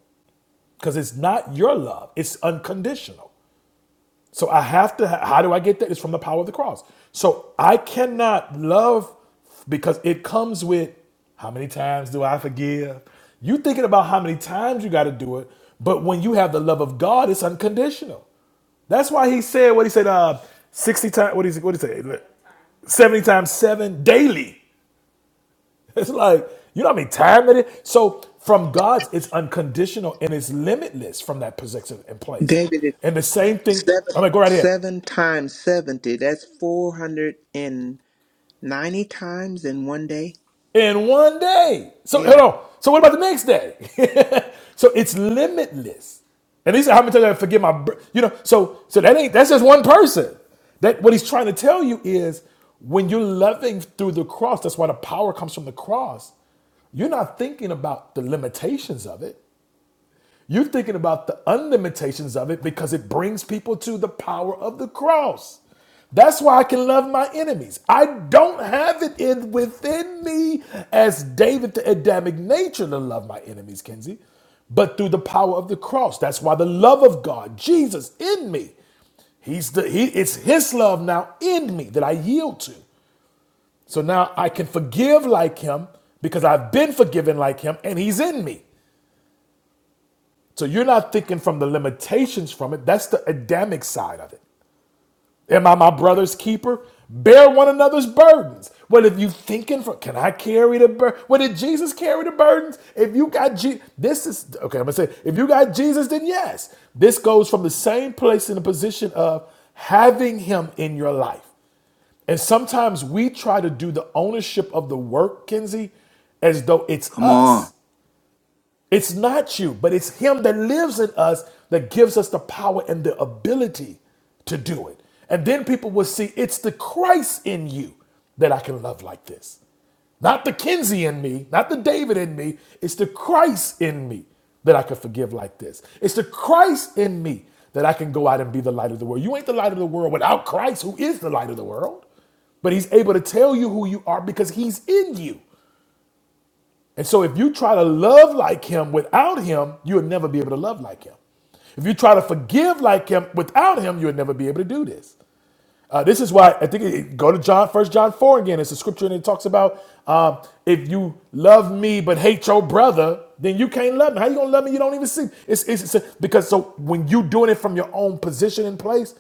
because it's not your love, it's unconditional. So I have to. How do I get that? It's from the power of the cross. So I cannot love because it comes with how many times do I forgive? You thinking about how many times you got to do it, but when you have the love of God, it's unconditional. That's why he said what he said. Uh, sixty times. What is what did he say? Seventy times seven daily. [LAUGHS] It's like you know how many times it is. So from God's, it's unconditional and it's limitless from that position and place. David. is And the same thing. Seven I'm gonna go right here. seven times seventy. That's four hundred and ninety times in one day. in one day. So hold Yeah. on. So what about the next day? [LAUGHS] so it's limitless. And these are how many times I forget my, br- you know. So so that ain't that's just one person. That what he's trying to tell you is when you're loving through the cross. That's why the power comes from the cross. You're not thinking about the limitations of it. You're thinking about the unlimitations of it because it brings people to the power of the cross. That's why I can love my enemies. I don't have it in within me as David the Adamic nature to love my enemies, Kenzie, but through the power of the cross. That's why the love of God, Jesus in me. He's the he, it's his love now in me that I yield to. So now I can forgive like him because I've been forgiven like him and he's in me. So you're not thinking from the limitations from it. That's the Adamic side of it. Am I my brother's keeper? Bear one another's burdens. Well, if you thinking from? Can I carry the burden? Well, did Jesus carry the burdens? If you got Jesus, this is okay. I'm gonna say if you got Jesus, then yes. This goes from the same place in the position of having Him in your life. And sometimes we try to do the ownership of the work, Kenzie, as though it's come us. on It's not you, but it's Him that lives in us that gives us the power and the ability to do it. And then people will see it's the Christ in you that I can love like this. Not the Kinsey in me, not the David in me. It's the Christ in me that I can forgive like this. It's the Christ in me that I can go out and be the light of the world. You ain't the light of the world without Christ, who is the light of the world. But he's able to tell you who you are because he's in you. And so if you try to love like him without him, you'll never be able to love like him. If you try to forgive like him without him, you'll never be able to do this. Uh, this is why I think it, go to John, First John four again. It's a scripture and it talks about um, if you love me but hate your brother, then you can't love me. How you gonna love me? You don't even see. It's, it's, it's- because so when you doing it from your own position and place,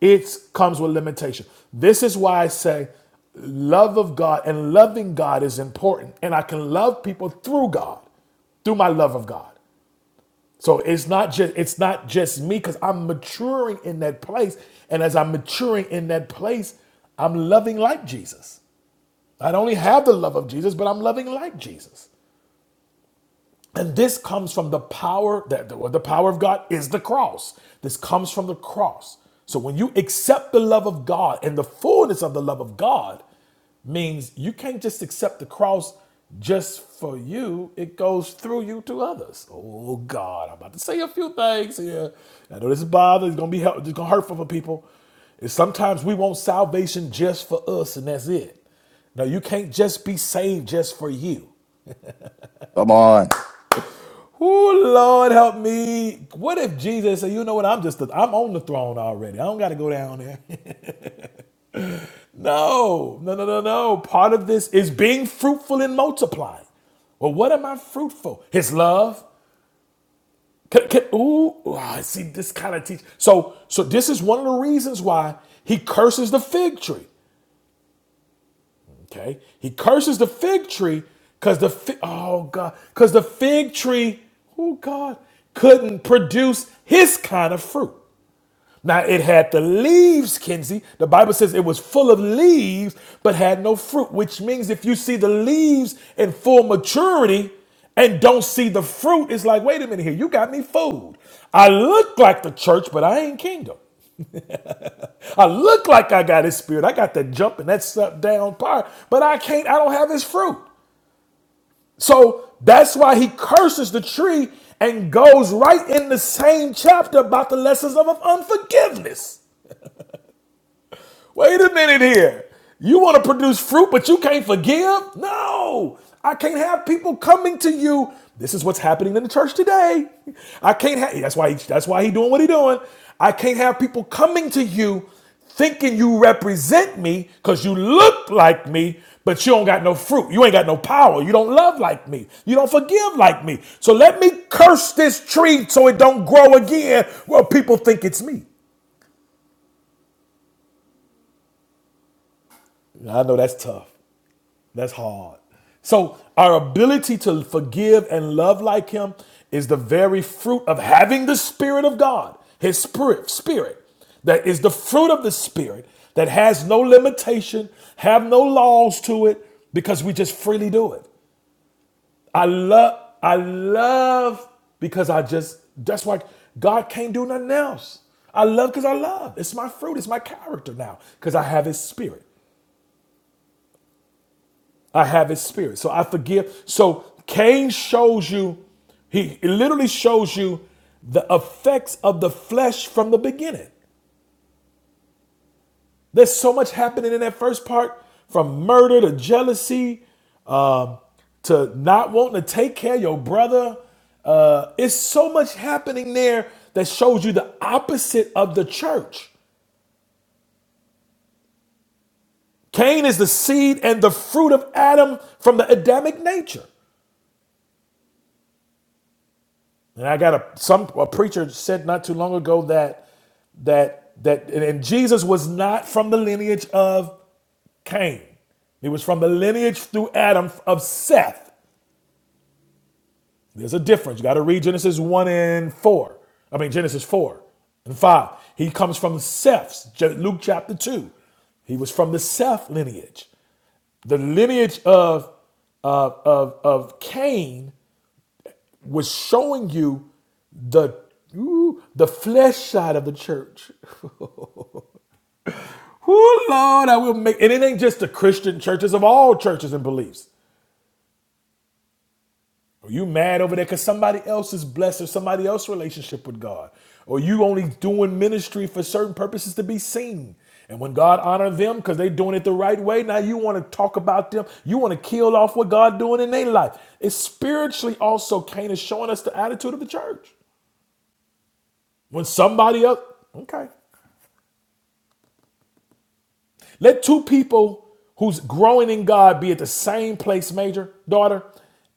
it comes with limitation. This is why I say love of God and loving God is important, and I can love people through God, through my love of God. So it's not just it's not just me because I'm maturing in that place, and as I'm maturing in that place, I'm loving like Jesus. I don't only have the love of Jesus, but I'm loving like Jesus. And this comes from the power that the, power of God is the cross. This comes from the cross. So when you accept the love of God and the fullness of the love of God means you can't just accept the cross just for you. It goes through you to others. Oh God, I'm about to say a few things here. I know this is bothering. It's gonna be help, it's gonna hurt for people. And sometimes we want salvation just for us, and that's it. Now you can't just be saved just for you. Come on. Oh Lord, help me! What if Jesus said, "You know what? I'm just the, I'm on the throne already. I don't got to go down there." [LAUGHS] no, no, no, no, no. Part of this is being fruitful and multiplying. Well, what am I fruitful? His love. C- c- ooh, ooh, I see this kind of teach. So, so this is one of the reasons why he curses the fig tree. Okay, he curses the fig tree because the fi- oh god, because the fig tree, oh god, couldn't produce his kind of fruit. Now it had the leaves, Kenzie. The Bible says it was full of leaves, but had no fruit, which means if you see the leaves in full maturity and don't see the fruit, it's like, wait a minute here, you got me fooled. I look like the church, but I ain't kingdom. I look like I got his spirit. I got that jump and that stuff down part, but I can't, I don't have his fruit. So that's why he curses the tree and goes right in the same chapter about the lessons of unforgiveness. Wait a minute here. You want to produce fruit, but you can't forgive? No, I can't have people coming to you. This is what's happening in the church today. I can't have. That's why. He, that's why he doing what he doing. I can't have people coming to you thinking you represent me because you look like me, but you don't got no fruit. You ain't got no power. You don't love like me. You don't forgive like me. So let me curse this tree so it don't grow again. Well, people think it's me. I know that's tough. That's hard. So our ability to forgive and love like him is the very fruit of having the spirit of God, his spirit, spirit. That is the fruit of the spirit that has no limitation, have no laws to it because we just freely do it. I love I love because I just that's why God can't do nothing else. I love because I love. It's my fruit. It's my character now because I have His Spirit. I have his spirit. So I forgive. So Cain shows you, he it literally shows you the effects of the flesh from the beginning. There's so much happening in that first part from murder to jealousy um, to not wanting to take care of your brother. Uh, it's so much happening there that shows you the opposite of the church. Cain is the seed and the fruit of Adam from the Adamic nature. And I got a some a preacher said not too long ago that that that and and Jesus was not from the lineage of Cain. He was from the lineage through Adam of Seth. There's a difference. You got to read Genesis 1 and 4. I mean Genesis 4 and 5. He comes from Seth's J- Luke chapter 2. He was from the Seth lineage. The lineage of of of, of Cain was showing you the ooh, the flesh side of the church. Oh Lord, I will make and it ain't just the Christian churches of all churches and beliefs. Are you mad over there because somebody else is blessed or somebody else's relationship with God? Or you only doing ministry for certain purposes to be seen? And when God honor them because they doing it the right way, now you want to talk about them. You want to kill off what God doing in their life. It's spiritually also Cain is showing us the attitude of the church. When somebody else, okay. Let two people who's growing in God be at the same place, major daughter,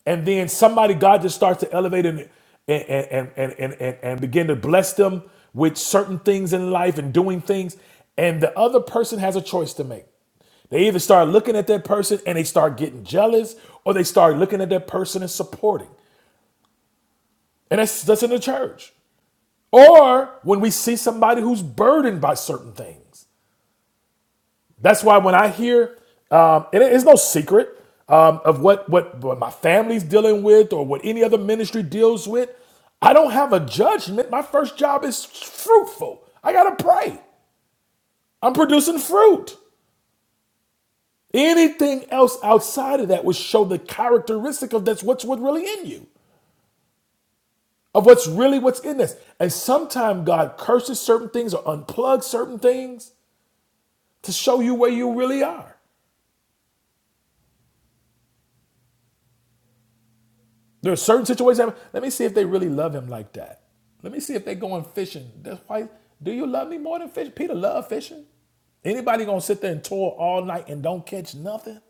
and then somebody God just starts to elevate and and and and and, and, and begin to bless them with certain things in life and doing things, and the other person has a choice to make. They either start looking at that person and they start getting jealous, or they start looking at that person and supporting. And that's that's in the church. Or when we see somebody who's burdened by certain things. That's why when I hear, um, and it's no secret um, of what, what what my family's dealing with or what any other ministry deals with. I don't have a judgment. My first job is fruitful. I gotta pray. I'm producing fruit. Anything else outside of that would show the characteristic of that's what's what really in you, of what's really what's in this. And sometimes God curses certain things or unplugs certain things to show you where you really are. There are certain situations. that- Let me see if they really love him like that. Let me see if they're going fishing. That's why. Do you love me more than fish? Peter love fishing. Anybody gonna sit there and toil all night and don't catch nothing?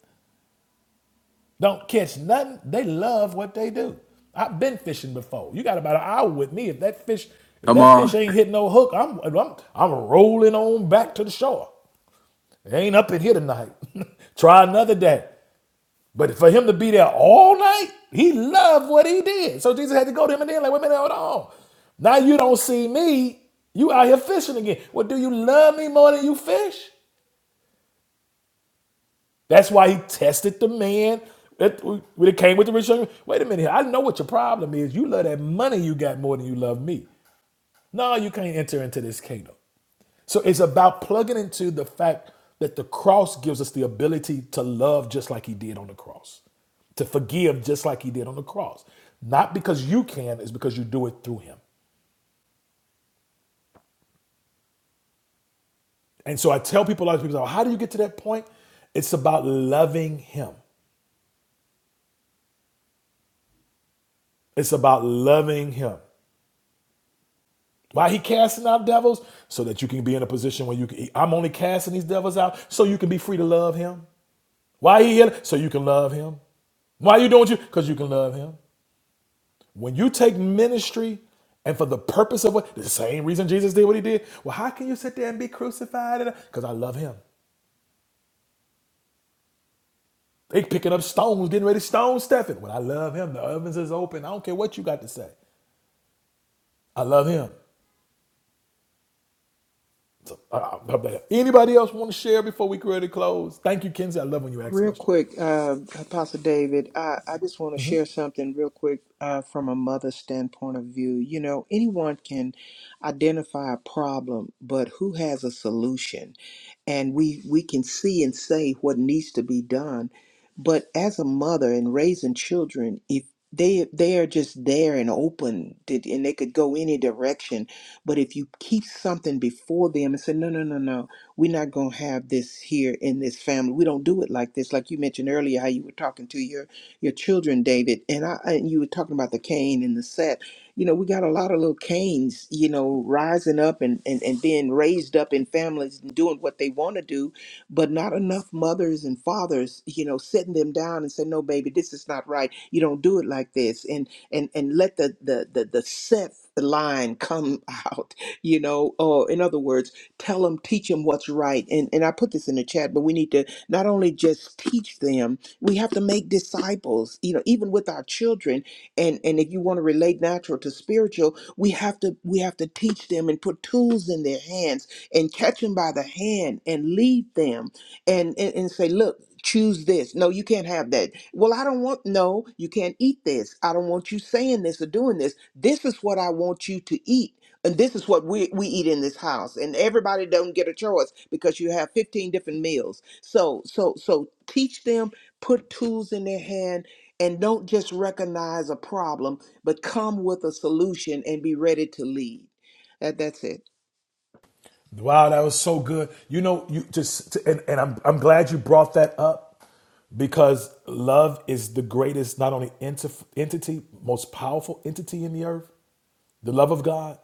Don't catch nothing. They love what they do. I've been fishing before. You got about an hour with me. If that fish, if come that fish on ain't hit no hook, I'm I'm I'm rolling on back to the shore. It Ain't up in here tonight. [LAUGHS] Try another day. But for him to be there all night, he loved what he did. So Jesus had to go to him and then like, wait a minute, hold on. Now you don't see me. You out here fishing again. Well, do you love me more than you fish? That's why he tested the man that when it came with the rich young. Wait a minute, I know what your problem is. You love that money you got more than you love me. No, you can't enter into this kingdom. So it's about plugging into the fact that the cross gives us the ability to love just like he did on the cross, to forgive just like he did on the cross. Not because you can, it's because you do it through him. And so I tell people, a lot of people, how do you get to that point? It's about loving him. It's about loving him. Why he casting out devils? So that you can be in a position where you can, I'm only casting these devils out so you can be free to love him. Why he here? So you can love him. Why you doing you? Because you can love him. When you take ministry and for the purpose of what, the same reason Jesus did what he did, well, how can you sit there and be crucified? Because I love him. They picking up stones, getting ready to stone Stephen. Well, I love him. The ovens is open. I don't care what you got to say. I love him. I- Anybody else want to share before we create close? Thank you, Kenzie. I love when you ask Real questions. quick, uh, Apostle David, I, I just want to share something real quick uh, from a mother's standpoint of view. You know, anyone can identify a problem, but who has a solution? and we we can see and say what needs to be done but as a mother and raising children if they they are just there and open did- and they could go any direction but if you keep something before them and say no no no no we're not going to have this here in this family we don't do it like this like you mentioned earlier how you were talking to your your children david and i and you were talking about the cain and the set you know, we got a lot of little canes, you know, rising up and, and, and being raised up in families and doing what they want to do, but not enough mothers and fathers, you know, sitting them down and say, no, baby, this is not right. You don't do it like this. And, and, and let the, the, the, the set line come [LAUGHS] out, you know, or in other words, tell them, teach them what's right. And, and I put this in the chat, but we need to not only just teach them, we have to make disciples, you know, even with our children, and and if you want to relate natural to spiritual we have to we have to teach them and put tools in their hands and catch them by the hand and lead them and and, and say look choose this no you can't have that well i don't want no you can't eat this i don't want you saying this or doing this this is what i want you to eat and this is what we, we eat in this house and everybody don't get a choice because you have 15 different meals so so so teach them put tools in their hand and don't just recognize a problem, but come with a solution and be ready to lead. That, that's it. Wow, that was so good. You know, you just and, and I'm I'm glad you brought that up because love is the greatest, not only enti- entity, most powerful entity in the earth, the love of God,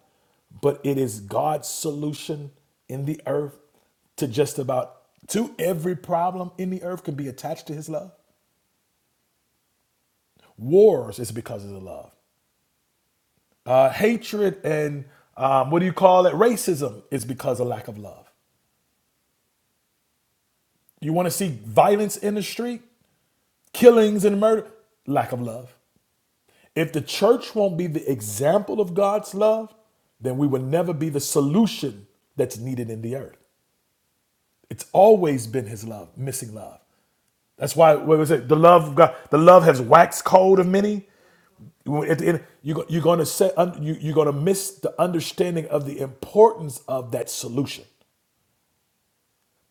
but it is God's solution in the earth to just about to every problem in the earth can be attached to his love. Wars is because of the love. Uh, hatred and um, what do you call it? Racism is because of lack of love. You want to see violence in the street, killings and murder, lack of love. If the church won't be the example of God's love, then we will never be the solution that's needed in the earth. It's always been his love, missing love. That's why what was it? The love of God, the love has waxed cold of many. At the end, you, you're going to set, you, you're going to miss the understanding of the importance of that solution.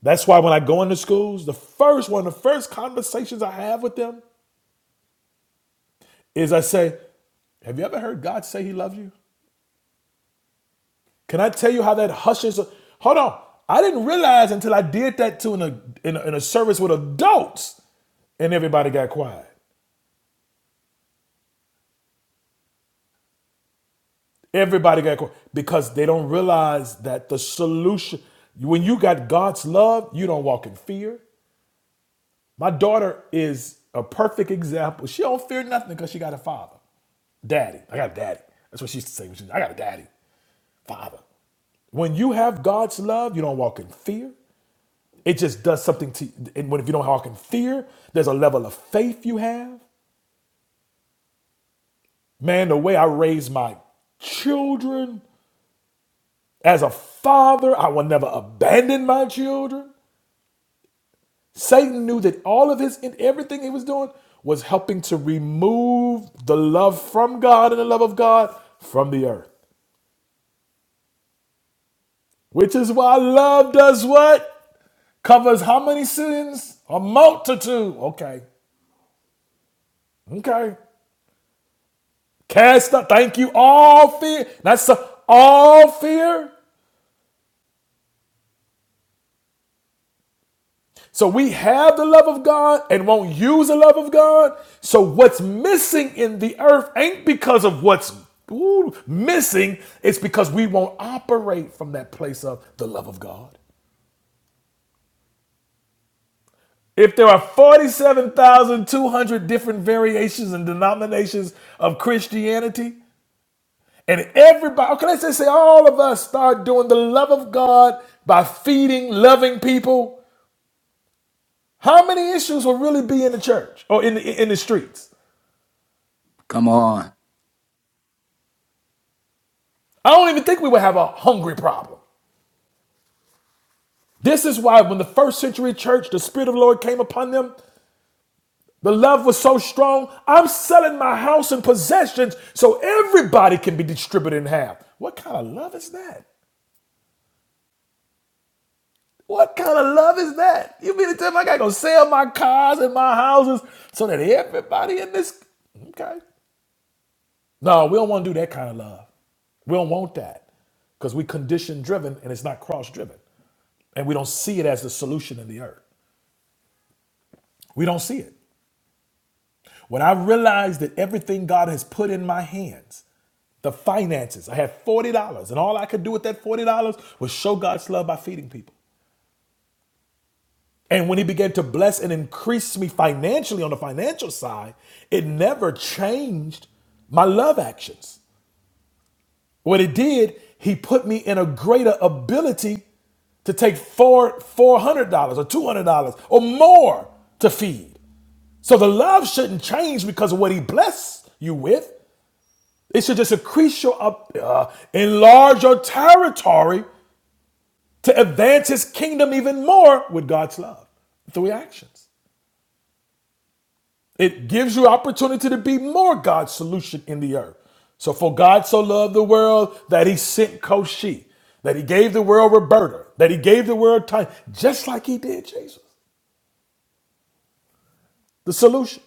That's why when I go into schools, the first one, the first conversations I have with them is I say, "Have you ever heard God say He loves you?" Can I tell you how that hushes? Hold on, I didn't realize until I did that to in a in a, in a service with adults, and everybody got quiet. Everybody got caught because they don't realize that the solution, when you got God's love, you don't walk in fear. My daughter is a perfect example. She don't fear nothing because she got a father. Daddy. I got a daddy. That's what she used to say. when she was- I got a daddy. Father. When you have God's love, you don't walk in fear. It just does something to you. and when if you don't walk in fear, there's a level of faith you have. Man, the way I raise my children, As a father, I will never abandon my children. Satan knew that all of his and everything he was doing was helping to remove the love from God and the love of God from the earth. Which is why love does what? Covers how many sins? A multitude. Okay. Okay. Cast out, thank you, all fear. That's all fear. So we have the love of God and won't use the love of God. So what's missing in the earth ain't because of what's ooh, missing, it's because we won't operate from that place of the love of God. If there are 47,200 different variations and denominations of Christianity, and everybody, okay, let's just say all of us start doing the love of God by feeding, loving people, how many issues will really be in the church or in the, in the streets? come on I don't even think we would have a hungry problem. This is why, when the first century church, the Spirit of the Lord came upon them, the love was so strong. I'm selling my house and possessions so everybody can be distributed in half. What kind of love is that? What kind of love is that? You mean to tell me I gotta go sell my cars and my houses so that everybody in this? Okay. No, we don't want to do that kind of love. We don't want that because we condition driven and it's not cross driven and we don't see it as the solution in the earth. We don't see it. When I realized that everything God has put in my hands, the finances, I had $40, and all I could do with that $40 was show God's love by feeding people. And when He began to bless and increase me financially on the financial side, it never changed my love actions. What it did, He put me in a greater ability to take four four hundred dollars or two hundred dollars or more to feed. So the love shouldn't change because of what he blessed you with. It should just increase your, up- uh, enlarge your territory to advance his kingdom even more with God's love through your actions. It gives you opportunity to be more God's solution in the earth. So for God so loved the world that he sent Koshi, that he gave the world Roberta, that he gave the world time, just like he did Jesus. The solution.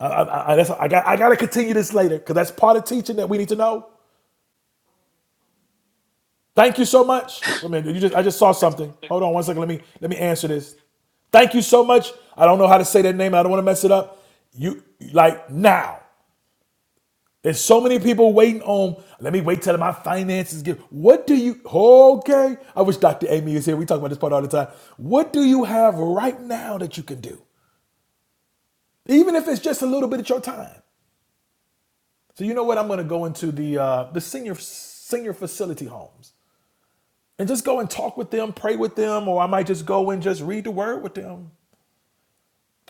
I, I, I, that's, I, got, I got to continue this later because that's part of teaching that we need to know. Thank you so much. Wait a minute, you just I just saw something. Hold on one second. Let me let me answer this. Thank you so much. I don't know how to say that name. I don't want to mess it up. You like now. There's so many people waiting on. Let me wait till my finances get. What do you? Okay. I wish Dr. Amy is here. We talk about this part all the time. What do you have right now that you can do? Even if it's just a little bit of your time. So you know what? I'm going to go into the uh, the senior senior facility homes. and just go and talk with them, pray with them, or I might just go and just read the word with them.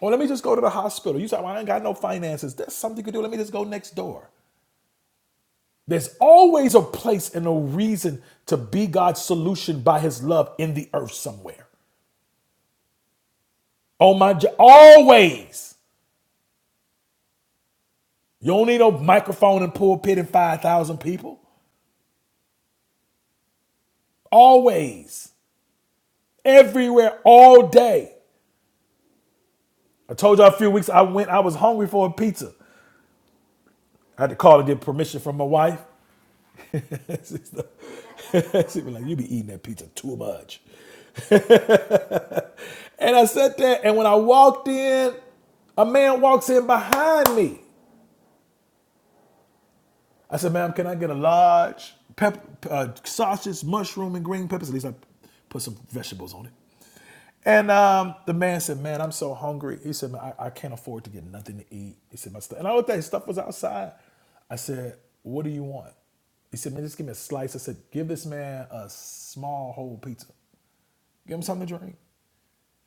Or let me just go to the hospital. You say, well, I ain't got no finances. That's something you can do. Let me just go next door. There's always a place and a reason to be God's solution by his love in the earth somewhere. Oh my, always. You don't need no microphone and pulpit and 5,000 people. Always. Everywhere, all day. I told y'all a few weeks I went, I was hungry for a pizza. I had to call and get permission from my wife. [LAUGHS] she be like, you be eating that pizza too much. And I said that, and when I walked in, a man walks in behind me. I said, ma'am, can I get a large pep- uh, sausage, mushroom, and green peppers? At least I put some vegetables on it. And um, the man said, man, I'm so hungry. He said, I, I can't afford to get nothing to eat. He said, my stuff. And I looked at his stuff was outside. I said, what do you want? He said, man, just give me a slice. I said, give this man a small whole pizza. Give him something to drink.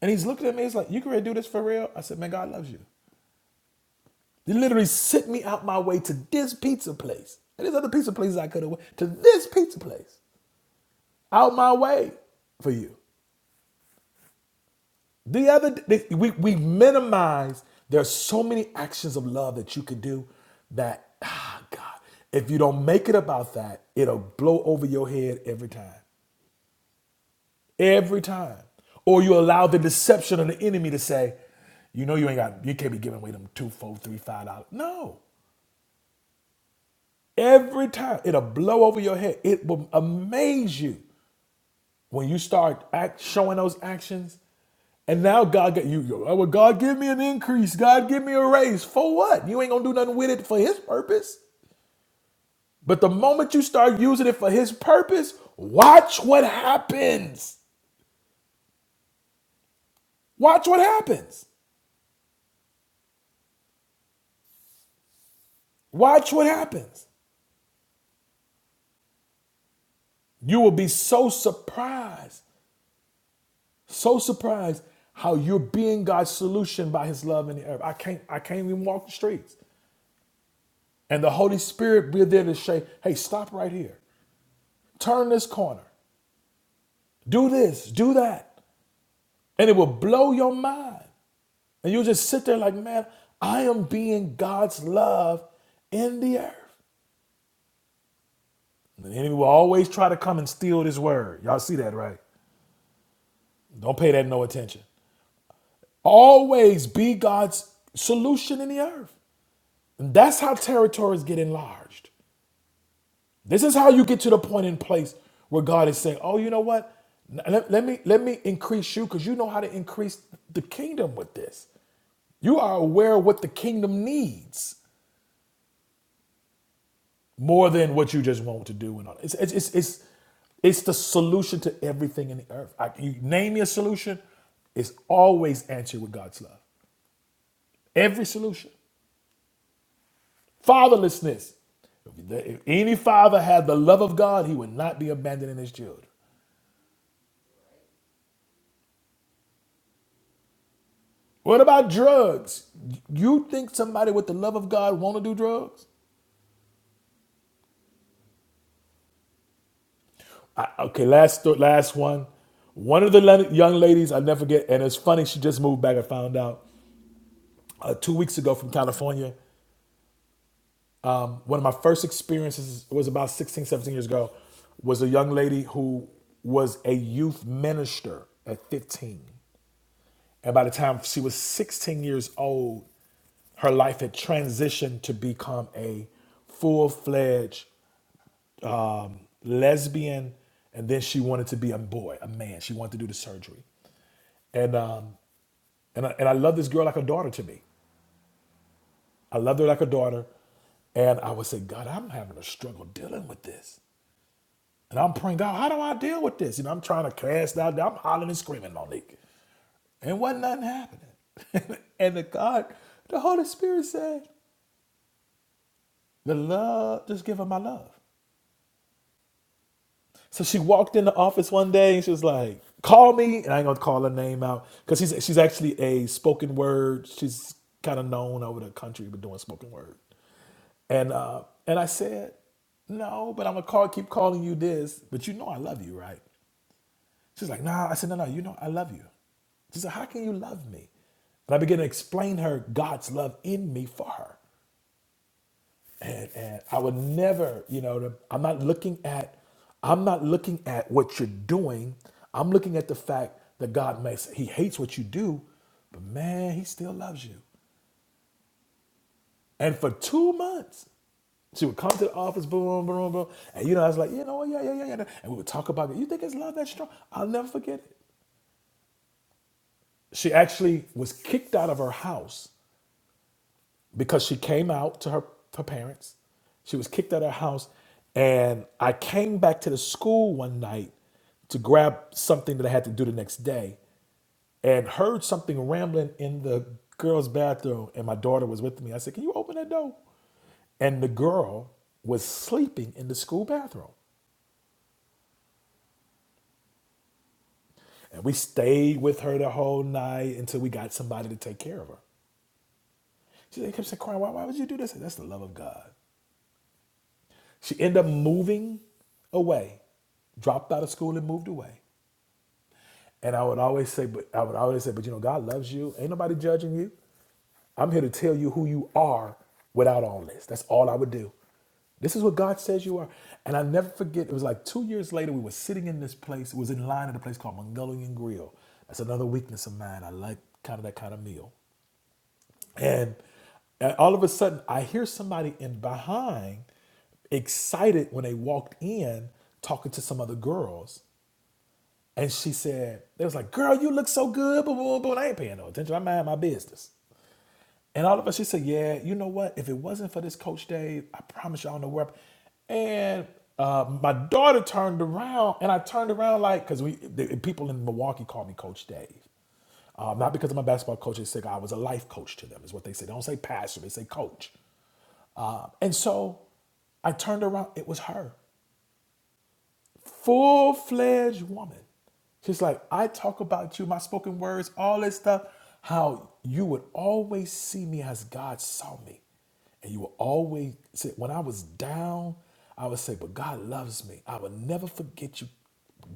And he's looking at me, he's like, You can really do this for real? I said, Man, God loves you. They literally sent me out my way to this pizza place. And there's other pizza places I could have went to this pizza place. Out my way for you. The other they, we we minimize There are so many actions of love that you could do that ah God, if you don't make it about that, it'll blow over your head every time. Every time. Or you allow the deception of the enemy to say, you know you ain't got you can't be giving away them two, four, three, five dollars. No. Every time it'll blow over your head. It will amaze you when you start act, showing those actions. And now God got you. you- oh, Well, God give me an increase. God give me a raise. For what? You ain't gonna do nothing with it for His purpose. But the moment you start using it for His purpose, watch what happens. Watch what happens. Watch what happens. You will be so surprised, so surprised how you're being God's solution by His love in the earth. I can't, I can't even walk the streets. And the Holy Spirit, be there to say, hey, stop right here. Turn this corner. Do this, do that. And it will blow your mind. And you'll just sit there like, man, I am being God's love in the earth. And the enemy will always try to come and steal this word. Y'all see that, right? Don't pay that no attention. Always be God's solution in the earth. And that's how territories get enlarged. This is how you get to the point in place where God is saying, "Oh, you know what? Let, let me let me increase you because you know how to increase the kingdom with this. You are aware of what the kingdom needs more than what you just want to do and all. It's it's it's it's, it's the solution to everything in the earth. I, you name your solution, it's always answered with God's love. Every solution, fatherlessness. If any father had the love of God, he would not be abandoning his children. What about drugs? You think somebody with the love of God want to do drugs? I, okay, last last one. One of the young ladies I never forget, and it's funny. She just moved back. I found out uh, two weeks ago from California. One of my first experiences was about 16, 17 years ago. Was a young lady who was a youth minister at 15, and by the time she was 16 years old, her life had transitioned to become a full fledged um, lesbian, and then she wanted to be a boy, a man. She wanted to do the surgery, and um, and I, and I love this girl like a daughter to me. I love her like a daughter, and I would say, God, I'm having a struggle dealing with this, and I'm praying, God, how do I deal with this? You know, I'm trying to cast out. I'm hollering and screaming, Monique, and wasn't nothing happening. [LAUGHS] and the God, the Holy Spirit said, the love, just give her my love. So she walked in the office one day and she was like, "Call me," and I ain't gonna call her name out because she's she's actually a spoken word. She's kind of known over the country for doing spoken word. And uh, and I said, "No, but I'm gonna call, keep calling you this. But you know I love you, right?" She's like, "Nah." I said, "No, no, you know I love you." She said, "How can you love me?" And I began to explain her God's love in me for her and, and I would never, you know, the, I'm not looking at, I'm not looking at what you're doing. I'm looking at the fact that God makes He hates what you do, but man, He still loves you. And for two months, she would come to the office, boom, boom, boom, boom, and you know, I was like, you know, yeah, yeah, yeah, yeah, and we would talk about it. You think it's love that strong? I'll never forget it. She actually was kicked out of her house because she came out to her, her parents. She was kicked out of her house. And I came back to the school one night to grab something that I had to do the next day and heard something rambling in the girl's bathroom. And my daughter was with me. I said, Can you open that door? And the girl was sleeping in the school bathroom. And we stayed with her the whole night until we got somebody to take care of her. She kept saying, crying, why, why would you do this? I said, That's the love of God. She ended up moving away, dropped out of school and moved away. And I would always say, but I would always say, but you know, God loves you. Ain't nobody judging you. I'm here to tell you who you are without all this. That's all I would do. This is what God says you are. And I never forget, it was like two years later, we were sitting in this place. It was in line at a place called Mongolian Grill. That's another weakness of mine. I like kind of that kind of meal. And uh, all of a sudden, I hear somebody in behind excited when they walked in talking to some other girls. And she said, they was like, girl, you look so good, but, but, but I ain't paying no attention. I mind my business. And all of us, she said, yeah, you know what? If it wasn't for this Coach Dave, I promise you I don't know where. I-" And uh, my daughter turned around, and I turned around like, because we the, people in Milwaukee call me Coach Dave. Um, not because I'm a basketball coach, they say I was a life coach to them, is what they say. They don't say pastor, they say coach. And so I turned around, it was her, full fledged woman. She's like, I talk about you, my spoken words, all this stuff, how you would always see me as God saw me. And you would always say, when I was down, I would say, but God loves me. I will never forget you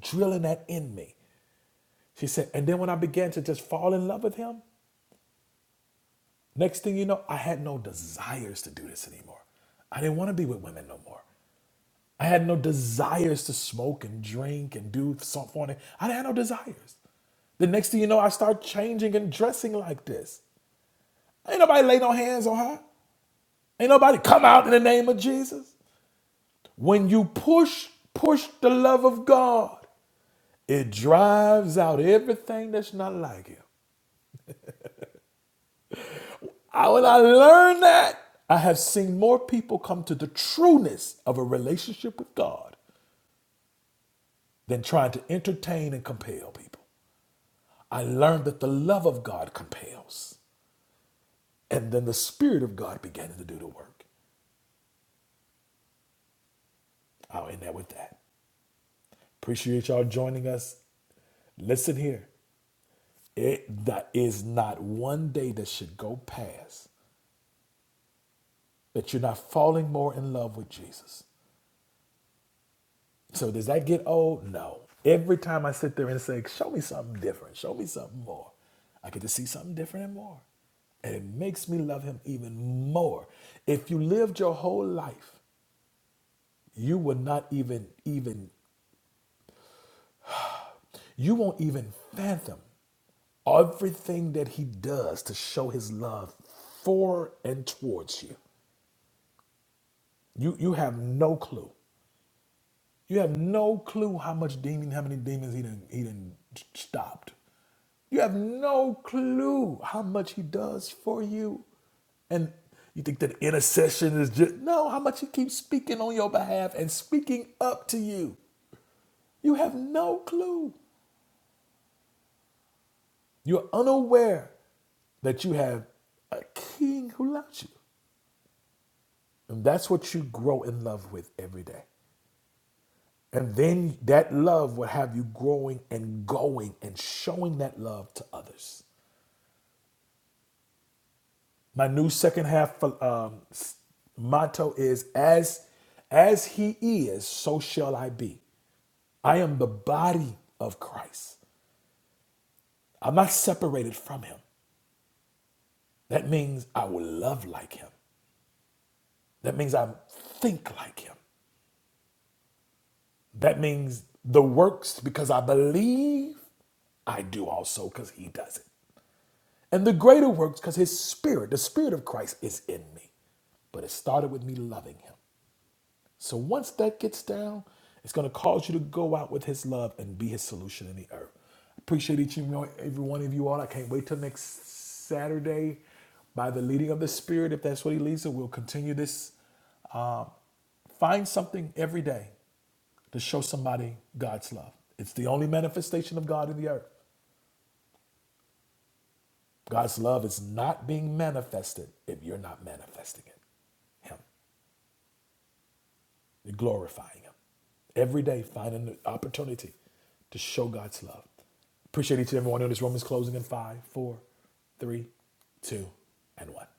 drilling that in me. She said, and then when I began to just fall in love with him, Next thing you know, I had no desires to do this anymore. I didn't want to be with women no more. I had no desires to smoke and drink and do something. I didn't have no desires. The next thing you know, I start changing and dressing like this. Ain't nobody lay no hands on her. Ain't nobody come out in the name of Jesus. When you push, push the love of God, it drives out everything that's not like Him. I, when I learned that, I have seen more people come to the trueness of a relationship with God than trying to entertain and compel people. I learned that the love of God compels, and then the Spirit of God began to do the work. I'll end that with that. Appreciate y'all joining us. Listen here. It that is not one day that should go past that you're not falling more in love with Jesus. So does that get old? No. Every time I sit there and say, show me something different, show me something more, I get to see something different and more. And it makes me love him even more. If you lived your whole life, you will not even, even, you won't even fathom everything that he does to show his love for and towards you. You, you have no clue. You have no clue how much demon, how many demons he done, he done stopped. You have no clue how much he does for you. And you think that intercession is just, no, how much he keeps speaking on your behalf and speaking up to you. You have no clue. You're unaware that you have a king who loves you. And that's what you grow in love with every day. And then that love will have you growing and going and showing that love to others. My new second half um, s- motto is as as he is, so shall I be. I am the body of Christ. I'm not separated from him. That means I will love like him. That means I think like him. That means the works because I believe I do also because he does it. And the greater works, because his spirit, the spirit of Christ, is in me. But it started with me loving him. So once that gets down, it's going to cause you to go out with his love and be his solution in the earth. Appreciate each and every one of you all. I can't wait till next Saturday by the leading of the Spirit, if that's what he leads it. We'll continue this Um, find something every day to show somebody God's love. It's the only manifestation of God in the earth. God's love is not being manifested if you're not manifesting it, Him, You're glorifying Him. Every day, find an opportunity to show God's love. Appreciate each and every one of this. Romans closing in five, four, three, two, and one.